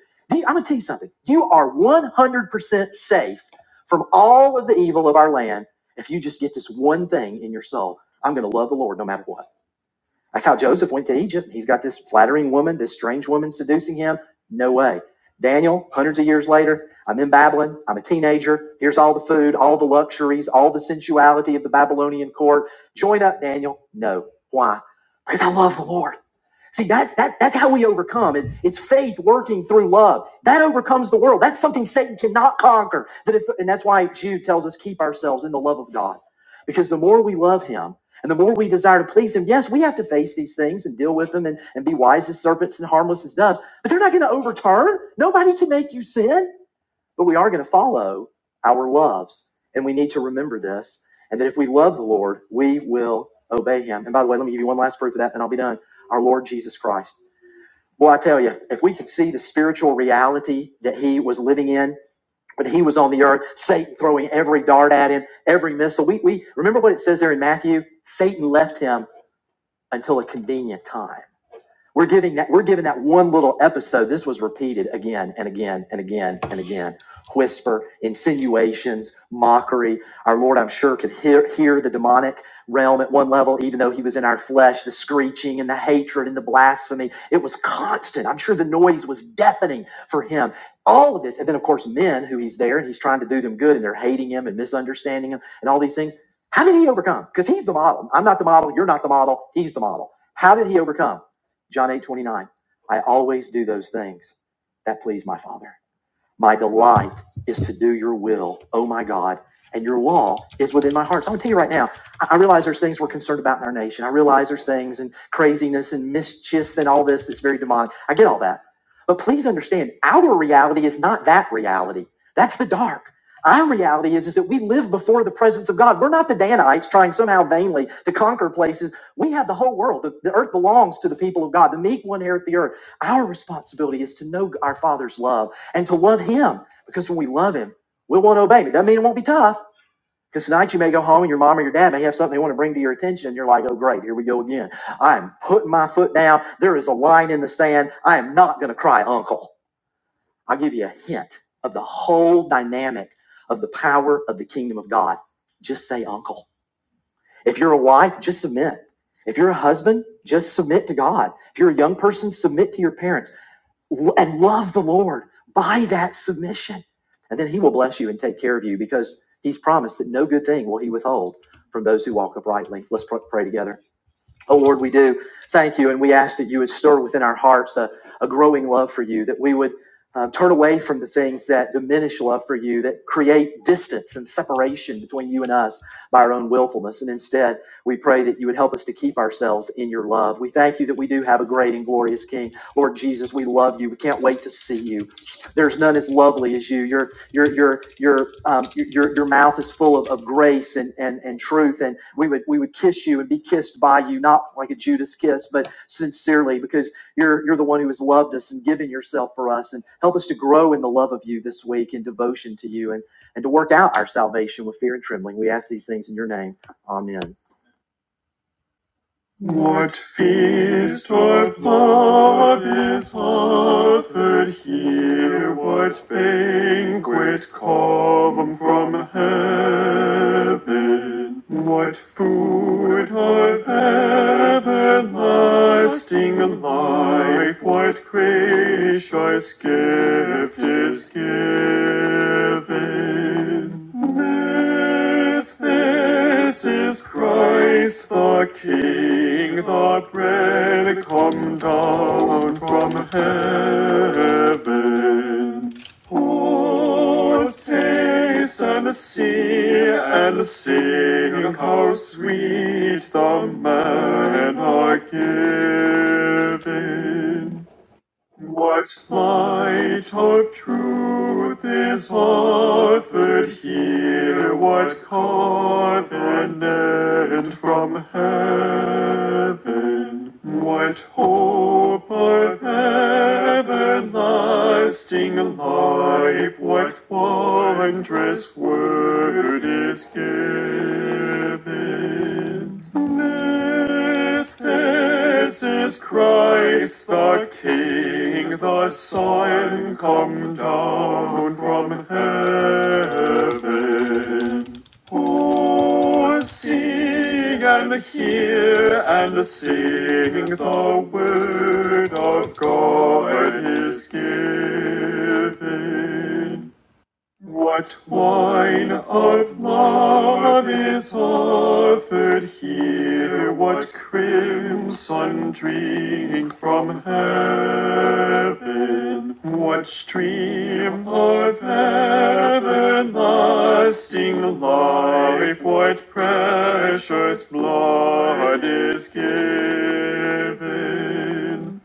I'm gonna tell you something. You are 100% safe from all of the evil of our land if you just get this one thing in your soul. I'm gonna love the Lord no matter what. That's how Joseph went to Egypt. He's got this flattering woman, this strange woman seducing him. No way. Daniel, hundreds of years later, I'm in Babylon. I'm a teenager. Here's all the food, all the luxuries, all the sensuality of the Babylonian court. Join up, Daniel. No. Why? Because I love the Lord. See, that's that that's how we overcome. It, it's faith working through love. That overcomes the world. That's something Satan cannot conquer. That if, and that's why Jude tells us keep ourselves in the love of God. Because the more we love him and the more we desire to please him, yes, we have to face these things and deal with them and, and be wise as serpents and harmless as doves. But they're not going to overturn. Nobody can make you sin but we are going to follow our loves. And we need to remember this. And that if we love the Lord, we will obey him. And by the way, let me give you one last proof of that, and I'll be done. Our Lord Jesus Christ. Boy, I tell you, if we could see the spiritual reality that he was living in when he was on the earth, Satan throwing every dart at him, every missile. We, we remember what it says there in Matthew? Satan left him until a convenient time. We're giving that, we're giving that one little episode. This was repeated again and again and again and again. Whisper, insinuations, mockery. Our Lord, I'm sure, could hear, hear the demonic realm at one level, even though he was in our flesh, the screeching and the hatred and the blasphemy. It was constant. I'm sure the noise was deafening for him. All of this. And then, of course, men who he's there and he's trying to do them good and they're hating him and misunderstanding him and all these things. How did he overcome? Because he's the model. I'm not the model. You're not the model. He's the model. How did he overcome? John eight twenty nine. I always do those things that please my Father. My delight is to do your will, oh my God, and your law is within my heart. So I'm gonna tell you right now, I realize there's things we're concerned about in our nation. I realize there's things and craziness and mischief and all this that's very demonic. I get all that. But please understand, our reality is not that reality. That's the dark. Our reality is, is that we live before the presence of God. We're not the Danites trying somehow vainly to conquer places. We have the whole world. The, the earth belongs to the people of God. The meek will inherit the earth. Our responsibility is to know our Father's love and to love Him. Because when we love Him, we'll want to obey Him. It doesn't mean it won't be tough. Because tonight you may go home and your mom or your dad may have something they want to bring to your attention, and you're like, oh, great, here we go again. I'm putting my foot down. There is a line in the sand. I am not going to cry, uncle. I'll give you a hint of the whole dynamic of the power of the kingdom of God. Just say, uncle. If you're a wife, just submit. If you're a husband, just submit to God. If you're a young person, submit to your parents and love the Lord by that submission. And then he will bless you and take care of you because he's promised that no good thing will he withhold from those who walk uprightly. Let's pray together. Oh Lord, we do thank you, and we ask that you would stir within our hearts a, a growing love for you, that we would uh, turn away from the things that diminish love for you, that create distance and separation between you and us by our own willfulness. And instead, we pray that you would help us to keep ourselves in your love. We thank you that we do have a great and glorious King. Lord Jesus, we love you. We can't wait to see you. There's none as lovely as you. Your your your your um, your your mouth is full of, of grace and, and and truth. And we would we would kiss you and be kissed by you, not like a Judas kiss, but sincerely, because you're you're the one who has loved us and given yourself for us. And help us to grow in the love of you this week in devotion to you and and to work out our salvation with fear and trembling. We ask these things in your name. Amen. What feast of love is offered here? What banquet come from heaven? What food of everlasting life? What gracious gift is given? There this, this is Christ the King, the bread come down from heaven. Oh, taste and see and sing how sweet the manna given. What light of truth is offered here? What covenant from heaven? What hope of everlasting life? What wondrous word is given? This, this is Christ the King, the Son come down from heaven. Oh, sing and hear and sing the word of God is given. What wine of love is offered here? What crimson drink from heaven? What stream of everlasting life? What precious blood is given?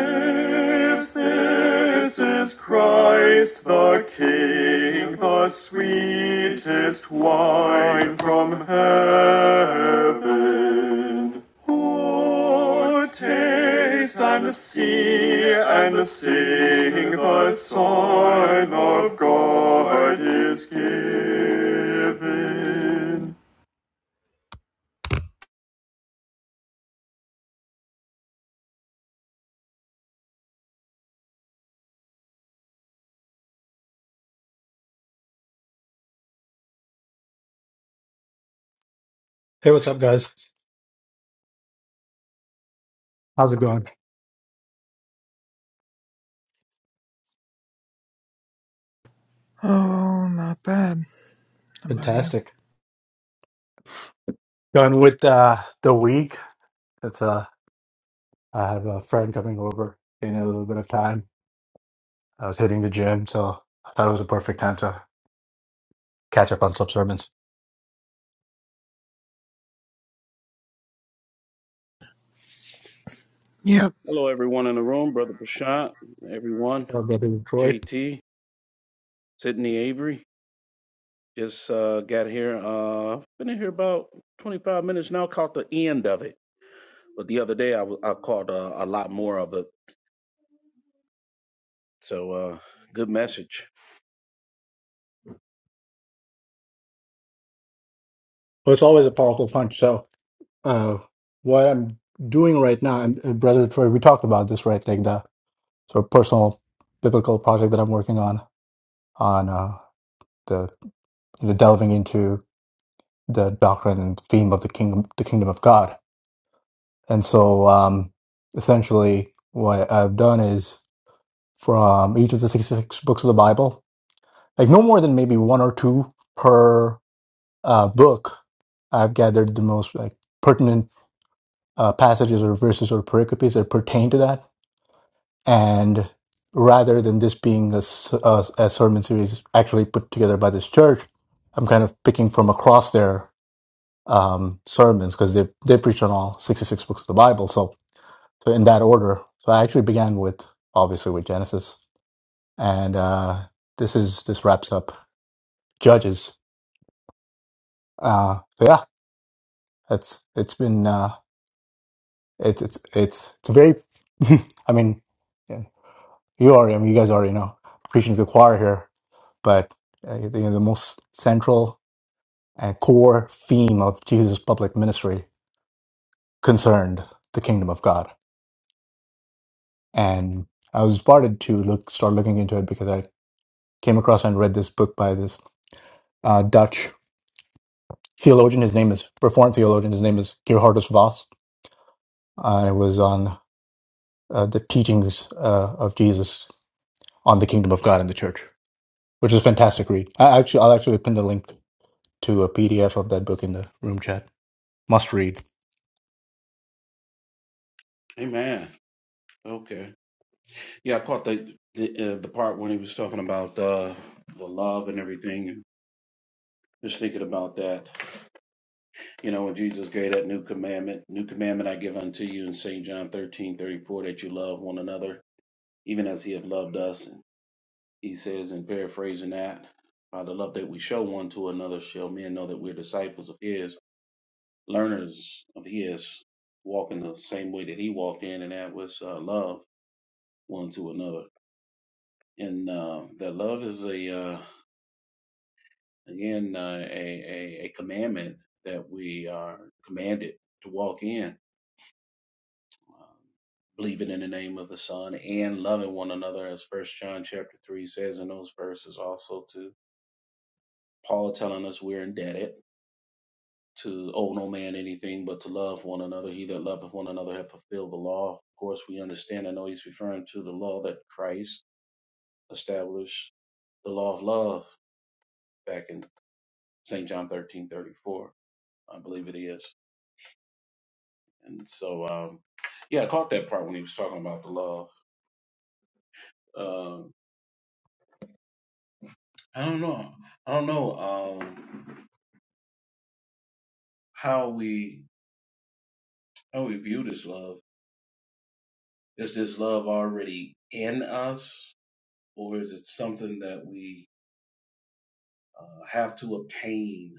This, this is Christ the King, the sweetest wine from heaven. Oh, taste and see and sing, the Son of God is given.
Hey, what's up, guys? How's it going?
Oh, not bad. How about you?
Fantastic. Done with uh, the week. It's uh, I have a friend coming over in a little bit of time. I was hitting the gym, so I thought it was a perfect time to catch up on some sermons.
Yep.
Hello, everyone in the room. Brother Prashant, everyone,
Well, brother Detroit.
JT, Sydney Avery. Just uh, got here. Uh, been in here about 25 minutes now. Caught the end of it, but the other day I, w- I caught uh, a lot more of it. So uh, good message.
Well, it's always a powerful punch. So, uh, what I'm doing right now, and uh, brother Detroit, we talked about this, right? Like the sort of personal biblical project that I'm working on, on uh, the you know, delving into the doctrine and theme of the kingdom, the kingdom of God. And so, um, essentially, what I've done is from each of the 66 books of the Bible, like no more than maybe one or two per uh, book, I've gathered the most like pertinent uh, passages or verses or pericopes that pertain to that. And rather than this being a, s- a- a sermon series actually put together by this church, I'm kind of picking from across their um, sermons because they they preach on all 66 books of the Bible. So So in that order. So I actually began with obviously with Genesis, and uh, this is this wraps up Judges. Uh, so yeah, it's it's been uh, it's it's it's it's a very. I mean, yeah, you already I mean you guys already know preaching to the choir here, but uh, you know, the most central and core theme of Jesus' public ministry concerned the kingdom of God, and I was inspired to look start looking into it because I came across and read this book by this uh, Dutch theologian. His name is Reformed theologian. His name is Gerhardus Voss. I was on uh, the teachings uh, of Jesus on the kingdom of God and the church, which is a fantastic read. I actually, I'll actually pin the link to a PDF of that book in the room chat. Must read,
Amen. Okay. Yeah, I caught the the, uh, the part when he was talking about uh, the love and everything. Just thinking about that. You know, when Jesus gave that new commandment, new commandment I give unto you in St. John 13:34 that you love one another even as he hath loved us. He says, in paraphrasing that, by the love that we show one to another, shall men know that we're disciples of his, learners of his, walking the same way that he walked in, and that was uh, love one to another. And uh, that love is a, uh, again, uh, a, a, a commandment that we are commanded to walk in. Uh, Believing in the name of the Son and loving one another, as First John chapter three says in those verses, also to Paul telling us we're indebted to owe no man anything but to love one another. He that loveth one another hath fulfilled the law. Of course, we understand. I know he's referring to the law that Christ established, the law of love, back in St. John thirteen thirty four, I believe it is. And so, um, yeah, I caught that part when he was talking about the love. Um, I don't know. I don't know um, how we how we view this love. Is this love already in us? or is it something that we uh, have to obtain,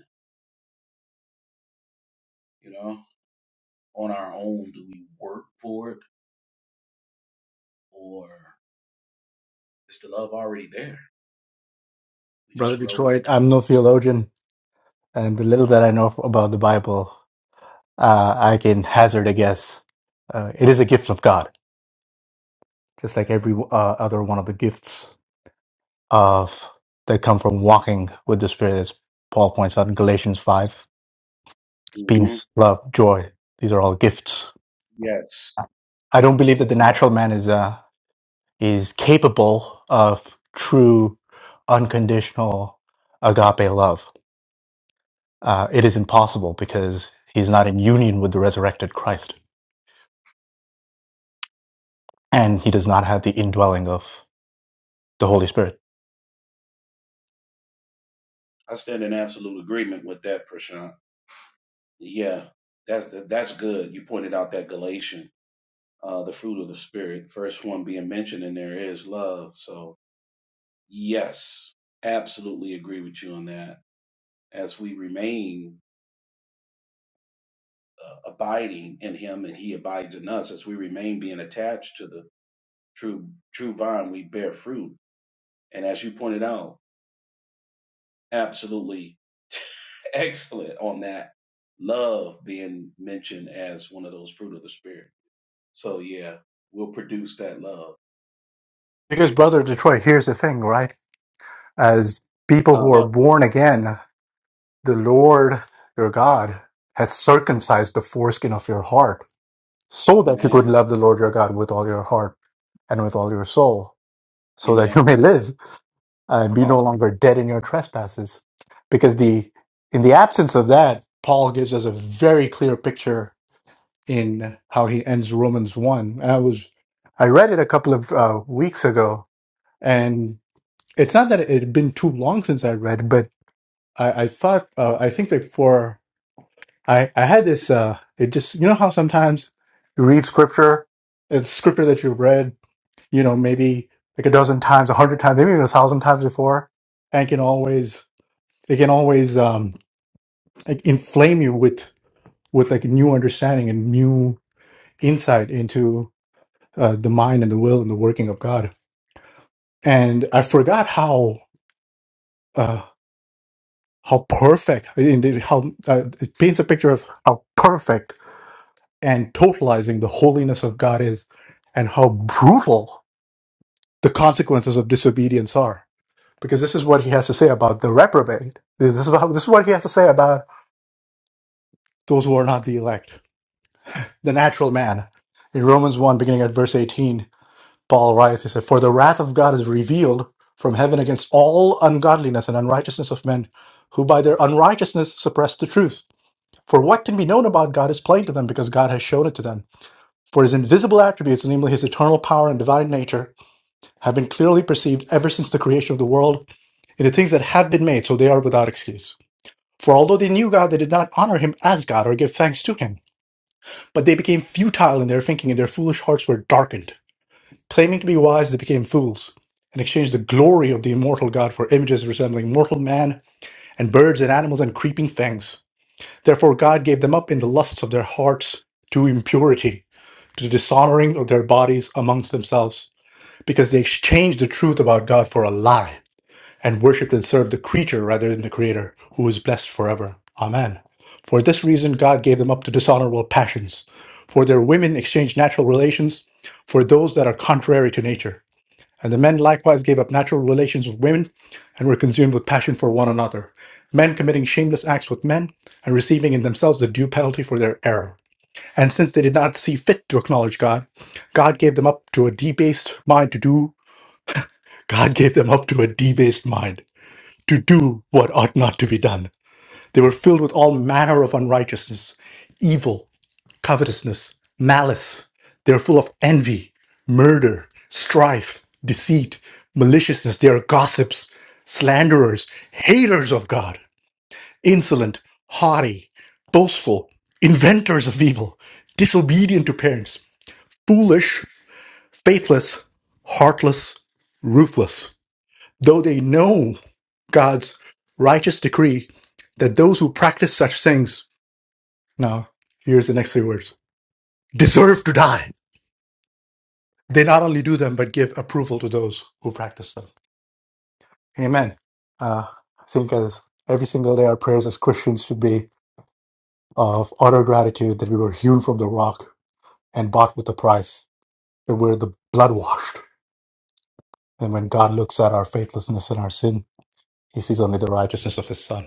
you know, on our own? Do we work for it, or is the love already there? We
brother
just grow.
Detroit. I'm no theologian, and the little that I know about the Bible, uh, I can hazard a guess. Uh, it is a gift of God, just like every uh, other one of the gifts of that come from walking with the Spirit, as Paul points out in Galatians five
hmm
peace, love, joy. These are all gifts.
Yes.
I don't believe that
Yeah.
the natural man is uh, is capable of true, unconditional agape love. Uh, it is impossible because he's not in union with the resurrected Christ, and he does not have the indwelling of the Holy Spirit.
I stand in absolute agreement with that, Prashant. Yeah, that's that's good. You pointed out that Galatian, uh, the fruit of the spirit, first one being mentioned, and there is love. So yes, absolutely agree with you on that. As we remain uh, abiding in him and he abides in us as we remain being attached to the true true vine we bear fruit and as you pointed out absolutely excellent on that love being mentioned as one of those fruit of the spirit so yeah we'll produce that love
Because, brother Detroit, here's the thing, right? As people who are
uh-huh
born again, the Lord your God hath circumcised the foreskin of your heart so that you could
amen
love the Lord your God with all your heart and with all your soul, so that you
amen
may live and be no
awesome.
longer dead in your trespasses. Because the in the absence of that, Paul gives us a very clear picture in how he ends Romans one. I was I read it a couple of uh, weeks ago, and it's not that it had been too long since I read, but I, I thought uh, I think before I I had this uh, it just you know how sometimes you read scripture it's scripture that you have read you know, maybe like a dozen times, a hundred times, maybe even a thousand times before, and can always it can always um, like inflame you with with like new understanding and new insight into uh, the mind and the will and the working of God. And I forgot how uh, how perfect indeed how uh, it paints a picture of how perfect and totalizing the holiness of God is, and how brutal the consequences of disobedience are because this is what he has to say about the reprobate. This is, how, this is what he has to say about those who are not the elect, the natural man. In Romans 1, beginning at verse 18, Paul writes, he said, For the wrath of God is revealed from heaven against all ungodliness and unrighteousness of men who by their unrighteousness suppress the truth. For what can be known about God is plain to them because God has shown it to them. For his invisible attributes, namely his eternal power and divine nature, have been clearly perceived ever since the creation of the world in the things that have been made, so they are without excuse. For although they knew God, they did not honor him as God or give thanks to him. But they became futile in their thinking, and their foolish hearts were darkened. Claiming to be wise, they became fools, and exchanged the glory of the immortal God for images resembling mortal man, and birds and animals and creeping things. Therefore God gave them up in the lusts of their hearts to impurity, to the dishonoring of their bodies amongst themselves, because they exchanged the truth about God for a lie and worshipped and served the creature rather than the creator, who is blessed forever. Amen. For this reason, God gave them up to dishonorable passions. For their women exchanged natural relations for those that are contrary to nature. And the men likewise gave up natural relations with women and were consumed with passion for one another, men committing shameless acts with men and receiving in themselves the due penalty for their error. And since they did not see fit to acknowledge God, God gave them up to a debased mind to do. God gave them up to a debased mind to do what ought not to be done. They were filled with all manner of unrighteousness, evil, covetousness, malice. They are full of envy, murder, strife, deceit, maliciousness. They are gossips, slanderers, haters of God, insolent, haughty, boastful, inventors of evil, disobedient to parents, foolish, faithless, heartless, ruthless. Though they know God's righteous decree that those who practice such things, now here's the next three words, deserve to die. They not only do them, but give approval to those who practice them. Amen. Uh, I think as every single day, our prayers as Christians should be of utter gratitude that we were hewn from the rock and bought with a price, that we're the blood washed. And when God looks at our faithlessness and our sin, he sees only the righteousness of his son.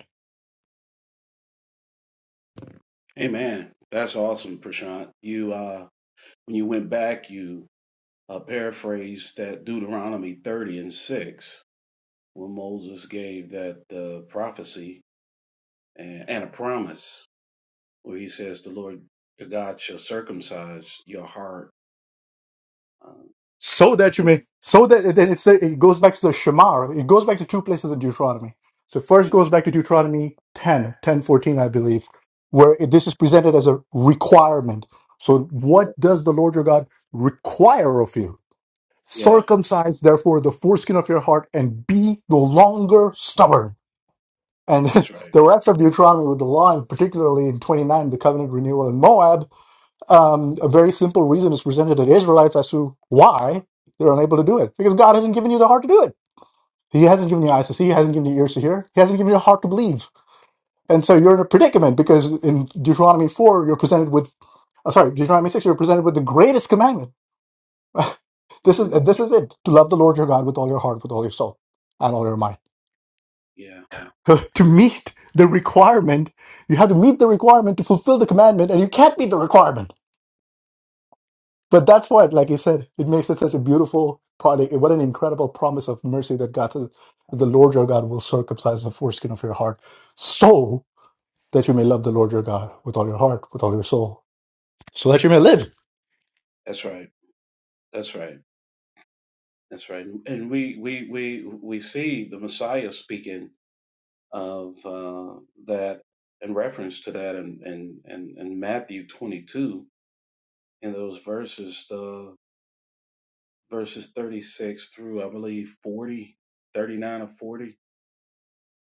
amen that's awesome prashant you uh when you went back you uh paraphrased that deuteronomy 30 and 6 when Moses gave that uh, prophecy and, and a promise where he says, The Lord your God shall circumcise your heart. Um,
so that you may so that then it's it goes back to the Shema. right? It goes back to two places in Deuteronomy. So first
yeah,
goes back to Deuteronomy 10, 10 14, I believe, where it, this is presented as a requirement. So what does the Lord your God require of you?
yeah,
Circumcise therefore the foreskin of your heart and be no longer stubborn. And
that's right.
the rest of Deuteronomy with the law, and particularly in 29, the covenant renewal in Moab, um, a very simple reason is presented to the Israelites as to why they're unable to do it. Because God hasn't given you the heart to do it. He hasn't given you eyes to see. He hasn't given you ears to hear. He hasn't given you a heart to believe. And so you're in a predicament because in Deuteronomy 4, you're presented with, uh, sorry, Deuteronomy 6, you're presented with the greatest commandment. This is,
hmm
this is it to love the Lord your God with all your heart, with all your soul, and all your mind.
Yeah,
to meet the requirement, you have to meet the requirement to fulfill the commandment, and you can't meet the requirement. But that's what, like you said, it makes it such a beautiful product. What an incredible promise of mercy that God says, the Lord your God will circumcise the foreskin of your heart so that you may love the Lord your God with all your heart, with all your soul, so that you may live.
that's right. That's right. That's right. And we, we, we, we see the Messiah speaking of uh, that in reference to that in, in, in, in Matthew 22 in those verses uh, verses 36 through I believe 40, 39 or 40,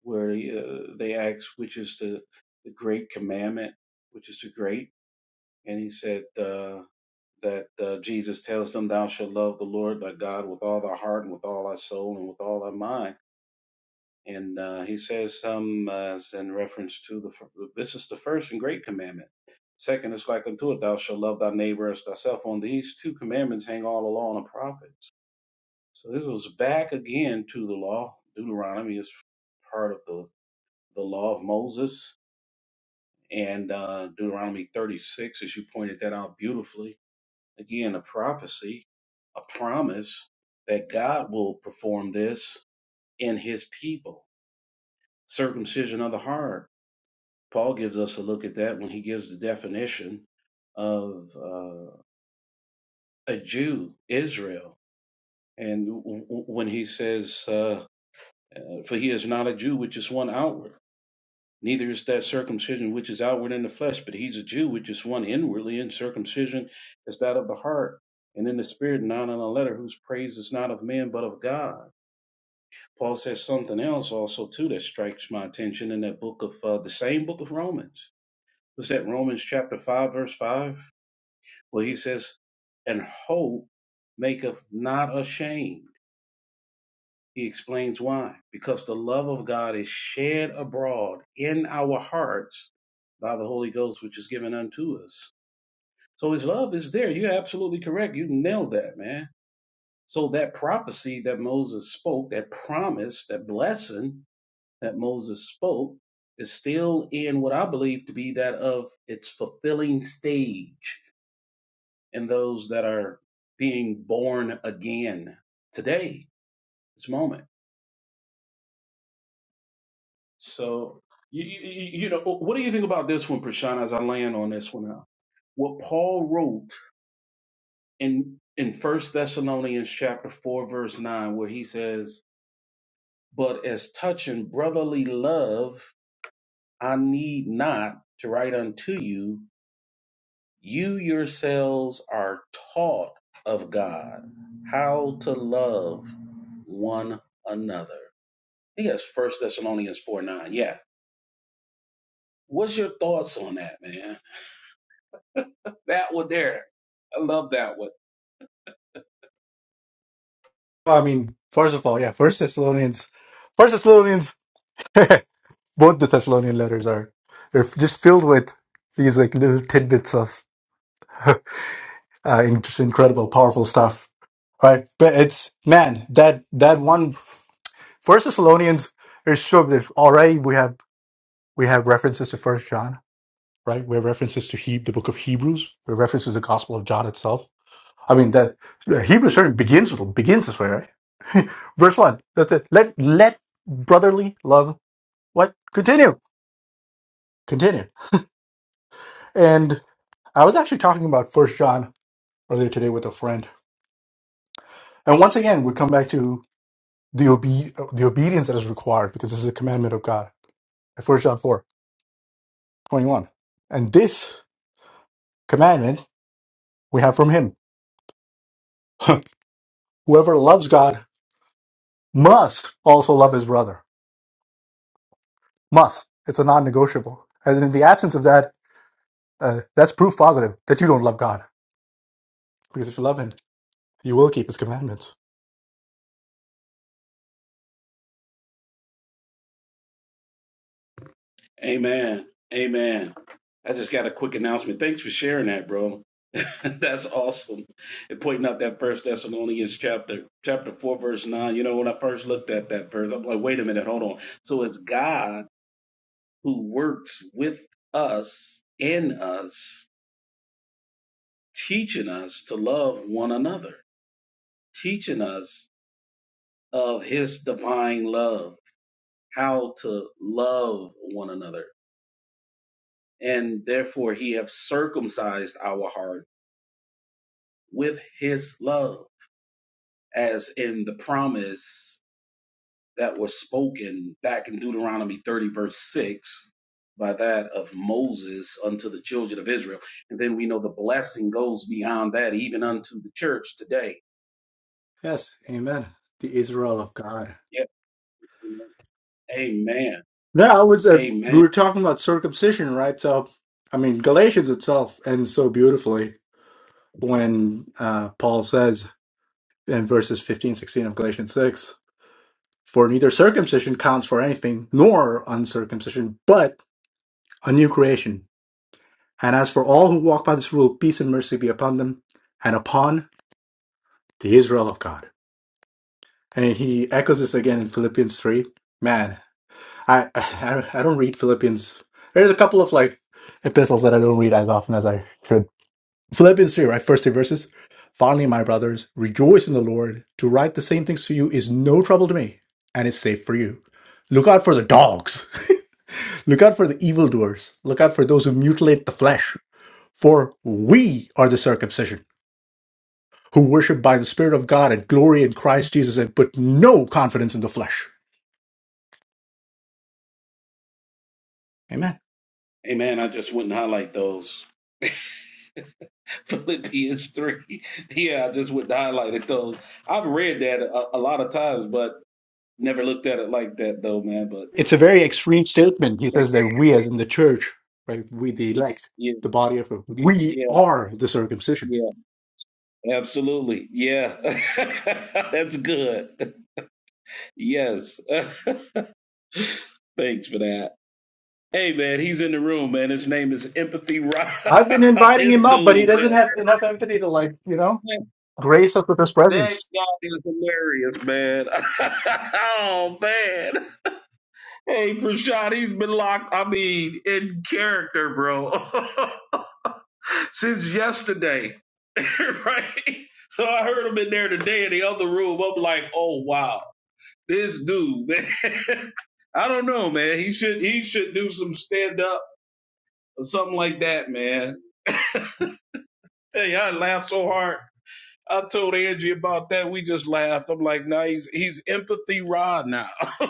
where uh, they asked which is the, the great commandment, which is the great, and he said uh, that uh, Jesus tells them, "Thou shalt love the Lord thy God with all thy heart and with all thy soul and with all thy mind." And uh, he says some uh, as in reference to the fir- this is the first and great commandment. Second is like unto it, thou shalt love thy neighbor as thyself. On these two commandments hang all the law and the prophets So this was back again to the law. Deuteronomy is part of the, the law of Moses. And uh, Deuteronomy 36, as you pointed that out beautifully, again, a prophecy, a promise that God will perform this in his people. Circumcision of the heart. Paul gives us a look at that when he gives the definition of uh, a Jew, Israel. And w- w- when he says, uh, uh, For he is not a Jew, which is one outward Neither is that circumcision which is outward in the flesh, but he's a Jew which is one inwardly, and circumcision is that of the heart and in the spirit, not in the letter, whose praise is not of men but of God. Paul says something else also too that strikes my attention in that book of uh, the same book of Romans. Was that Romans chapter five verse five? Well, he says, "And hope maketh not ashamed." He explains why. Because the love of God is shed abroad in our hearts by the Holy Ghost, which is given unto us. So his love is there. You're absolutely correct. You nailed that, man. So that prophecy that Moses spoke, that promise, that blessing that Moses spoke, is still in what I believe to be that of its fulfilling stage in those that are being born again today, this moment. So, you, you, you you know, what do you think about this one, Prashant, as I land on this one now? What Paul wrote in in First Thessalonians chapter 4, verse 9, where he says, But as touching brotherly love, I need not to write unto you, you yourselves are taught of God how to love one another. Yes, First Thessalonians 4 9. Yeah. What's your thoughts on that, man? That one there. I love that one.
I mean, first of all, yeah, First Thessalonians, First Thessalonians, both the Thessalonian letters are they're just filled with these like little tidbits of uh, in- just incredible, powerful stuff, right? But it's man, that that one. First Thessalonians is sure that already we have we have references to First John, right? We have references to he, the book of Hebrews. We have references to the Gospel of John itself. I mean, that the Hebrews certainly begins with, begins this way, right? Verse one. That's it. Let let brotherly love what continue, continue. And I was actually talking about First John earlier today with a friend, and once again we come back to the obe- the obedience that is required because this is a commandment of God. First John four twenty one, and this commandment we have from him. Whoever loves God must also love his brother. Must. It's a non negotiable. And in the absence of that, uh, that's proof positive that you don't love God. Because if you love him, you will keep his commandments.
Amen. Amen. I just got a quick announcement. Thanks for sharing that, bro. That's awesome. And pointing out that first Thessalonians chapter, chapter four, verse nine. You know, when I first looked at that verse, I'm like, wait a minute, hold on. So it's God who works with us, in us, teaching us to love one another, teaching us of his divine love, how to love one another. and therefore he have circumcised our heart with his love, as in the promise that was spoken back in Deuteronomy 30, verse 6, by that of Moses unto the children of Israel. And then we know the blessing goes beyond that, even unto the church today.
Yes, amen. The Israel of God.
Yeah. Amen.
Now, I was, uh, we
Amen.
were talking about circumcision, right? So, I mean, Galatians itself ends so beautifully when uh, Paul says in verses 15, 16 of Galatians 6, for neither circumcision counts for anything nor uncircumcision, but a new creation. And as for all who walk by this rule, peace and mercy be upon them and upon the Israel of God. And he echoes this again in Philippians 3. Man, I, I, I don't read Philippians. There's a couple of like epistles that I don't read as often as I should. Philippians 3, right? First three verses. Finally, my brothers, rejoice in the Lord. To write the same things to you is no trouble to me and it's safe for you. Look out for the dogs. Look out for the evildoers. Look out for those who mutilate the flesh. For we are the circumcision, who worship by the Spirit of God and glory in Christ Jesus and put no confidence in the flesh. Amen.
Amen. I just wouldn't highlight those. Philippians 3. Yeah, I just wouldn't highlight those. I've read that a, a lot of times, but Never looked at it like that though, man. But
It's a very extreme statement. He says that we, as in the church, right, we the elect,
yeah,
the body of we
yeah,
are the circumcision.
yeah, absolutely. Yeah, that's good. Yes, thanks for that. Hey, man, he's in the room, man. His name is Empathy Rob.
I've been inviting
this
him up, but he
dude,
doesn't have enough empathy to like, you know,
man,
grace us with his
that
presence.
guy is hilarious, man. oh man. Hey, Prashad, he's been locked. I mean, in character, bro. since yesterday, right? So I heard him in there today in the other room. I'm like, oh wow, this dude, man. I don't know, man. He should he should do some stand up or something like that, man. Hey, I laughed so hard. I told Angie about that. We just laughed. I'm like, nah, he's he's empathy raw now.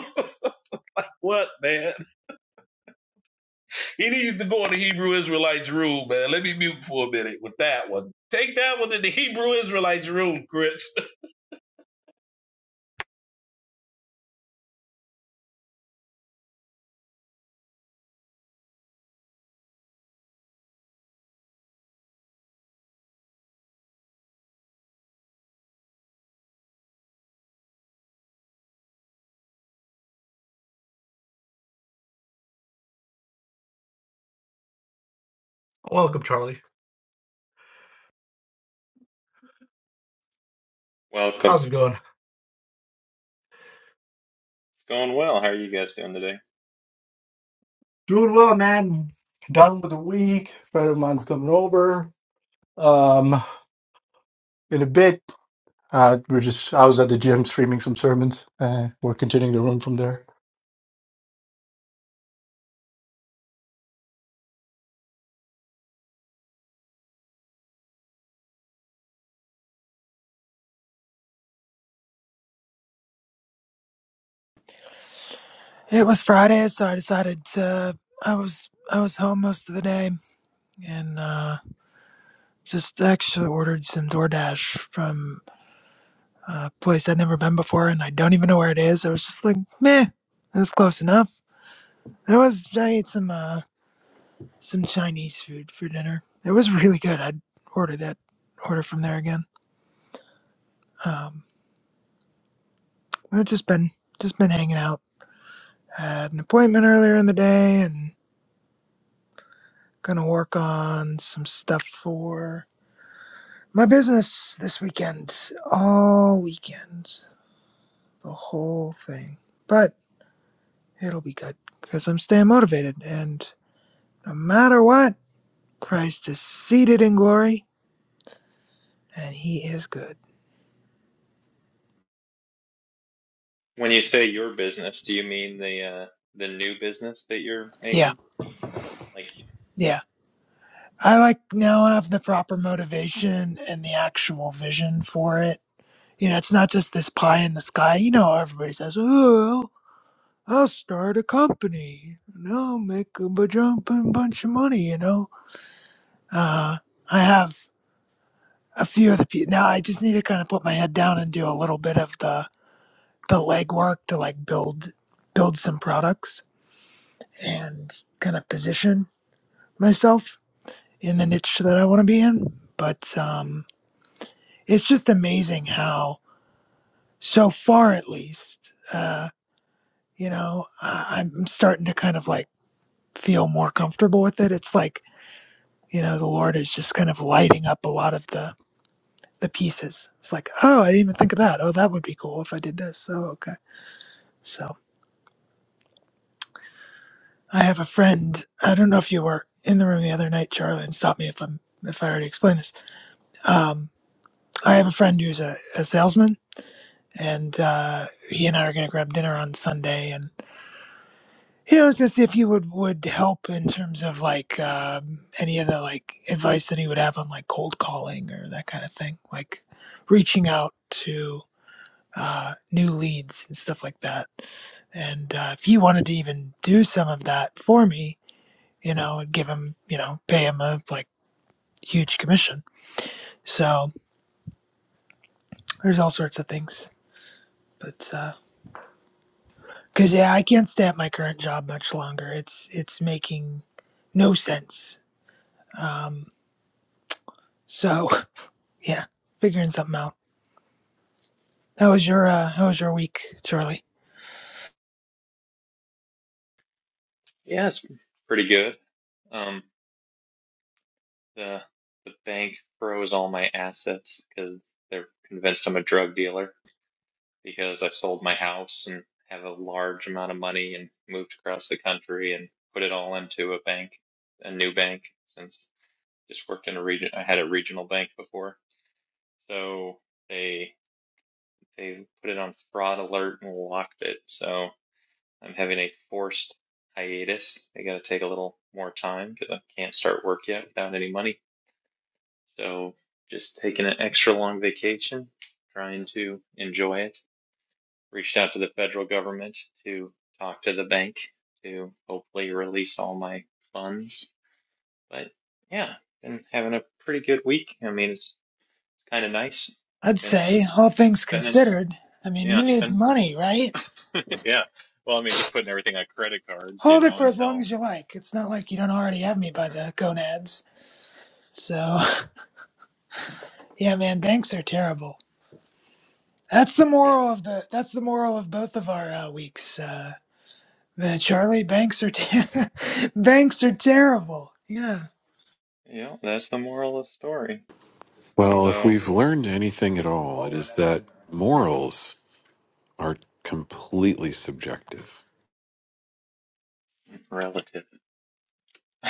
what, man? He needs to go in the Hebrew Israelites room, man. Let me mute for a minute with that one. Take that one to the Hebrew Israelites room, Chris.
Welcome, Charlie.
Welcome.
How's
It's
it going?
going well. How are you guys doing today?
Doing well, man. Done with the week. Friend of mine's coming over. Um, in a bit. Uh, we're just. I was at the gym streaming some sermons. Uh, we're continuing the run from there.
It was Friday, so I decided to. I was I was home most of the day, and uh, just actually ordered some DoorDash from a place I'd never been before, and I don't even know where it is. I was just like, meh, that's close enough. It was. I ate some uh, some Chinese food for dinner. It was really good. I'd order that order from there again. Um, I've just been just been hanging out. I had an appointment earlier in the day, and. Gonna work on some stuff for my business this weekend. All weekend. The whole thing. But it'll be good because I'm staying motivated. And no matter what, Christ is seated in glory and he is good.
When you say your business, do you mean the uh the new business that you're
Yeah,
making? Like,
yeah. I like now have the proper motivation and the actual vision for it. You know, it's not just this pie in the sky. You know, everybody says, "Oh." I'll start a company and I'll make a jumping bunch of money, you know. Uh, I have a few of the people now. I just need to kind of put my head down and do a little bit of the the legwork to like build build some products and kind of position myself in the niche that I want to be in. But um, it's just amazing how so far, at least, uh, you know, I- I'm starting to kind of like feel more comfortable with it. It's like you know the lord is just kind of lighting up a lot of the the pieces it's like oh i didn't even think of that oh that would be cool if i did this oh okay so i have a friend i don't know if you were in the room the other night charlie and stop me if i'm if i already explained this um, i have a friend who's a, a salesman and uh, he and i are going to grab dinner on sunday and you know, I was gonna see if you would would help in terms of like um, any of the like advice that he would have on like cold calling or that kind of thing, like reaching out to uh, new leads and stuff like that. And uh, if he wanted to even do some of that for me, you know, and give him, you know, pay him a like huge commission. So there's all sorts of things. But because yeah, I can't stay at my current job much longer. It's it's making no sense. Um, so yeah, figuring something out. How was your uh, How was your week, Charlie?
yeah, it's pretty good. Um, the the bank froze all my assets because they're convinced I'm a drug dealer because I sold my house and have a large amount of money and moved across the country and put it all into a bank, a new bank, since just worked in a region. I had a regional bank before, so they. They put it on fraud alert and locked it. So I'm having a forced hiatus. I got to take a little more time because I can't start work yet without any money. So just taking an extra long vacation, trying to enjoy it. Reached out to the federal government to talk to the bank to hopefully release all my funds. But yeah, been having a pretty good week. I mean, it's kind of nice.
I'd
Been
say all things
spending,
considered. I mean,
yeah,
who needs
spend.
money, right?
Yeah. Well, I mean, just putting everything on credit cards, you
Hold it
know,
for as long
until
as you like. It's not like you don't already have me by the gonads. So,
yeah,
yeah, man, banks are terrible. That's the
yeah,
moral of the. That's the moral of both of our uh, weeks. Uh, uh, Charlie, banks are ter- banks are terrible. Yeah.
you know, that's the moral of the story.
Well, if
So
we've learned anything at all, it is that morals are completely subjective.
relative.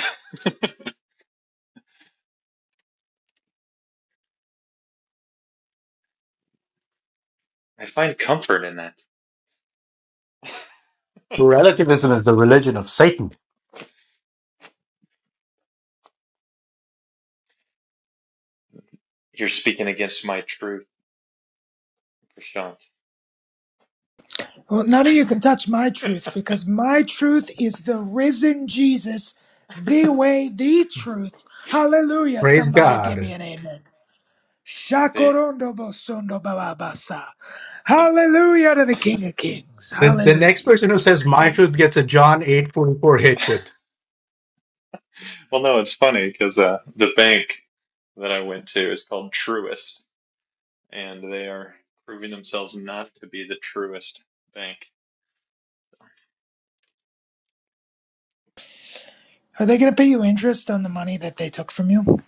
I find comfort in that.
Relativism is the religion of Satan.
You're speaking against my truth, Prashant.
Well, none of you can touch my truth because my truth is the risen Jesus, the way, the truth. Hallelujah!
Praise
Somebody give me
God.
an amen.
See,
Shakorondo bosondo bababasa.
the
Hallelujah to the King of Kings.
The the next
Hallelujah.
person who says my
see.
truth gets a John eight forty four hit with.
Well, no, it's funny because uh, the bank that I went to is called Truist, and they are proving themselves not to be the truest bank.
Are they going to pay you interest on the money that they took from you?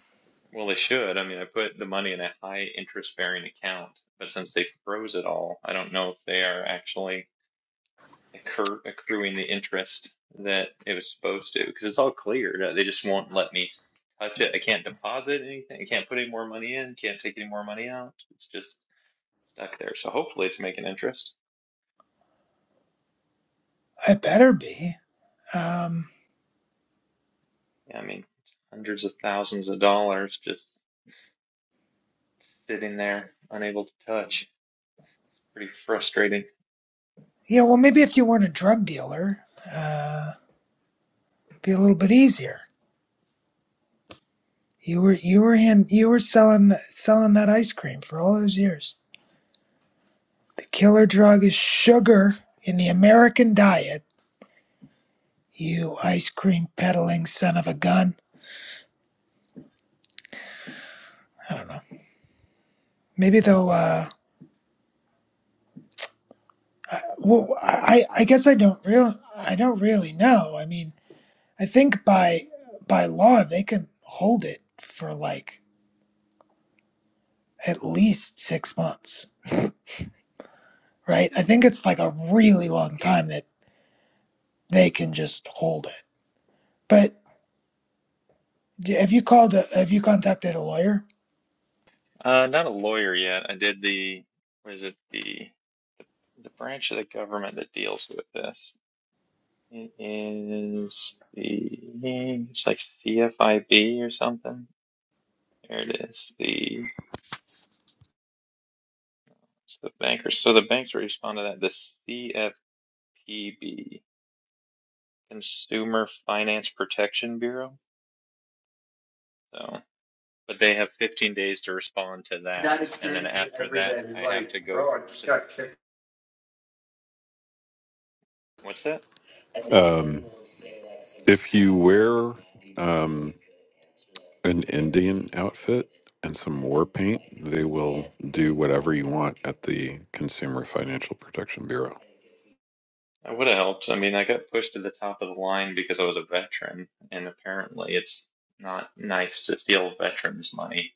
Well, they should. I mean, I put the money in a high interest bearing account, but since they froze it all, I don't know if they are actually accru accruing the interest that it was supposed to because it's all cleared. Uh, They just won't let me touch it. I can't deposit anything. I can't put any more money in. Can't take any more money out. It's just stuck there. So hopefully it's making interest.
It better be. Um,
Yeah, I mean, it's hundreds of thousands of dollars just sitting there, unable to touch. Pretty frustrating.
yeah, well, maybe if you weren't a drug dealer, uh, it'd be a little bit easier. You were you were him. You were selling th- selling that ice cream for all those years. The killer drug is sugar in the American diet. You ice cream peddling son of a gun. I don't know. Maybe they'll. Uh, I- well, I, I guess I don't real I don't really know. I mean, I think by by law they can hold it for like at least six months, right? I think it's like a really long time that they can just hold it. But d- have you called? A, have you contacted a lawyer?
Uh, not a lawyer yet. I did the, what is it, the the branch of the government that deals with this. It is the, it's like CFIB or something. There it is. The, it's the bankers. So the banks respond to that. The CFPB, Consumer Finance Protection Bureau. So, but they have 15 days to respond to
Dad
that, and then
experiences it
after
every
that,
day.
I
He's
have
like,
to go
bro, I just
to,
got kicked.
what's that?
Um, if you wear um, an Indian outfit and some war paint, they will do whatever you want at the Consumer Financial Protection Bureau.
That would have helped. I mean, I got pushed to the top of the line because I was a veteran, and apparently it's not nice to steal veterans' money.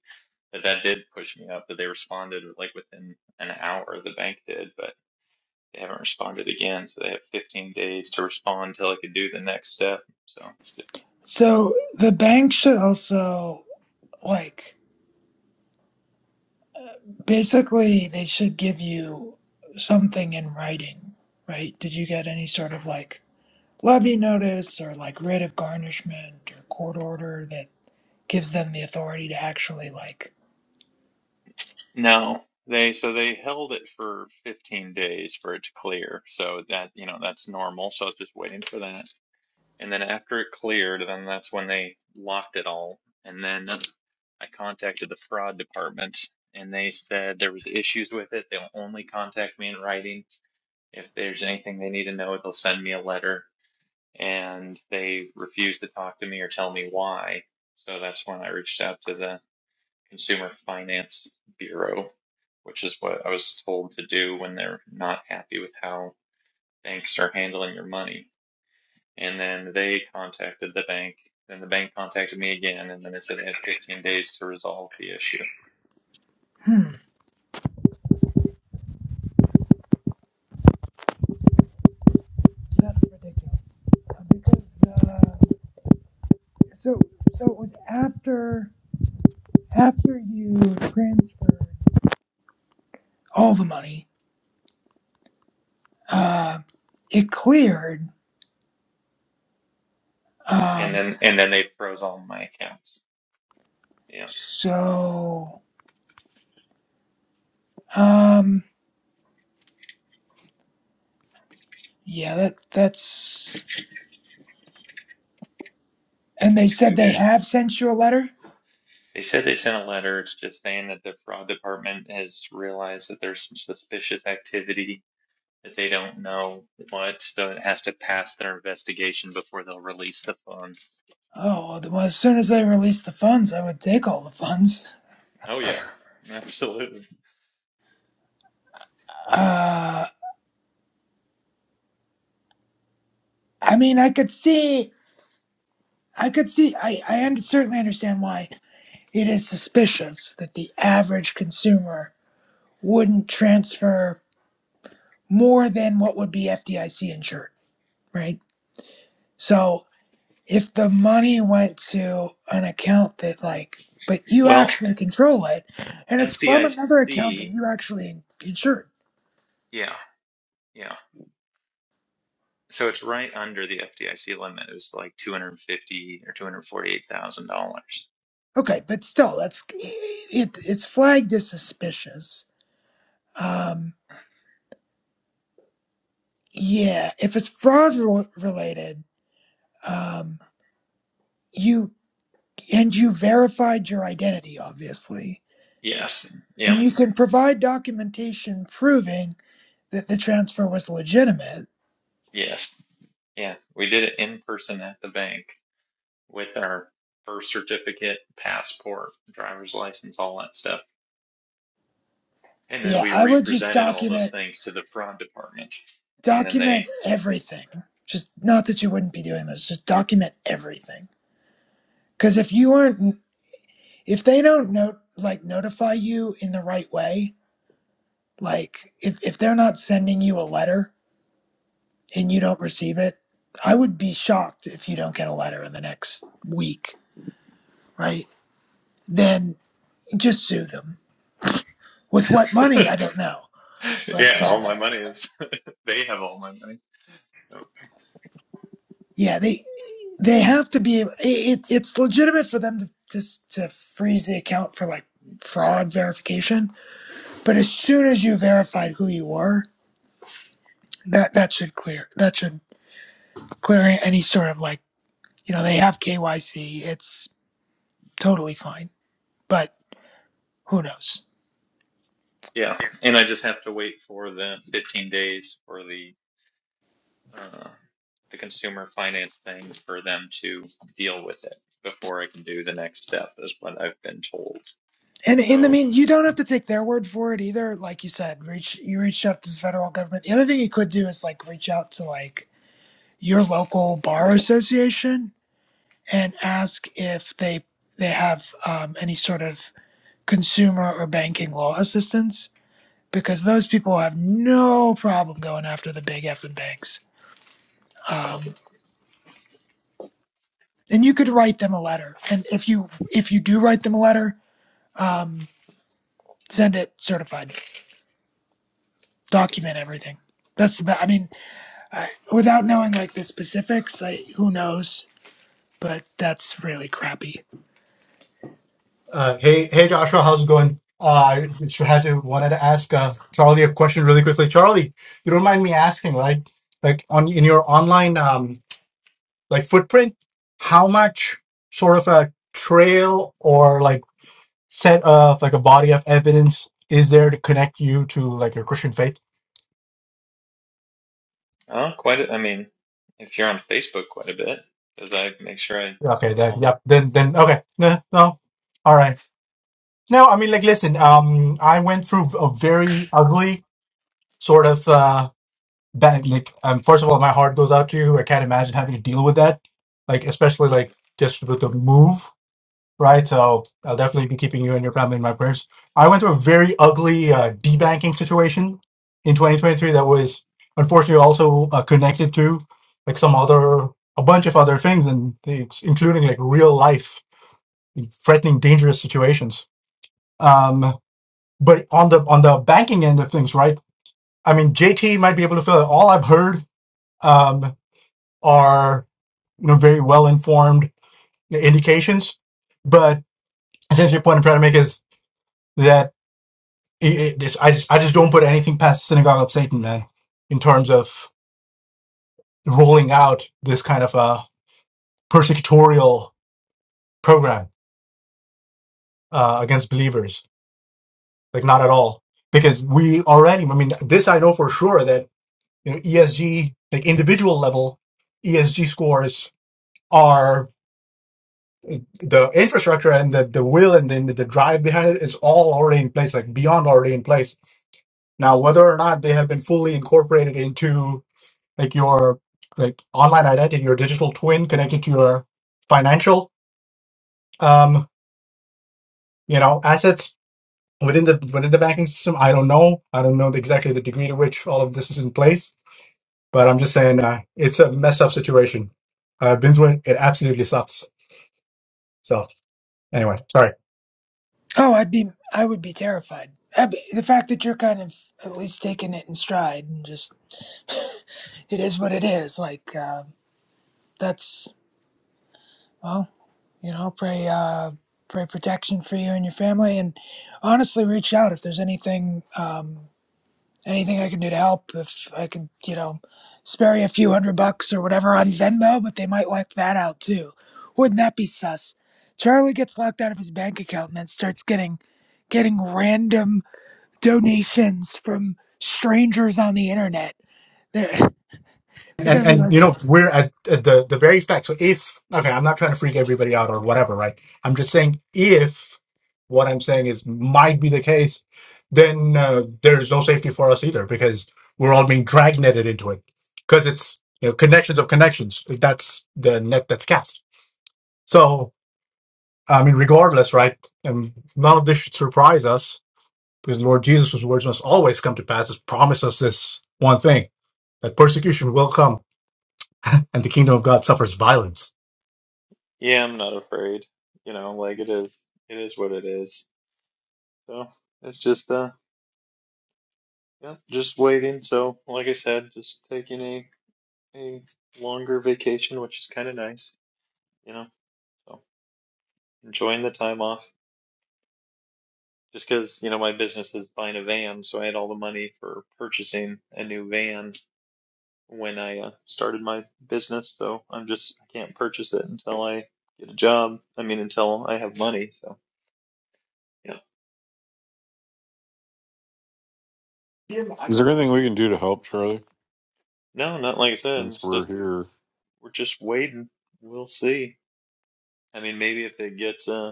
But that did push me up, but they responded like within an hour, the bank did, but they haven't responded again, so they have 15 days to respond till I could do the next step. So it's just,
So the bank should also like basically they should give you something in writing, right? Did you get any sort of like? levy notice or like writ of garnishment or court order that gives them the authority to actually like
no, they so they held it for 15 days for it to clear. So that, you know, that's normal. So I was just waiting for that. And then after it cleared, then that's when they locked it all. And then I contacted the fraud department and they said there was issues with it. They'll only contact me in writing. If there's anything they need to know, they'll send me a letter. And they refused to talk to me or tell me why. So that's when I reached out to the Consumer Finance Bureau, which is what I was told to do when they're not happy with how banks are handling your money. And then they contacted the bank, and the bank contacted me again, and then they said they had 15 days to resolve the issue.
hmm that's ridiculous Uh, because uh, so so it was after after you transferred all the money uh, it cleared
And
um,
then and then they froze all my accounts. Yeah.
so um yeah that that's and they said
Dude.
they have sent you a letter
They said they sent a letter just saying that the fraud department has realized that there's some suspicious activity that they don't know what, so it has to pass their investigation before they'll release the funds.
oh well as soon as they release the funds i would take all the funds
Oh yeah, absolutely.
Uh, I mean, I could see, I could see, I, I un- certainly understand why it is suspicious that the average consumer wouldn't transfer more than what would be FDIC insured, right? So if the money went to an account that, like, but you
Well,
actually control it and it's from another account that
FDIC,
you actually insured.
yeah, yeah. So it's right under the FDIC limit. It was like two hundred fifty or two hundred forty-eight thousand dollars.
Okay, but still, that's it, it's flagged as suspicious. Um, yeah, if it's fraud re- related, um, you and you verified your identity obviously
Yes.
and
Yep.
you can provide documentation proving that the transfer was legitimate
Yes. Yeah. We did it in person at the bank with our birth certificate, passport, driver's license, all that stuff, and then
yeah
we
i would just
represented all those
document
things to the fraud department, and then they,
document everything just not that you wouldn't be doing this just document everything because if you aren't if they don't note like notify you in the right way like if, if they're not sending you a letter and you don't receive it i would be shocked if you don't get a letter in the next week right then just sue them. With what money, I don't know. But
yeah,
uh,
all my money is they have all my money. So,
yeah, they they have to be. It, it's legitimate for them to just to freeze the account for like fraud verification. But as soon as you verified who you were, that that should clear. That should clear any sort of like you know they have KYC. It's totally fine. But who knows?
yeah, and I just have to wait for the fifteen days for the uh, the consumer finance thing for them to deal with it before I can do the next step, is what I've been told.
And in the
So,
mean, you don't have to take their word for it either. Like you said, reach you reached out to the federal government. The other thing you could do is like reach out to like your local bar association and ask if they they have um, any sort of consumer or banking law assistance because those people have no problem going after the big effing banks. Um, and you could write them a letter. And if you if you do write them a letter, um, send it certified. Document everything. That's the best. I mean I, without knowing like the specifics, I who knows? But that's really crappy.
Uh, hey hey Joshua, how's it going? Uh, I just had to wanted to ask uh, Charlie a question really quickly. Charlie, you don't mind me asking, right? Like on in your online um like footprint, how much sort of a trail or like set of like a body of evidence is there to connect you to like your Christian faith?
uh, quite. A, I mean, if you're on Facebook quite a bit, because I make sure I
Okay,
do
then
all the.
yep, then then okay, no, no, all right. No, I mean like listen, um, I went through a very ugly sort of uh bad like um first of all my heart goes out to you. I can't imagine having to deal with that, like especially like just with the move. right? So I'll, definitely be keeping you and your family in my prayers. I went through a very ugly uh, debanking situation in 2023 that was unfortunately also uh, connected to like some other, a bunch of other things, and it's including like real life threatening, dangerous situations. Um, but on the on the banking end of things, right? I mean, JT might be able to fill it. All I've heard um, are you know very well informed indications, but essentially, the point I'm trying to make is that. it, it, I just I just don't put anything past the synagogue of Satan, man, in terms of rolling out this kind of a persecutorial program uh, against believers. Like not at all, because we already. I mean, this I know for sure that you know ESG like individual level ESG scores are the infrastructure and the, the will and then the, the drive behind it is all already in place like beyond already in place now whether or not they have been fully incorporated into like your like online identity, your digital twin connected to your financial um, you know assets within the within the banking system. I don't know. I don't know exactly the degree to which all of this is in place, but I'm just saying uh, it's a mess up situation. Uh, I've It absolutely sucks. So anyway, sorry.
Oh, I'd be I would be terrified. I'd be, the fact that you're kind of at least taking it in stride and just it is what it is. Like uh, that's well, you know, pray uh, pray protection for you and your family, and honestly, reach out if there's anything. Um, anything I can do to help. If I could, you know, spare you a few hundred bucks or whatever on Venmo, but they might like that out too. Wouldn't that be sus? Charlie gets locked out of his bank account and then starts getting getting random donations from strangers on the internet. They're they're
and
gonna be
and you
like,
know we're at, at the the very fact so if okay i'm not trying to freak everybody out or whatever right i'm just saying if what i'm saying is might be the case then uh, there's no safety for us either because we're all being dragnetted into it because it's you know connections of connections Like, that's the net that's cast so i mean regardless right and none of this should surprise us because lord jesus whose words must always come to pass has promised us this one thing that persecution will come and the kingdom of God suffers violence.
Yeah, I'm not afraid. You know, like it is. It is what it is. So it's just uh, yeah, just waiting. So like I said, just taking a a longer vacation, which is kind of nice. You know, so enjoying the time off. just because you know my business is buying a van, so I had all the money for purchasing a new van when I uh, started my business. So I'm just I can't purchase it until I get a job. I mean, until I have money. So yeah,
Is there anything we can do to help, Charlie?
no, not like I said.
Since
It's
we're
just
here,
we're just waiting. We'll see. I mean, maybe if it gets uh,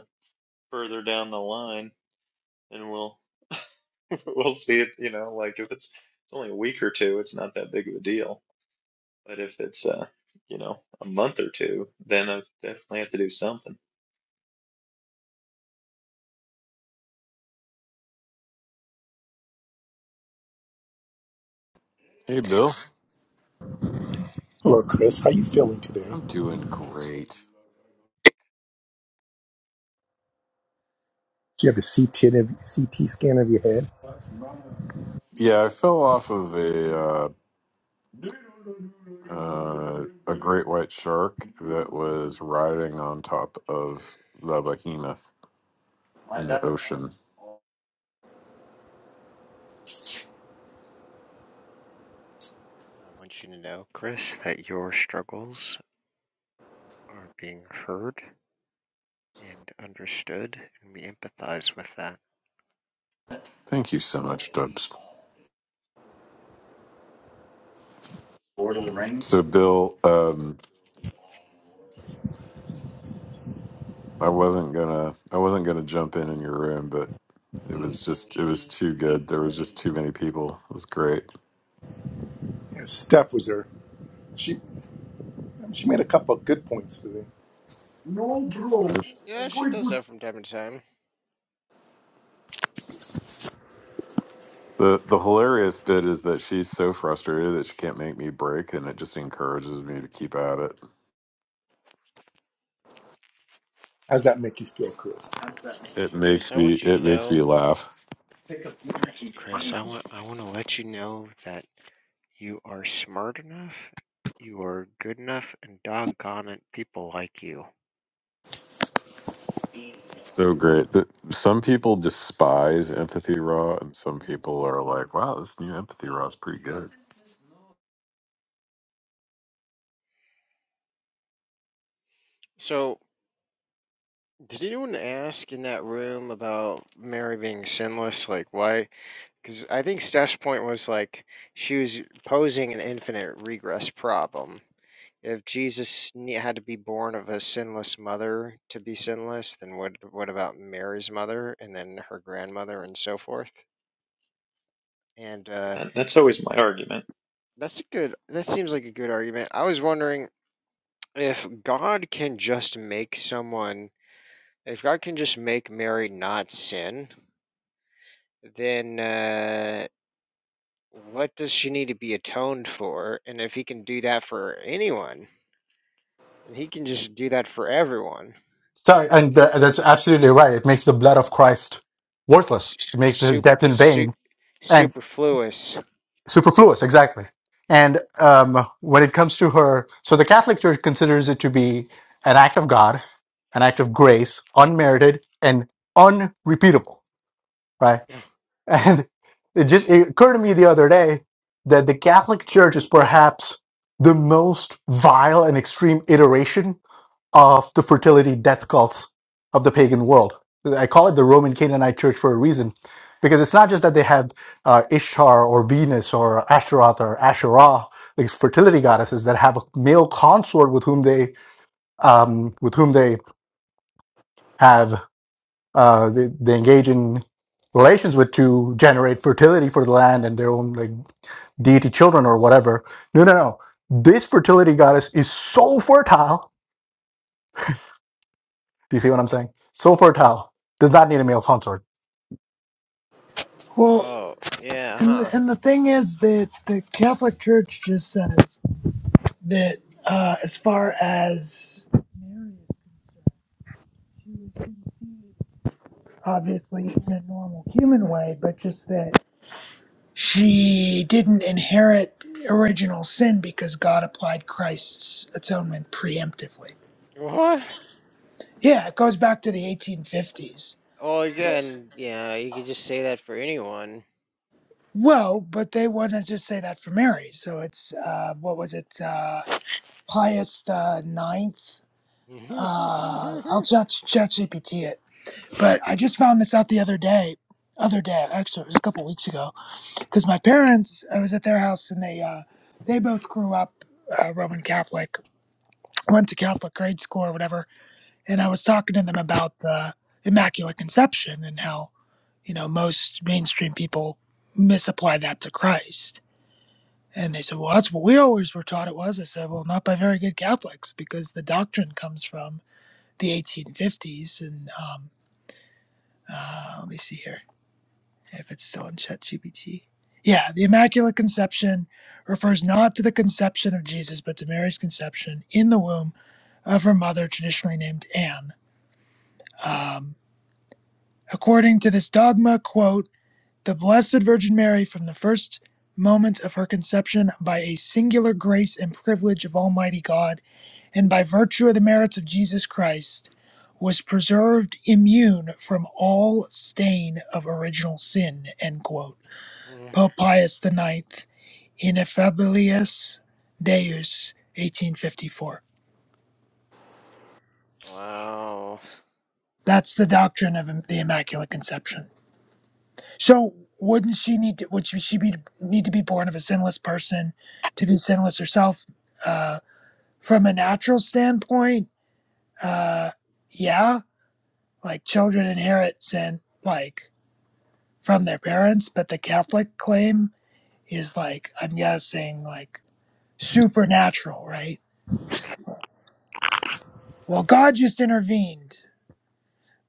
further down the line, then we'll we'll see it. You know, like if it's only a week or two, it's not that big of a deal. But if it's uh, you know, a month or two, then I definitely have to do something.
hey Bill,
Hello, Chris. How you feeling today?
I'm doing great.
Do you have a CT, of- CT scan of your head?
Yeah, I fell off of a uh, uh, a great white shark that was riding on top of the behemoth in the ocean.
I want you to know, Chris, that your struggles are being heard and understood, and we empathize with that.
Thank you so much, Dubs. So, Bill, um, I wasn't gonna, I wasn't gonna jump in in your room, but it was just, it was too good. There was just too many people. It was great.
Yeah, Steph was there. She she made a couple of good points today.
No bro,
Yeah, she does that from time to time.
The the hilarious bit is that she's so frustrated that she can't make me break, and it just encourages me to keep at it.
How's that make you feel, Chris?
It
Chris,
makes
I
me
want you to
it makes me
know.
laugh. pick
Chris, I want I want to let you know that you are smart enough, you are good enough, and doggone it, people like you.
So great that some people despise empathy raw, and some people are like, "Wow, this new empathy raw is pretty good."
So, did anyone ask in that room about Mary being sinless? Like, why? Because I think Steph's point was like she was posing an infinite regress problem. If Jesus ne- had to be born of a sinless mother to be sinless, then what? What about Mary's mother and then her grandmother and so forth? And uh,
And that's always my argument.
that's a good. That seems like a good argument. I was wondering if God can just make someone. If God can just make Mary not sin, then uh, what does she need to be atoned for? And if he can do that for anyone, then he can just do that for everyone.
Sorry, and th- that's absolutely right. It makes the blood of Christ worthless.
S-
It makes his
sup-
death in
su-
vain and
superfluous.
superfluous. Exactly. And um, when it comes to her, so the Catholic Church considers it to be an act of God, an act of grace, unmerited and unrepeatable. Right. And it just it occurred to me the other day that the Catholic Church is perhaps the most vile and extreme iteration of the fertility death cults of the pagan world. I call it the Roman Canaanite Church for a reason, because it's not just that they had uh, Ishtar or Venus or Ashtaroth or Asherah, these fertility goddesses that have a male consort with whom they um, with whom they have uh, they, they engage in relations with to generate fertility for the land and their own like deity children or whatever. No, no, no. This fertility goddess is so fertile Do you see what I'm saying? Sofortel does not need a male consort.
well,
Oh, yeah,
and
huh.
and the thing is that the Catholic Church just says that uh, as far as Mary is concerned, she was conceived. obviously in a normal human way, but just that she didn't inherit original sin because God applied Christ's atonement preemptively.
What?
Yeah, it goes back to the 1850s.
Well, again, yeah, you could just say that for anyone.
Well, but they wouldn't just say that for Mary. So it's, uh, what was it, uh, Pius the Ninth? Uh, I'll chat ChatGPT it. But I just found this out the other day. Other day, actually, it was a couple weeks ago because my parents, I was at their house and they uh, they both grew up uh, Roman Catholic, went to Catholic grade school or whatever, and I was talking to them about the Immaculate Conception and how you know most mainstream people misapply that to Christ. And they said, "Well, that's what we always were taught it was." I said, "Well, not by very good Catholics, because the doctrine comes from the 1850s." And um, uh, let me see here. if it's still in ChatGPT. Yeah, the Immaculate Conception refers not to the conception of Jesus, but to Mary's conception in the womb of her mother, traditionally named Anne. Um, according to this dogma, quote, the Blessed Virgin Mary, from the first moment of her conception, by a singular grace and privilege of Almighty God, and by virtue of the merits of Jesus Christ, was preserved immune from all stain of original sin, end quote
Mm,
Pope Pius the Ninth, Ineffabilis Deus, 1854.
wow.
That's the doctrine of the Immaculate Conception. So, wouldn't she need to? Would she she be need to be born of a sinless person to be sinless herself? Uh, from a natural standpoint, uh, yeah, like children inherit sin, like from their parents. But the Catholic claim is like I'm guessing like supernatural, right? Well, God just intervened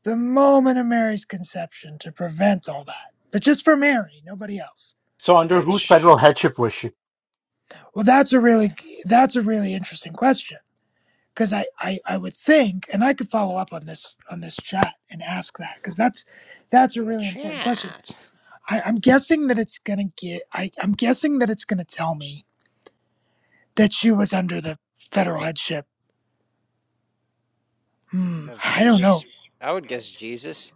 the moment of Mary's conception to prevent all that. But just for Mary, nobody else.
So under whose
Which,
federal headship was she?
Well, that's a
uh,
really that's a really interesting question because I, I I would think, and I could follow up on this on this chat and ask that because that's that's a
in the
really important question.
chat
I, I'm guessing that it's gonna get. I, I'm guessing that it's gonna tell me that she was under the federal headship. Hmm,
of
I don't know.
Jesus, I would guess Jesus.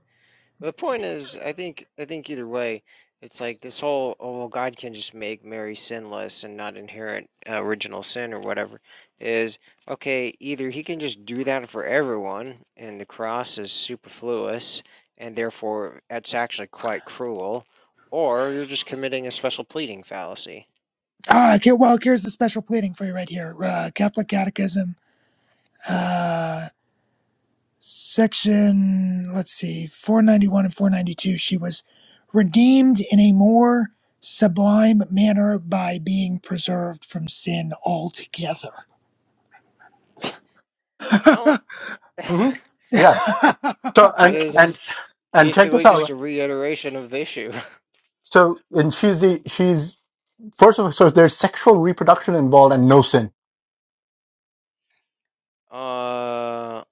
The point is, I think I think either way, it's like this whole oh well, God can just make Mary sinless and not inherit uh, original sin or whatever is okay. Either he can just do that for everyone, and the cross is superfluous, and therefore it's actually quite cruel, or you're just committing a special pleading fallacy.
Ah, okay. Well, here's the special pleading for you right here. Uh, Catholic Catechism. Uh, section let's see 491 and 492 she was redeemed in a more sublime manner by being preserved from sin altogether
Well,
well
hmm
that
Yeah. So and and
is
and check this
basically just
out.
a reiteration of the issue.
So and she's the she's first of all. So there's sexual reproduction involved and no sin,
Uh,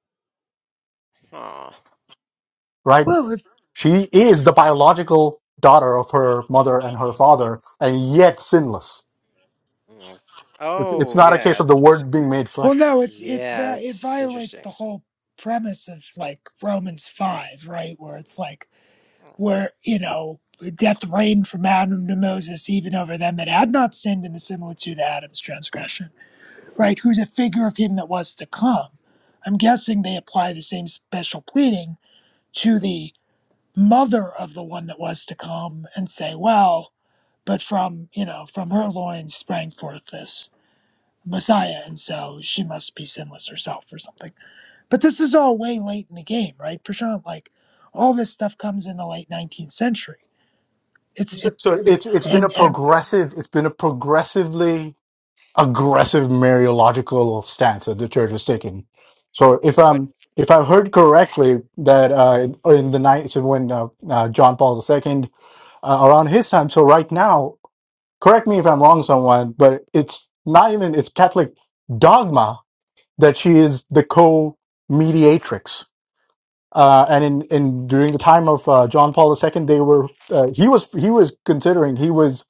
aw.
right?
it,
She is the biological daughter of her mother and her father, and yet sinless.
Mm,
It's it's
Oh
not a case
yeah,
of the
that's
word being made
well
flesh.
no it's it
Yeah,
va- it
that's
violates the
interesting.
whole premise of like Romans 5 right where it's like
Mm,
where you know death reigned from Adam to Moses even over them that had not sinned in the similitude of Adam's transgression right, who's a figure of him that was to come. I'm guessing they apply the same special pleading to the mother of the one that was to come and say, well, but from, you know, from her loins sprang forth this Messiah, and so she must be sinless herself or something. But this is all way late in the game, right, Prashant? Like, all this stuff comes in the late 19th century. It's
So,
it,
so it's it's been a
and and
progressive. It's been a progressively aggressive Mariological stance that the church is taking. So if
But
I'm if I've heard correctly that uh, in the night so when uh, uh, John Paul II uh, around his time, so right now, correct me if I'm wrong, someone, but it's not even it's Catholic dogma that she is the co-mediatrix. Uh, and in, in during the time of uh, John Paul II, they were uh, he was he was considering he was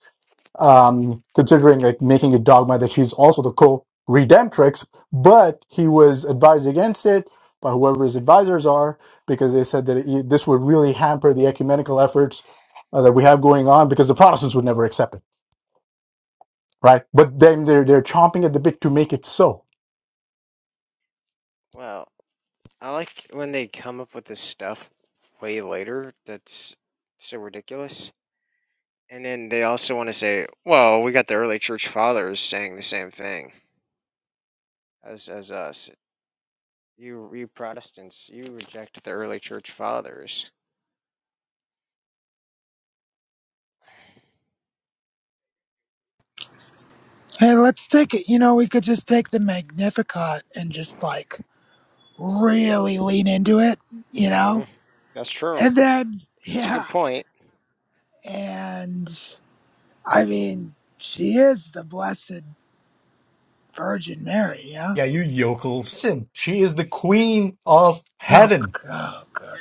um, considering like making a dogma that she's also the co-redemptrix, but he was advised against it by whoever his advisors are because they said that it, this would really hamper the ecumenical efforts uh, that we have going on because the Protestants would never accept it, right? But then they're they're chomping at the bit to make it so.
well, I like when they come up with this stuff way later that's so ridiculous. And then they also want to say, "Well, we got the early church fathers saying the same thing as as us. You you Protestants, you reject the early church fathers."
hey, let's take it. You know, we could just take the Magnificat and just like really lean into it, you know?
Mhm. That's true.
And then,
That's a good
yeah.
point.
And I mean, she is the Blessed Virgin Mary, yeah?
Yeah, you yokels. Listen, she is the queen of
Oh,
heaven.
g- oh God.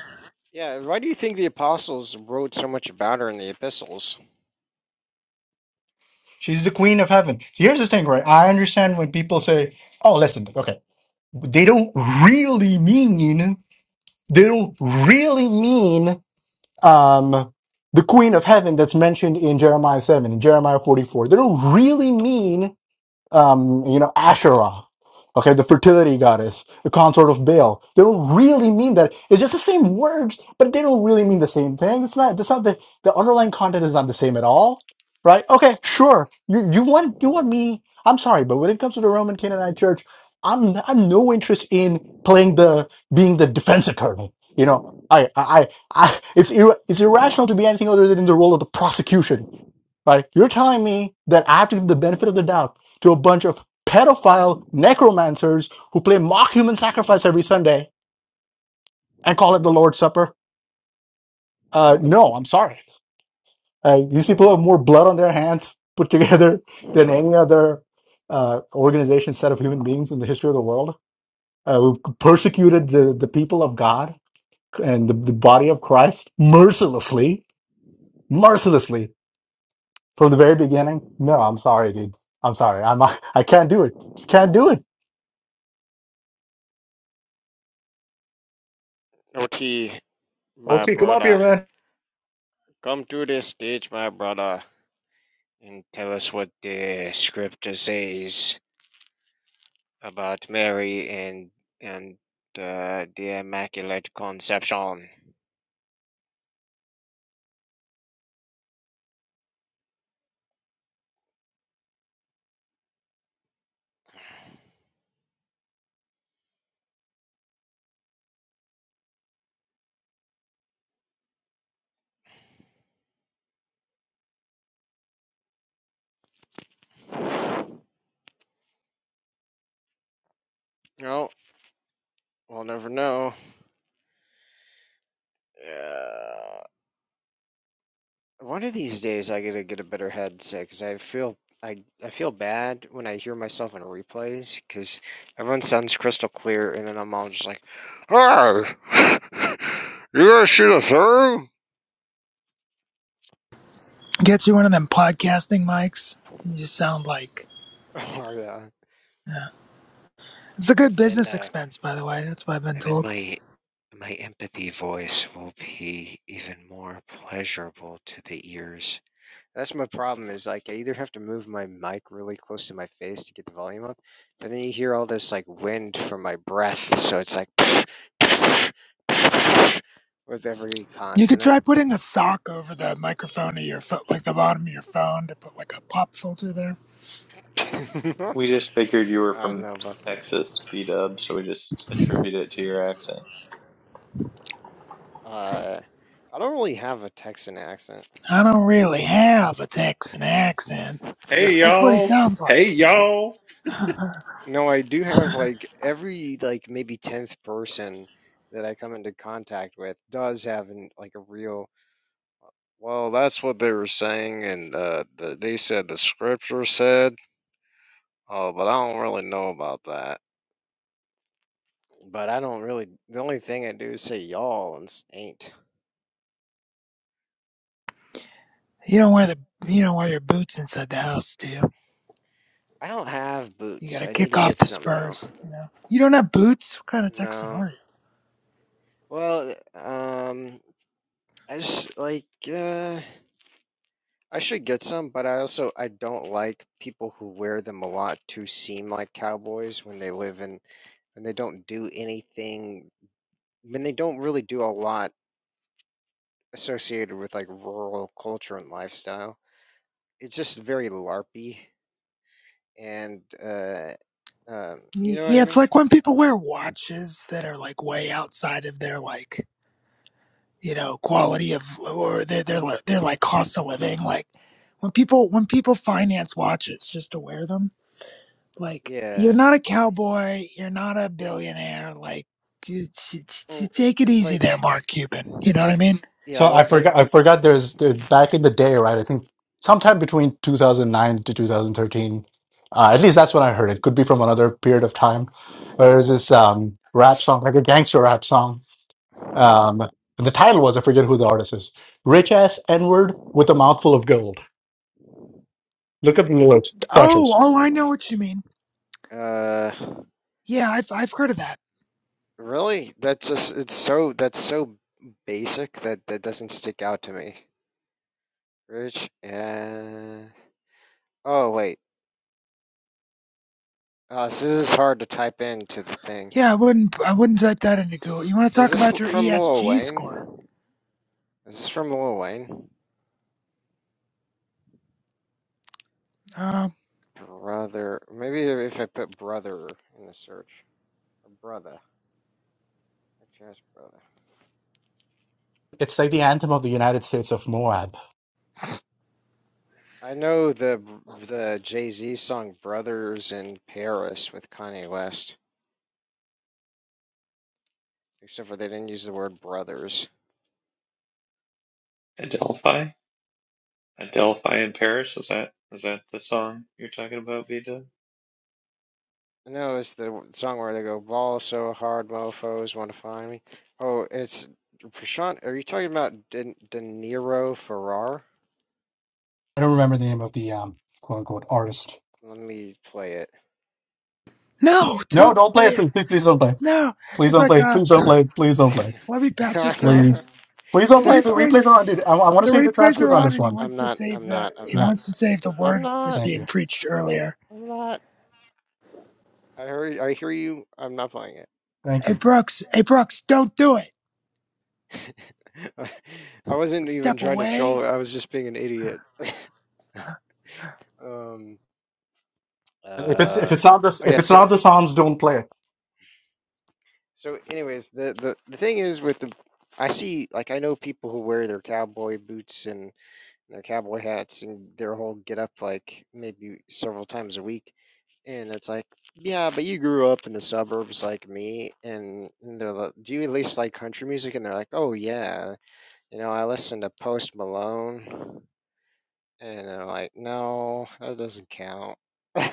Yeah, why do you think the apostles wrote so much about her in the epistles?
She's the queen of heaven. Here's the thing, right? I understand when people say, oh, listen, okay. They don't really mean, they don't really mean, um, the queen of heaven that's mentioned in Jeremiah 7 and Jeremiah 44. They don't really mean um, you know, Asherah, okay, the fertility goddess, the consort of Baal. They don't really mean that. It's just the same words, but they don't really mean the same thing. It's not. That's not the the underlying content is not the same at all, right? Okay, sure. You you want you want me? I'm sorry, but when it comes to the Roman Canaanite Church, I'm I'm no interest in playing the being the defense attorney. You know, I I I, I it's ir- it's irrational to be anything other than in the role of the prosecution Right? You're telling me that I have to give the benefit of the doubt to a bunch of pedophile necromancers who play mock human sacrifice every Sunday and call it the Lord's Supper? Uh, no, I'm sorry. Uh, these people have more blood on their hands put together than any other uh, organization, set of human beings in the history of the world. Uh, we've persecuted the, the people of God and the, the body of Christ mercilessly, mercilessly from the very beginning. No, I'm sorry, dude. I'm sorry. I'm I can't do it. Just can't do it.
Ot, my
OT, come up here,
brother.
man.
Come to the stage, my brother, and tell us what the scripture says about Mary and and uh, the Immaculate Conception. No, we'll never know. Uh, one of these days, I gotta get a better headset because I feel I I feel bad when I hear myself in replays because everyone sounds crystal clear, and then I'm all just like, "Hey, you guys see the thing?"
Get you one of them podcasting mics. You just sound like.
oh yeah.
Yeah. It's a good
And then
business
uh,
expense, by the way. That's what I've been
And then
told.
my my empathy voice will be even more pleasurable to the ears. That's my problem is like I either have to move my mic really close to my face to get the volume up, but then you hear all this like wind from my breath, so it's like with every
You could
consonant.
try putting a sock over the microphone of your phone, like the bottom of your phone, to put like a pop filter there.
I
We just figured you were
don't
from
know about that.
Texas, B Dub, so we just attribute it to your accent.
Uh, I don't really have a Texan accent.
I don't really have a Texan accent.
Hey
That's what he
y'all,
sounds
hey
like.
y'all.
No, I do have like every like maybe 10th person that I come into contact with does have an, like a real Well, that's what they were saying, and uh, the, they said the scripture said, Oh, but I don't really know about that. but I don't really the only thing I do is say y'all and s- ain't.
You don't wear the you don't wear your boots inside the house, do you?
I don't have
You
boots.
gotta
I need
kick
to
off
get
the
some though.
spurs, you know. You don't have boots? What kind of Texan
No.
are you?
Well, um I just like uh I should get some, but I also I don't like people who wear them a lot to seem like cowboys when they live in when they don't do anything when they don't really do a lot associated with like rural culture and lifestyle. It's just very larpy and uh um you
Y-
know what I
Yeah, it's
mean?
like when people wear watches that are like way outside of their like you know quality of or their their li- their like cost of living. Like when people when people finance watches just to wear them, like
Yeah.
you're not a cowboy, you're not a billionaire. Like you- t- t- t-
Well,
take it
it's
easy there,
like
Mark Cuban. You know
it's
what I
like
mean?
yeah,
So
well
I
it's like
forgot. I forgot. There's uh, back in the day, right? I think sometime between 2009 to 2013. Uh, at least that's when I heard it. Could be from another period of time. But There was this um, rap song, like a gangster rap song. Um, and the title was I forget who the artist is. Rich ass N word with a mouthful of gold. Look up the lyrics.
Oh,
Precious.
oh, I know what you mean.
uh
Yeah, I've I've heard of that.
really that just it's so that's so basic that that doesn't stick out to me. Rich and oh wait, uh, so this is hard to type into the thing.
Yeah, I wouldn't I wouldn't type that into Google. You want to
Is
talk
this
about your
from Lil
ESG
Wayne?
score?
Is this from Lil Wayne?
Um,
Brother, maybe if I put brother in the search, or brother, just brother.
It's like the anthem of the United States of Moab.
I know the the Jay Z song "Brothers in Paris" with Kanye West, except for they didn't use the word brothers.
Adelphi, Adelphi in Paris. Is that is that the song you're talking about, B Dub?
I know it's the song where they go ball so hard, mofo's want to find me. Oh, it's Prashant. Are you talking about De, De Niro Ferrar?
I don't remember the name of the um, quote unquote artist.
Let me play it.
no,
No,
don't
don't play
play
it.
it.
Please, please please don't play.
No,
Please
it's
don't
like
play.
uh,
Please don't play. Please don't play.
let me patch it
Sorry,
through.
Please. Please
The
don't play the replays
replays
are on, dude. I, I want to
the
save the
replays
I'm
transcript
are
on
not.
on,
this
and he
one.
I'm
wants to
not.
save
I'm
the
not. I'm
he
Yeah.
not.
wants to save the
I'm
word was
not.
Thank
being
you.
preached earlier.
I'm not. I heard. I hear you. I'm not playing it.
Thank
Hey
you.
Brooks, hey Brooks, don't do it.
I wasn't even
Step
trying to
away.
troll. I was just being an idiot. Um.
If it's if
Uh.
it's not this
Oh yeah.
if it's
So
not the Psalms, don't play it.
So, anyways, the, the the thing is with the, I see like I know people who wear their cowboy boots and their cowboy hats and their whole get up like maybe several times a week, and it's like, yeah, but you grew up in the suburbs like me, and, and they're like, do you at least like country music? And they're like, oh yeah, you know, I listen to Post Malone, and I'm like, no, that doesn't count.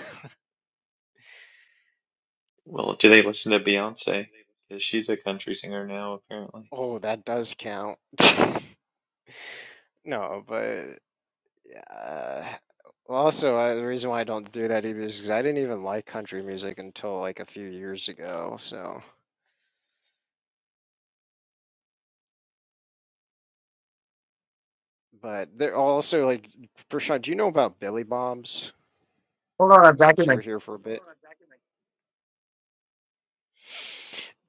Well, do they listen to Beyonce? Because she's a country singer now, apparently.
oh, that does count. no, but Uh, well, also, uh, the reason why I don't do that either is because I didn't even like country music until like a few years ago. So, but they're also like, Prashant, do you know about Billy Bob's? Since you were here for a bit,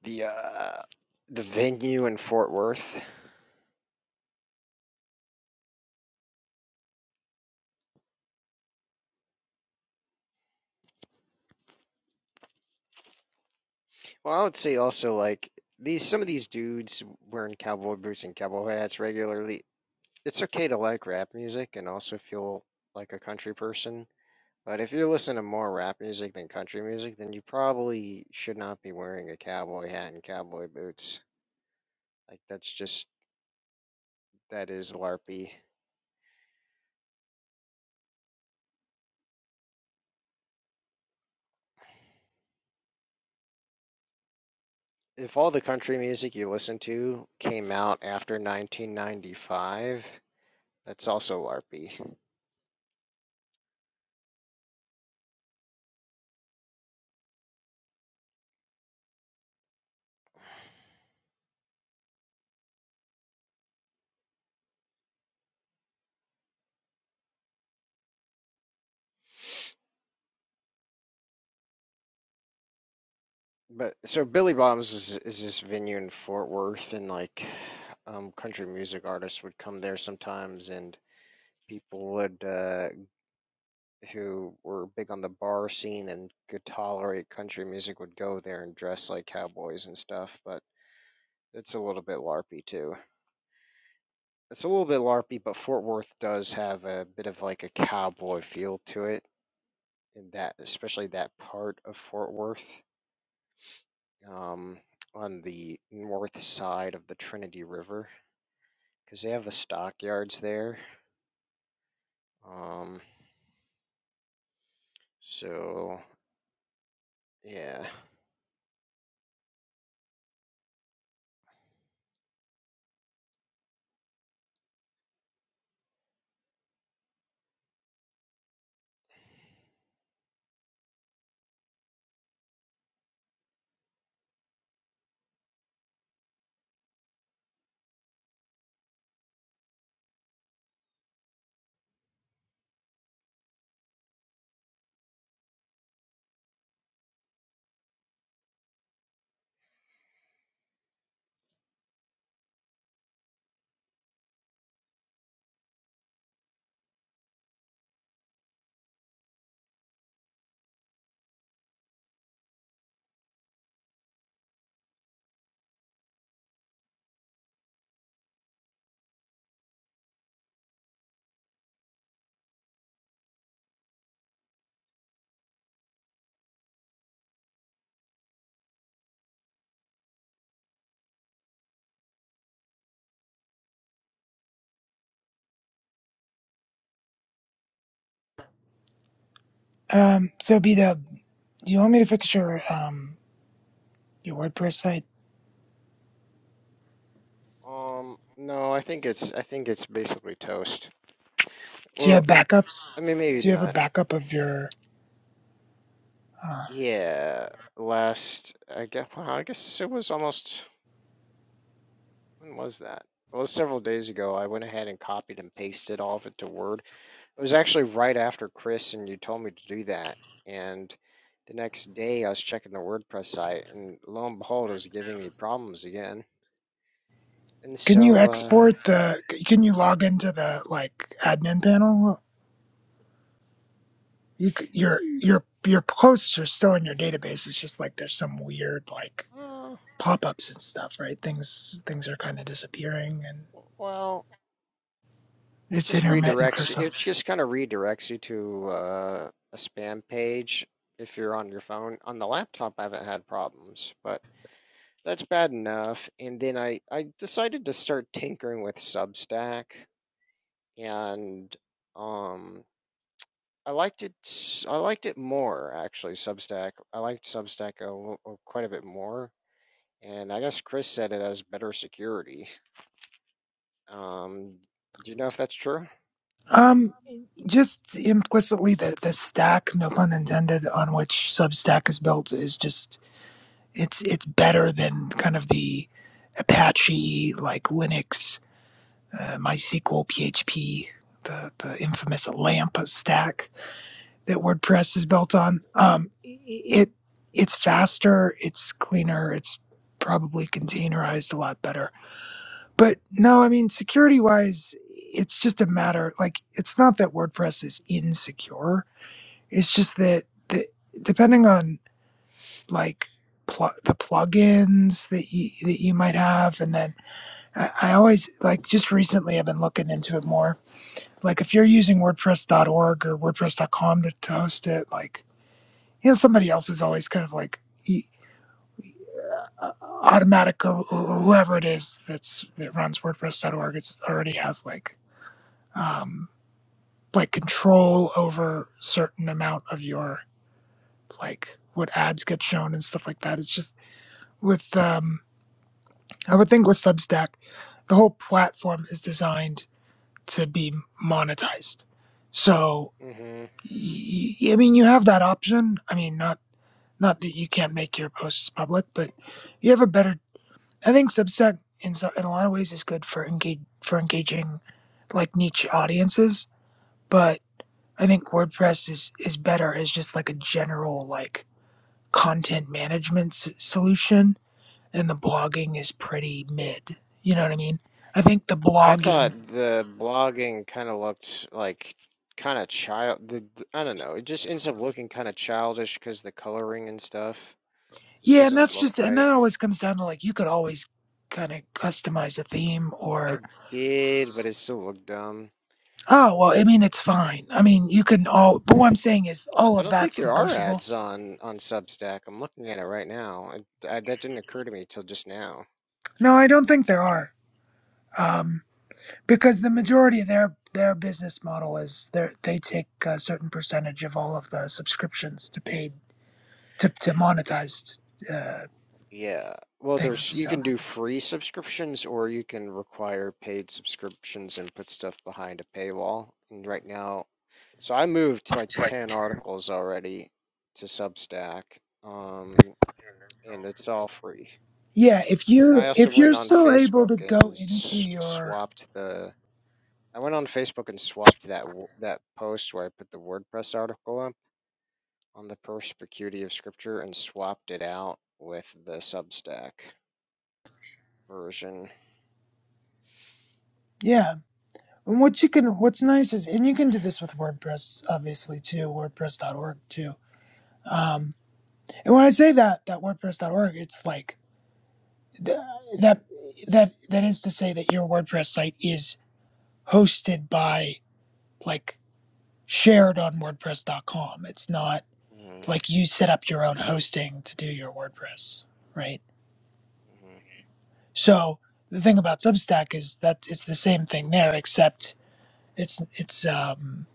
the uh, the venue in Fort Worth. Well, I would say also like these some of these dudes wearing cowboy boots and cowboy hats regularly. It's okay to like rap music and also feel like a country person. But if you listen to more rap music than country music, then you probably should not be wearing a cowboy hat and cowboy boots. Like that's just that is larpy. If all the country music you listen to came out after 1995, that's also larpy. But so Billy Bob's is, is this venue in Fort Worth, and like um, country music artists would come there sometimes, and people would uh, who were big on the bar scene and could tolerate country music would go there and dress like cowboys and stuff, but it's a little bit LARPy too. It's a little bit LARPy, but Fort Worth does have a bit of like a cowboy feel to it, in that especially that part of Fort Worth, um, on the north side of the Trinity River, because they have the stockyards there. Um, so yeah.
Um, so be the. Do you want me to fix your um your WordPress site?
Um, no, I think it's I think it's basically toast.
Do you
Well,
have backups?
I mean, maybe
Do you have a
not.
backup of your? uh,
Yeah, last I guess well, I guess it was almost when was that? It was several days ago. I went ahead and copied and pasted all of it to Word. It was actually right after Chris and you told me to do that, and the next day I was checking the WordPress site, and lo and behold, it was giving me problems again. And
Can you
so, uh,
export the? Can you log into the like admin panel? You c- your your your posts are still in your database. It's just like there's some weird like
uh
pop ups and stuff, right? Things things are kind of disappearing and
well, it
it's
just
intermittent for
redirects
some.
it just kind of redirects you to uh, a spam page if you're on your phone on the laptop i haven't had problems but that's bad enough and then i i decided to start tinkering with substack and um i liked it I liked it more actually substack i liked substack a, l- quite a bit more and i guess chris said it has better security um do you know if that's true
Um, just implicitly the the stack, no pun intended, on which Substack is built is just it's it's better than kind of the Apache like Linux uh, MySQL, PHP, the, the infamous LAMP stack that WordPress is built on. Um, it it's faster, it's cleaner, it's probably containerized a lot better. But no, I mean security wise, it's just a matter like it's not that WordPress is insecure. It's just that the depending on like pl- the plugins that you that you might have, and then I, I always like just recently I've been looking into it more like if you're using WordPress.org or WordPress.com to, to host it, like you know somebody else is always kind of like e- uh, automatic or, or whoever it is that's that runs WordPress.org. It's already has like um, like control over certain amount of your like what ads get shown and stuff like that. It's just with um, I would think with Substack, the whole platform is designed to be monetized. So
Mm-hmm.
y- I mean, you have that option. I mean, not not that you can't make your posts public, but you have a better. I think Substack in so- in a lot of ways is good for engage for engaging like niche audiences, but I think WordPress is is better as just like a general like content management s- solution, and the blogging is pretty mid. You know what I mean? I think the
I
blogging,
thought the blogging kind of looked like kind of child. The, the- I don't know. It just ends up looking kind of childish because the coloring and stuff just
yeah, and
doesn't
that's
look
just and
right.
that always comes down to like you could always kind of customize a theme or
I did, but it still looked dumb.
Oh, well, I mean, it's fine. I mean, you can all, but what I'm saying is all
I
of
don't think
that's
there are
negotiable.
ads on on Substack. I'm looking at it right now. I, I, that didn't occur to me till just now.
No, I don't think there are. Um, because the
hmm
majority of their, their business model is they they take a certain percentage of all of the subscriptions to paid, to, to monetized, uh,
Yeah. Well,
things.
there's you
So,
can do free subscriptions or you can require paid subscriptions and put stuff behind a paywall. And right now, So I moved like 10 articles already to Substack, um, and it's all free.
yeah, if
And
you,
I also
if you're
went on
still able
Facebook
to go
and
into
s-
your,
swapped the. I went on Facebook and swapped that w- that post where I put the WordPress article up on the perspicuity of scripture and swapped it out with the Substack version.
yeah. And what you can, what's nice is, and you can do this with WordPress, obviously too, WordPress.org too. um, And when I say that that WordPress.org, it's like th- that that that is to say that your WordPress site is hosted by like shared on WordPress.com. It's not
hmm
like you set up your own hosting to do your WordPress, right?
hmm
So the thing about Substack is that it's the same thing there, except it's it's um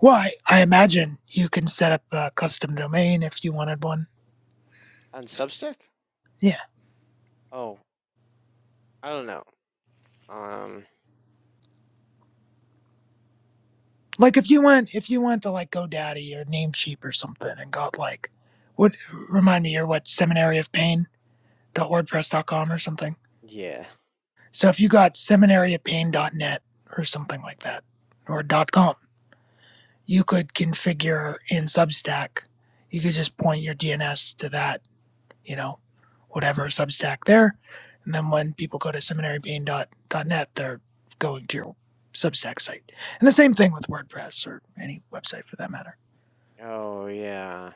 well I, I imagine you can set up a custom domain if you wanted one.
On Substack?
Yeah.
Oh, I don't know. Um,
Like if you went if you went to like GoDaddy or Namecheap or something and got like what remind me you're what seminary of pain dot wordpress.com or something.
yeah.
So if you got seminary of pain dot net or something like that or dot com, you could configure in Substack. You could just point your DNS to that, you know, whatever Substack there. And then when people go to seminary of pain dot net, they're going to your Substack site. And the same thing with WordPress or any website for that matter.
Oh, yeah.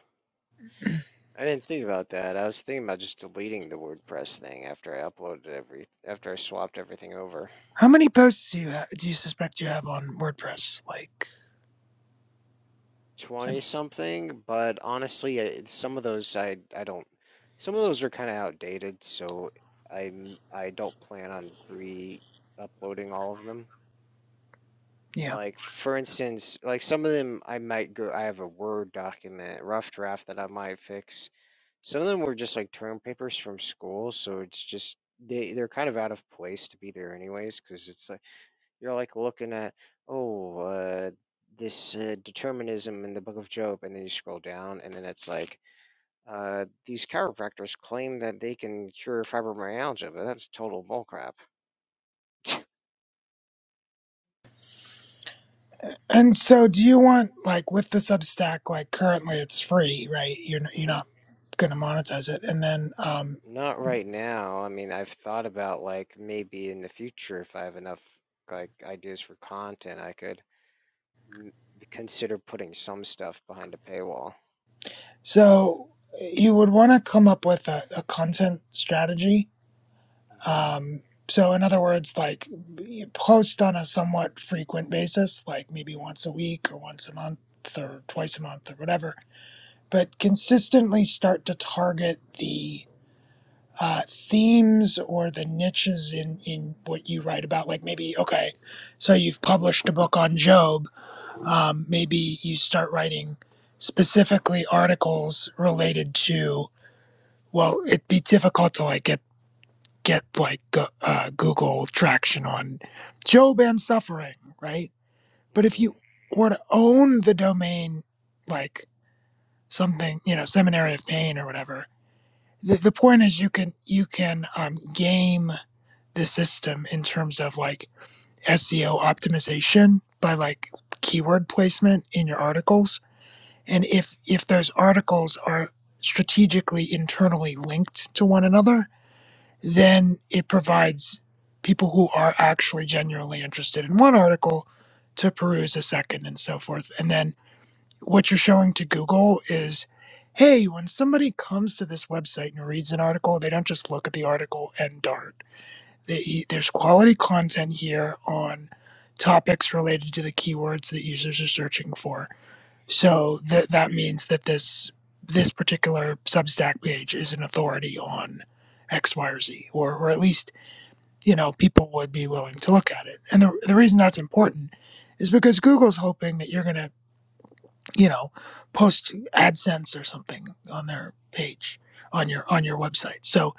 I didn't think about that. I was thinking about just deleting the WordPress thing after I uploaded every after I swapped everything over.
How many posts do you ha- do you suspect you have on WordPress? Like, uh,
20 something, but honestly, I, some of those I I don't some of those are kind of outdated, so I I don't plan on re-uploading all of them.
yeah.
Like for instance, like some of them I might go I have a Word document, rough draft that I might fix. Some of them were just like term papers from school, so it's just they they're kind of out of place to be there anyways because it's You're like looking at, oh, uh, this uh, determinism in the book of Job, and then you scroll down, and then it's like, uh, these chiropractors claim that they can cure fibromyalgia, but that's total bullcrap.
And so, do you want like with the Substack? Like, currently it's free, right? You're n- you're
hmm
not going to monetize it, and then um,
Not right now. I mean, I've thought about like maybe in the future if I have enough like ideas for content, I could n- consider putting some stuff behind a paywall.
so you would want to come up with a, a content strategy.
hmm
Um, so, in other words, like you post on a somewhat frequent basis, like maybe once a week or once a month or twice a month or whatever, but consistently start to target the uh, themes or the niches in in what you write about like maybe okay so you've published a book on job um, maybe you start writing specifically articles related to well it'd be difficult to like get get like uh, google traction on job and suffering right but if
hmm
you were to own the domain like something you know seminary of pain or whatever the, the point is you can you can um, game the system in terms of like SEO optimization by like keyword placement in your articles and if if those articles are strategically internally linked to one another then it provides people who are actually genuinely interested in one article to peruse a second and so forth and then what you're showing to Google is hey when somebody comes to this website and reads an article they don't just look at the article and dart that he, there's quality content here on topics related to the keywords that users are searching for. So that that means that this this particular Substack page is an authority on X, Y, or Z, or or at least you know people would be willing to look at it. And the the reason that's important is because Google's hoping that you're gonna you know post AdSense or something on their page on your on your website. So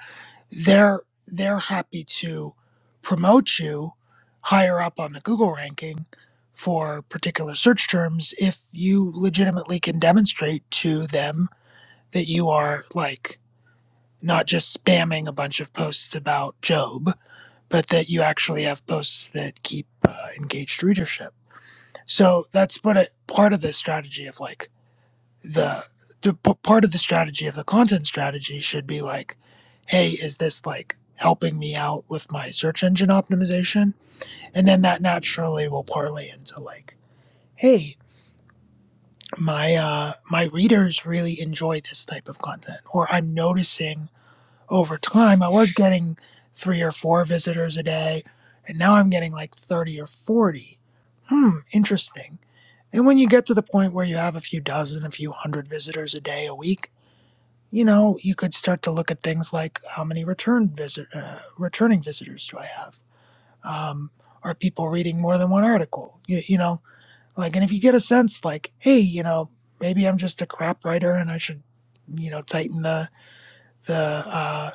they're they're happy to promote you higher up on the Google ranking for particular search terms if you legitimately can demonstrate to them that you are like not just spamming a bunch of posts about Job, but that you actually have posts that keep uh, engaged readership. So that's what a part of the strategy of like the, the part of the strategy of the content strategy should be like hey is this like helping me out with my search engine optimization and then that naturally will parlay into like hey my uh my readers really enjoy this type of content or i'm noticing over time i was getting three or four visitors a day and now i'm getting like 30 or 40 hmm interesting and when you get to the point where you have a few dozen a few hundred visitors a day a week you know, you could start to look at things like how many return visit, uh, returning visitors do I have? Um, are people reading more than one article? You, you know, like, and if you get a sense like, hey, you know, maybe I'm just a crap writer and I should, you know, tighten the the uh,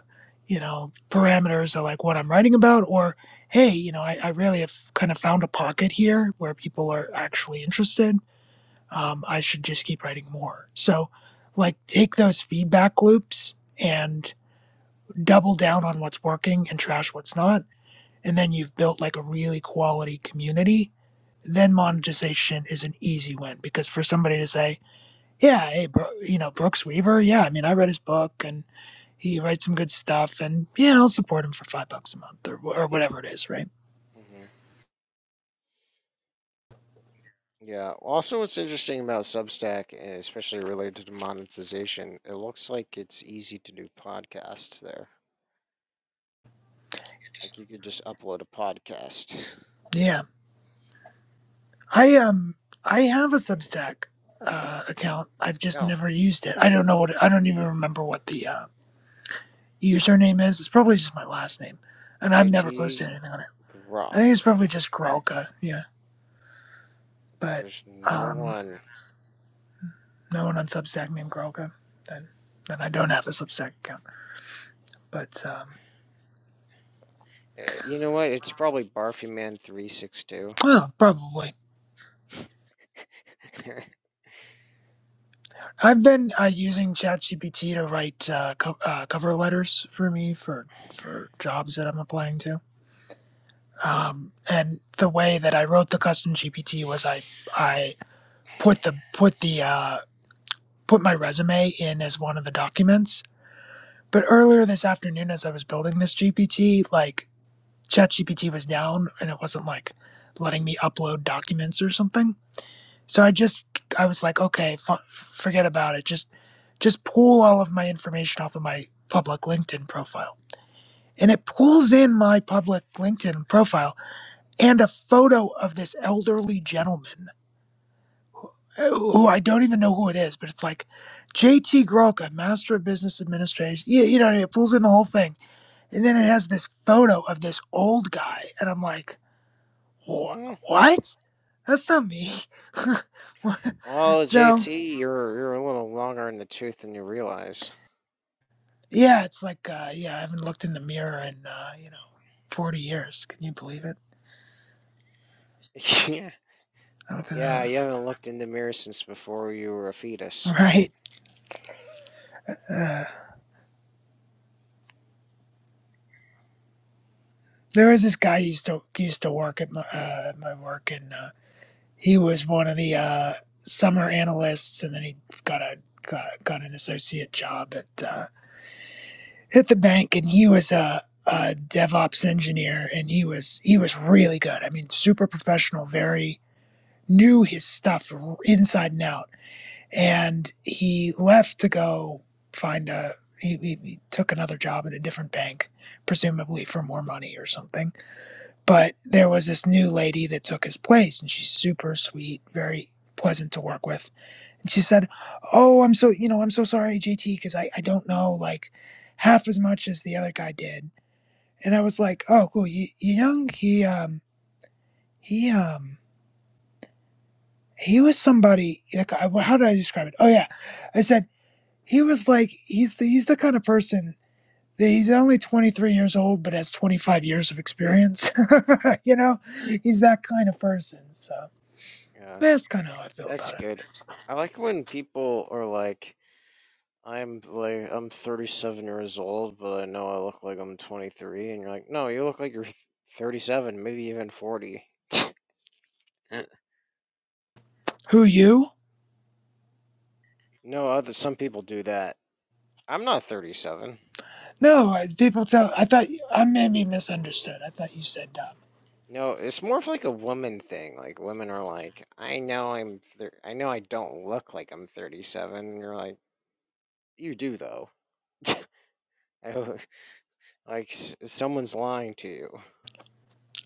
you know parameters of like what I'm writing about, or hey, you know, I, I really have kind of found a pocket here where people are actually interested. Um, I should just keep writing more. So, like, take those feedback loops and double down on what's working and trash what's not, and then you've built like a really quality community, then monetization is an easy win because for somebody to say, yeah, hey, bro, you know, Brooks Weaver, yeah, I mean, I read his book and he writes some good stuff, and yeah, I'll support him for five bucks a month or, or whatever it is, right?
hmm Yeah. Also, what's interesting about Substack, and especially related to monetization, it looks like it's easy to do podcasts there. Like you could just upload a podcast.
Yeah, I um, I have a Substack uh, account. I've just
Oh,
never used it. I don't know what I don't even remember what the uh, username is. It's probably just my last name, and I've never
JT
posted anything on it. I
Grok.
think it's probably just Grolka, yeah. But
There's no
um,
one.
no one on Substack named Grolka. Then, then I don't have a Substack account. But um,
Eh, You know what? It's probably Barfy Man three six two.
oh, probably. I've been uh, using ChatGPT to write uh, co- uh, cover letters for me for for jobs that I'm applying to. Um, and the way that I wrote the custom GPT was I I put the put the uh, put my resume in as one of the documents. But earlier this afternoon, as I was building this GPT, like ChatGPT was down and it wasn't like letting me upload documents or something. So I just I was like, okay, f- forget about it. Just just pull all of my information off of my public LinkedIn profile. And it pulls in my public LinkedIn profile and a photo of this elderly gentleman uh, who I don't even know who it is, but it's like JT Grolka, Master of Business Administration. You, you know, it pulls in the whole thing. And then it has this photo of this old guy. And I'm like, Wha-
Hmm.
What? That's not me.
Oh,
so
JT, you're you're a little longer in the tooth than you realize.
yeah, it's like uh, yeah, I haven't looked in the mirror in uh, you know forty years. Can you believe it?
Yeah,
I don't know.
yeah. You haven't looked in the mirror since before you were a fetus, right?
Right. Uh, there was this guy who used to used to work at my uh, at my work, and uh, he was one of the uh, summer analysts, and then he got a got, got an associate job at uh, at the bank, and he was a, a DevOps engineer, and he was he was really good. I mean, super professional, very knew his stuff inside and out. And he left to go find a, he, he, he took another job at a different bank, presumably for more money or something. But there was this new lady that took his place, and she's super sweet, very pleasant to work with. And she said, Oh, I'm so, you know, I'm so sorry, JT, because I, I don't know like half as much as the other guy did. And I was like, Oh, cool. Y- Young, he, um, he, um, he was somebody like I, well, how did I describe it? Oh yeah, I said he was like he's the he's the kind of person that he's only 23 years old but has 25 years of experience. you know, he's that kind of person. So
Yeah.
that's kind of how I feel
That's
about it.
good. I like when people are like, "I'm like I'm 37 years old, but I know I look like I'm 23," and you're like, "No, you look like you're 37, maybe even 40."
Who you?
no, other some people do that. I'm not 37.
No, as people tell, I thought I may be misunderstood. I thought you said dumb.
No, it's more of like a woman thing. Like women are like, "I know I'm thir- I know I don't look like I'm 37," and you're like, "You do though." I- like s- someone's lying to you.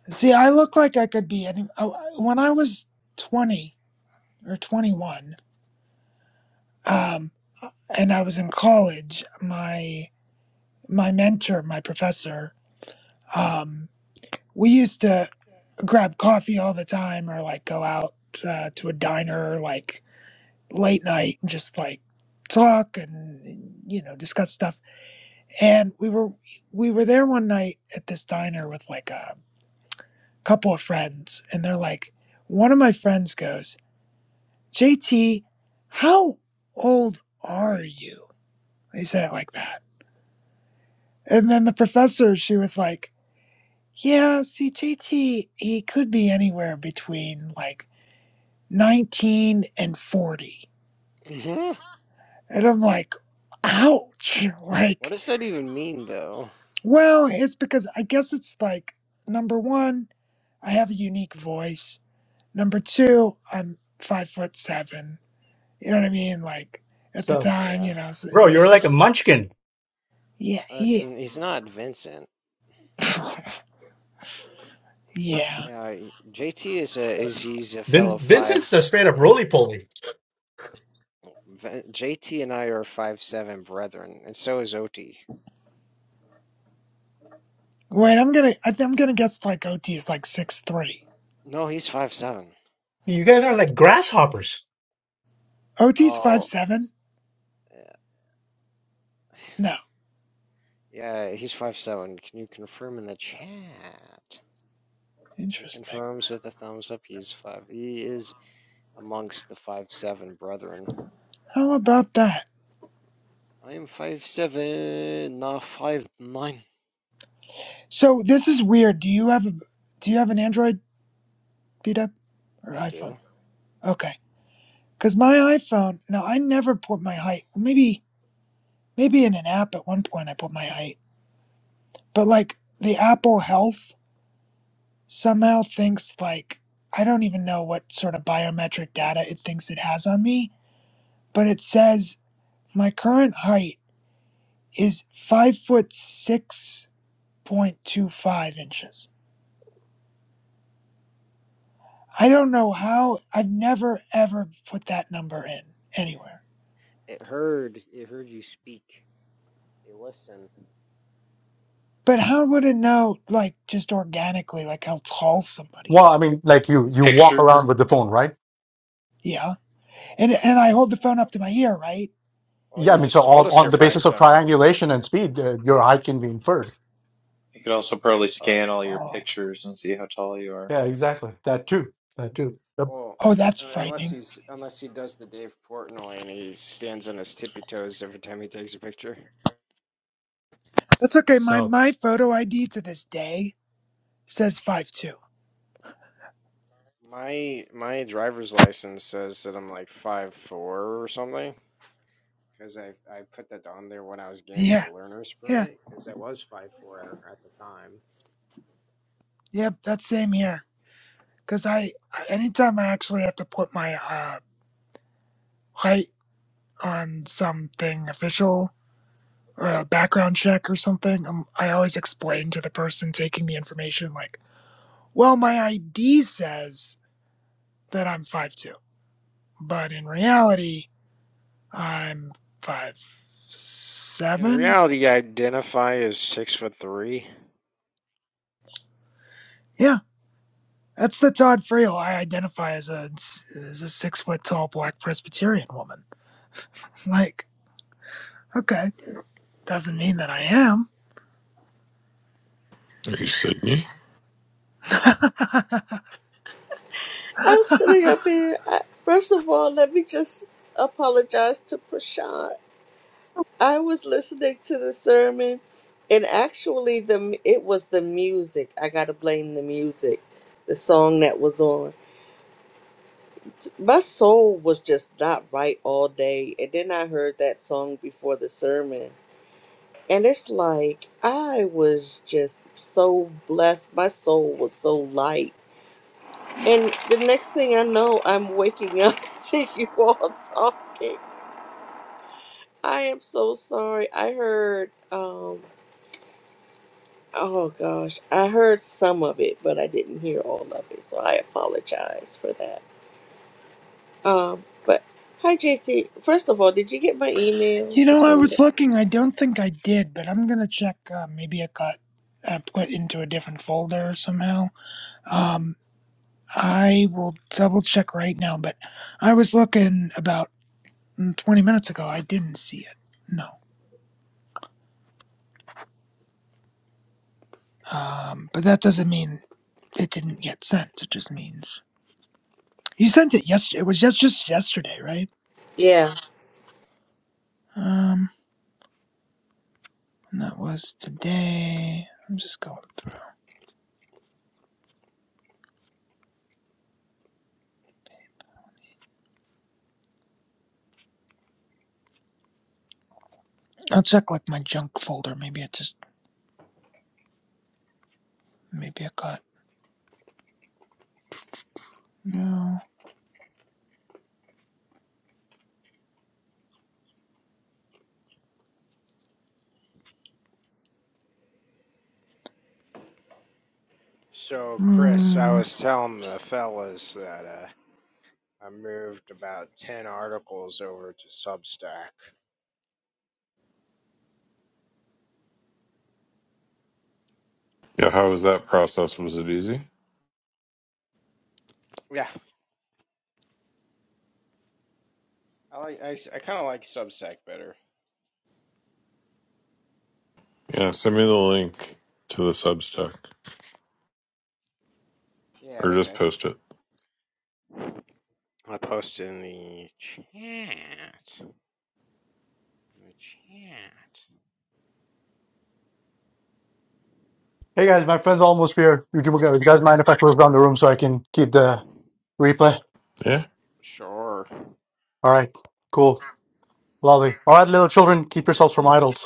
See, I look like I could be any. oh, I- When I was 20 or 21, um, and I was in college. My my mentor, my professor, um, we used to grab coffee all the time or like go out uh, to a diner like late night and just like talk and you know discuss stuff. And we were we were there one night at this diner with like a couple of friends, and they're like, one of my friends goes, "JT, how old are you?" He said it like that, and then the professor she was like Yeah, see, JT, he could be anywhere between like 19 and 40. And I'm like, ouch.
what
Like,
does that even mean though?
well, it's because I guess it's like number one, I have a unique voice. Number two, I'm five foot seven. You know what I mean? Like, at the
So,
time,
Yeah.
you know, so
bro,
like,
you're like a munchkin.
yeah,
Uh, it's
yeah,
n- he's not Vincent.
yeah.
Uh, he- JT is a is he's a
Vin-
fellow five.
Vincent's a straight up
he-
roly poly.
Vin- JT and I are five seven brethren, and so is Oti.
Wait, I'm gonna, I- I'm gonna guess like OT is like six three.
No, he's five seven.
You guys are like grasshoppers.
OT's five
Oh,
seven?
uh,
No,
yeah, he's five seven. Can you confirm in the chat? He
interesting.
confirms with a thumbs up. He's five. He is amongst the five seven brethren.
How about that?
I am five seven, not five nine.
So this is weird. Do you have a do you have an Android beat up or
I
iPhone?
do.
Okay. Cause my iPhone, Now I never put my height. Maybe maybe in an app at one point I put my height. But like the Apple Health somehow thinks like I don't even know what sort of biometric data it thinks it has on me, but it says my current height is five foot six point two five inches. I don't know how I've never ever put that number in anywhere.
It heard. It heard you speak. They listen.
But how would it know like just organically like how tall somebody
Well, I
is?
mean, like you you walk
Pictures.
around with the phone, right?
Yeah.
And
And
you,
and I hold the phone up to my
up.
ear, right?
well,
Yeah, I
you
mean, so
just told
all
us
on
you're
the
five
basis of
seven.
triangulation and speed, uh, your height can be inferred.
You could also probably
Uh,
scan all your
Oh,
pictures and see how tall you are.
Yeah, exactly. That too. That too. Yep.
Well,
oh that's
uh, unless
frightening.
he's unless he does the Dave Portnoy and he stands on his tippy toes every time he takes a picture.
That's okay. My
Oh,
my photo ID to this day says five two.
My my driver's license says that I'm like five four or something because I I put that on there when I was getting my
Yeah.
learner's
Yeah.
permit because I was five four at the time.
Yep, that's same here. Cuz I anytime I actually have to put my uh height on something official or a background check or something, um, I always explain to the person taking the information, like, well, my ID says that I'm five two, but in reality, I'm five
In
seven.
reality, I identify as six foot three.
Yeah, that's the Todd Frail I identify as a, as a six foot tall black Presbyterian woman. Like, okay, doesn't mean that I am.
Are you, Sydney.
I'm sitting up here. I, first of all, let me just apologize to Prashant. I was listening to the sermon, and actually, the m- it was the music. I gotta blame the music, the song that was on. My soul was just not right all day, and then I heard that song before the sermon. And it's like I was just so blessed. My soul was so light. And the next thing I know, I'm waking up to you all talking. I am so sorry. I heard um oh gosh, I heard some of it, but I didn't hear all of it. So I apologize for that. Um but hi JT. First of all, did you get my email?
You know,
Just
I
wanted to
was looking, I don't think I did, but I'm gonna check. Uh, maybe it got uh, put into a different folder somehow. Um. I will double check right now, but I was looking about mm, 20 minutes ago. I didn't see it. No. Um, but that doesn't mean it didn't get sent. It just means you sent it yesterday. It was just, just yesterday, right?
Yeah.
Um, and that was today. I'm just going through. I'll check like my junk folder. Maybe it just, maybe it got, no.
So Chris, I
Hmm.
was telling the fellas that uh, I moved about ten articles over to Substack.
Yeah, how was that process? Was it easy?
Yeah, I like I, I kind of like Substack better.
Yeah, send me the link to the Substack
Yeah,
or just
okay.
post it.
I posted in the chat. In the chat.
Hey guys, my friend's almost here. You two You guys mind if I close down the room so I can keep the replay?
Yeah.
Sure.
All right, cool, lovely. All right, little children, keep yourselves from idols.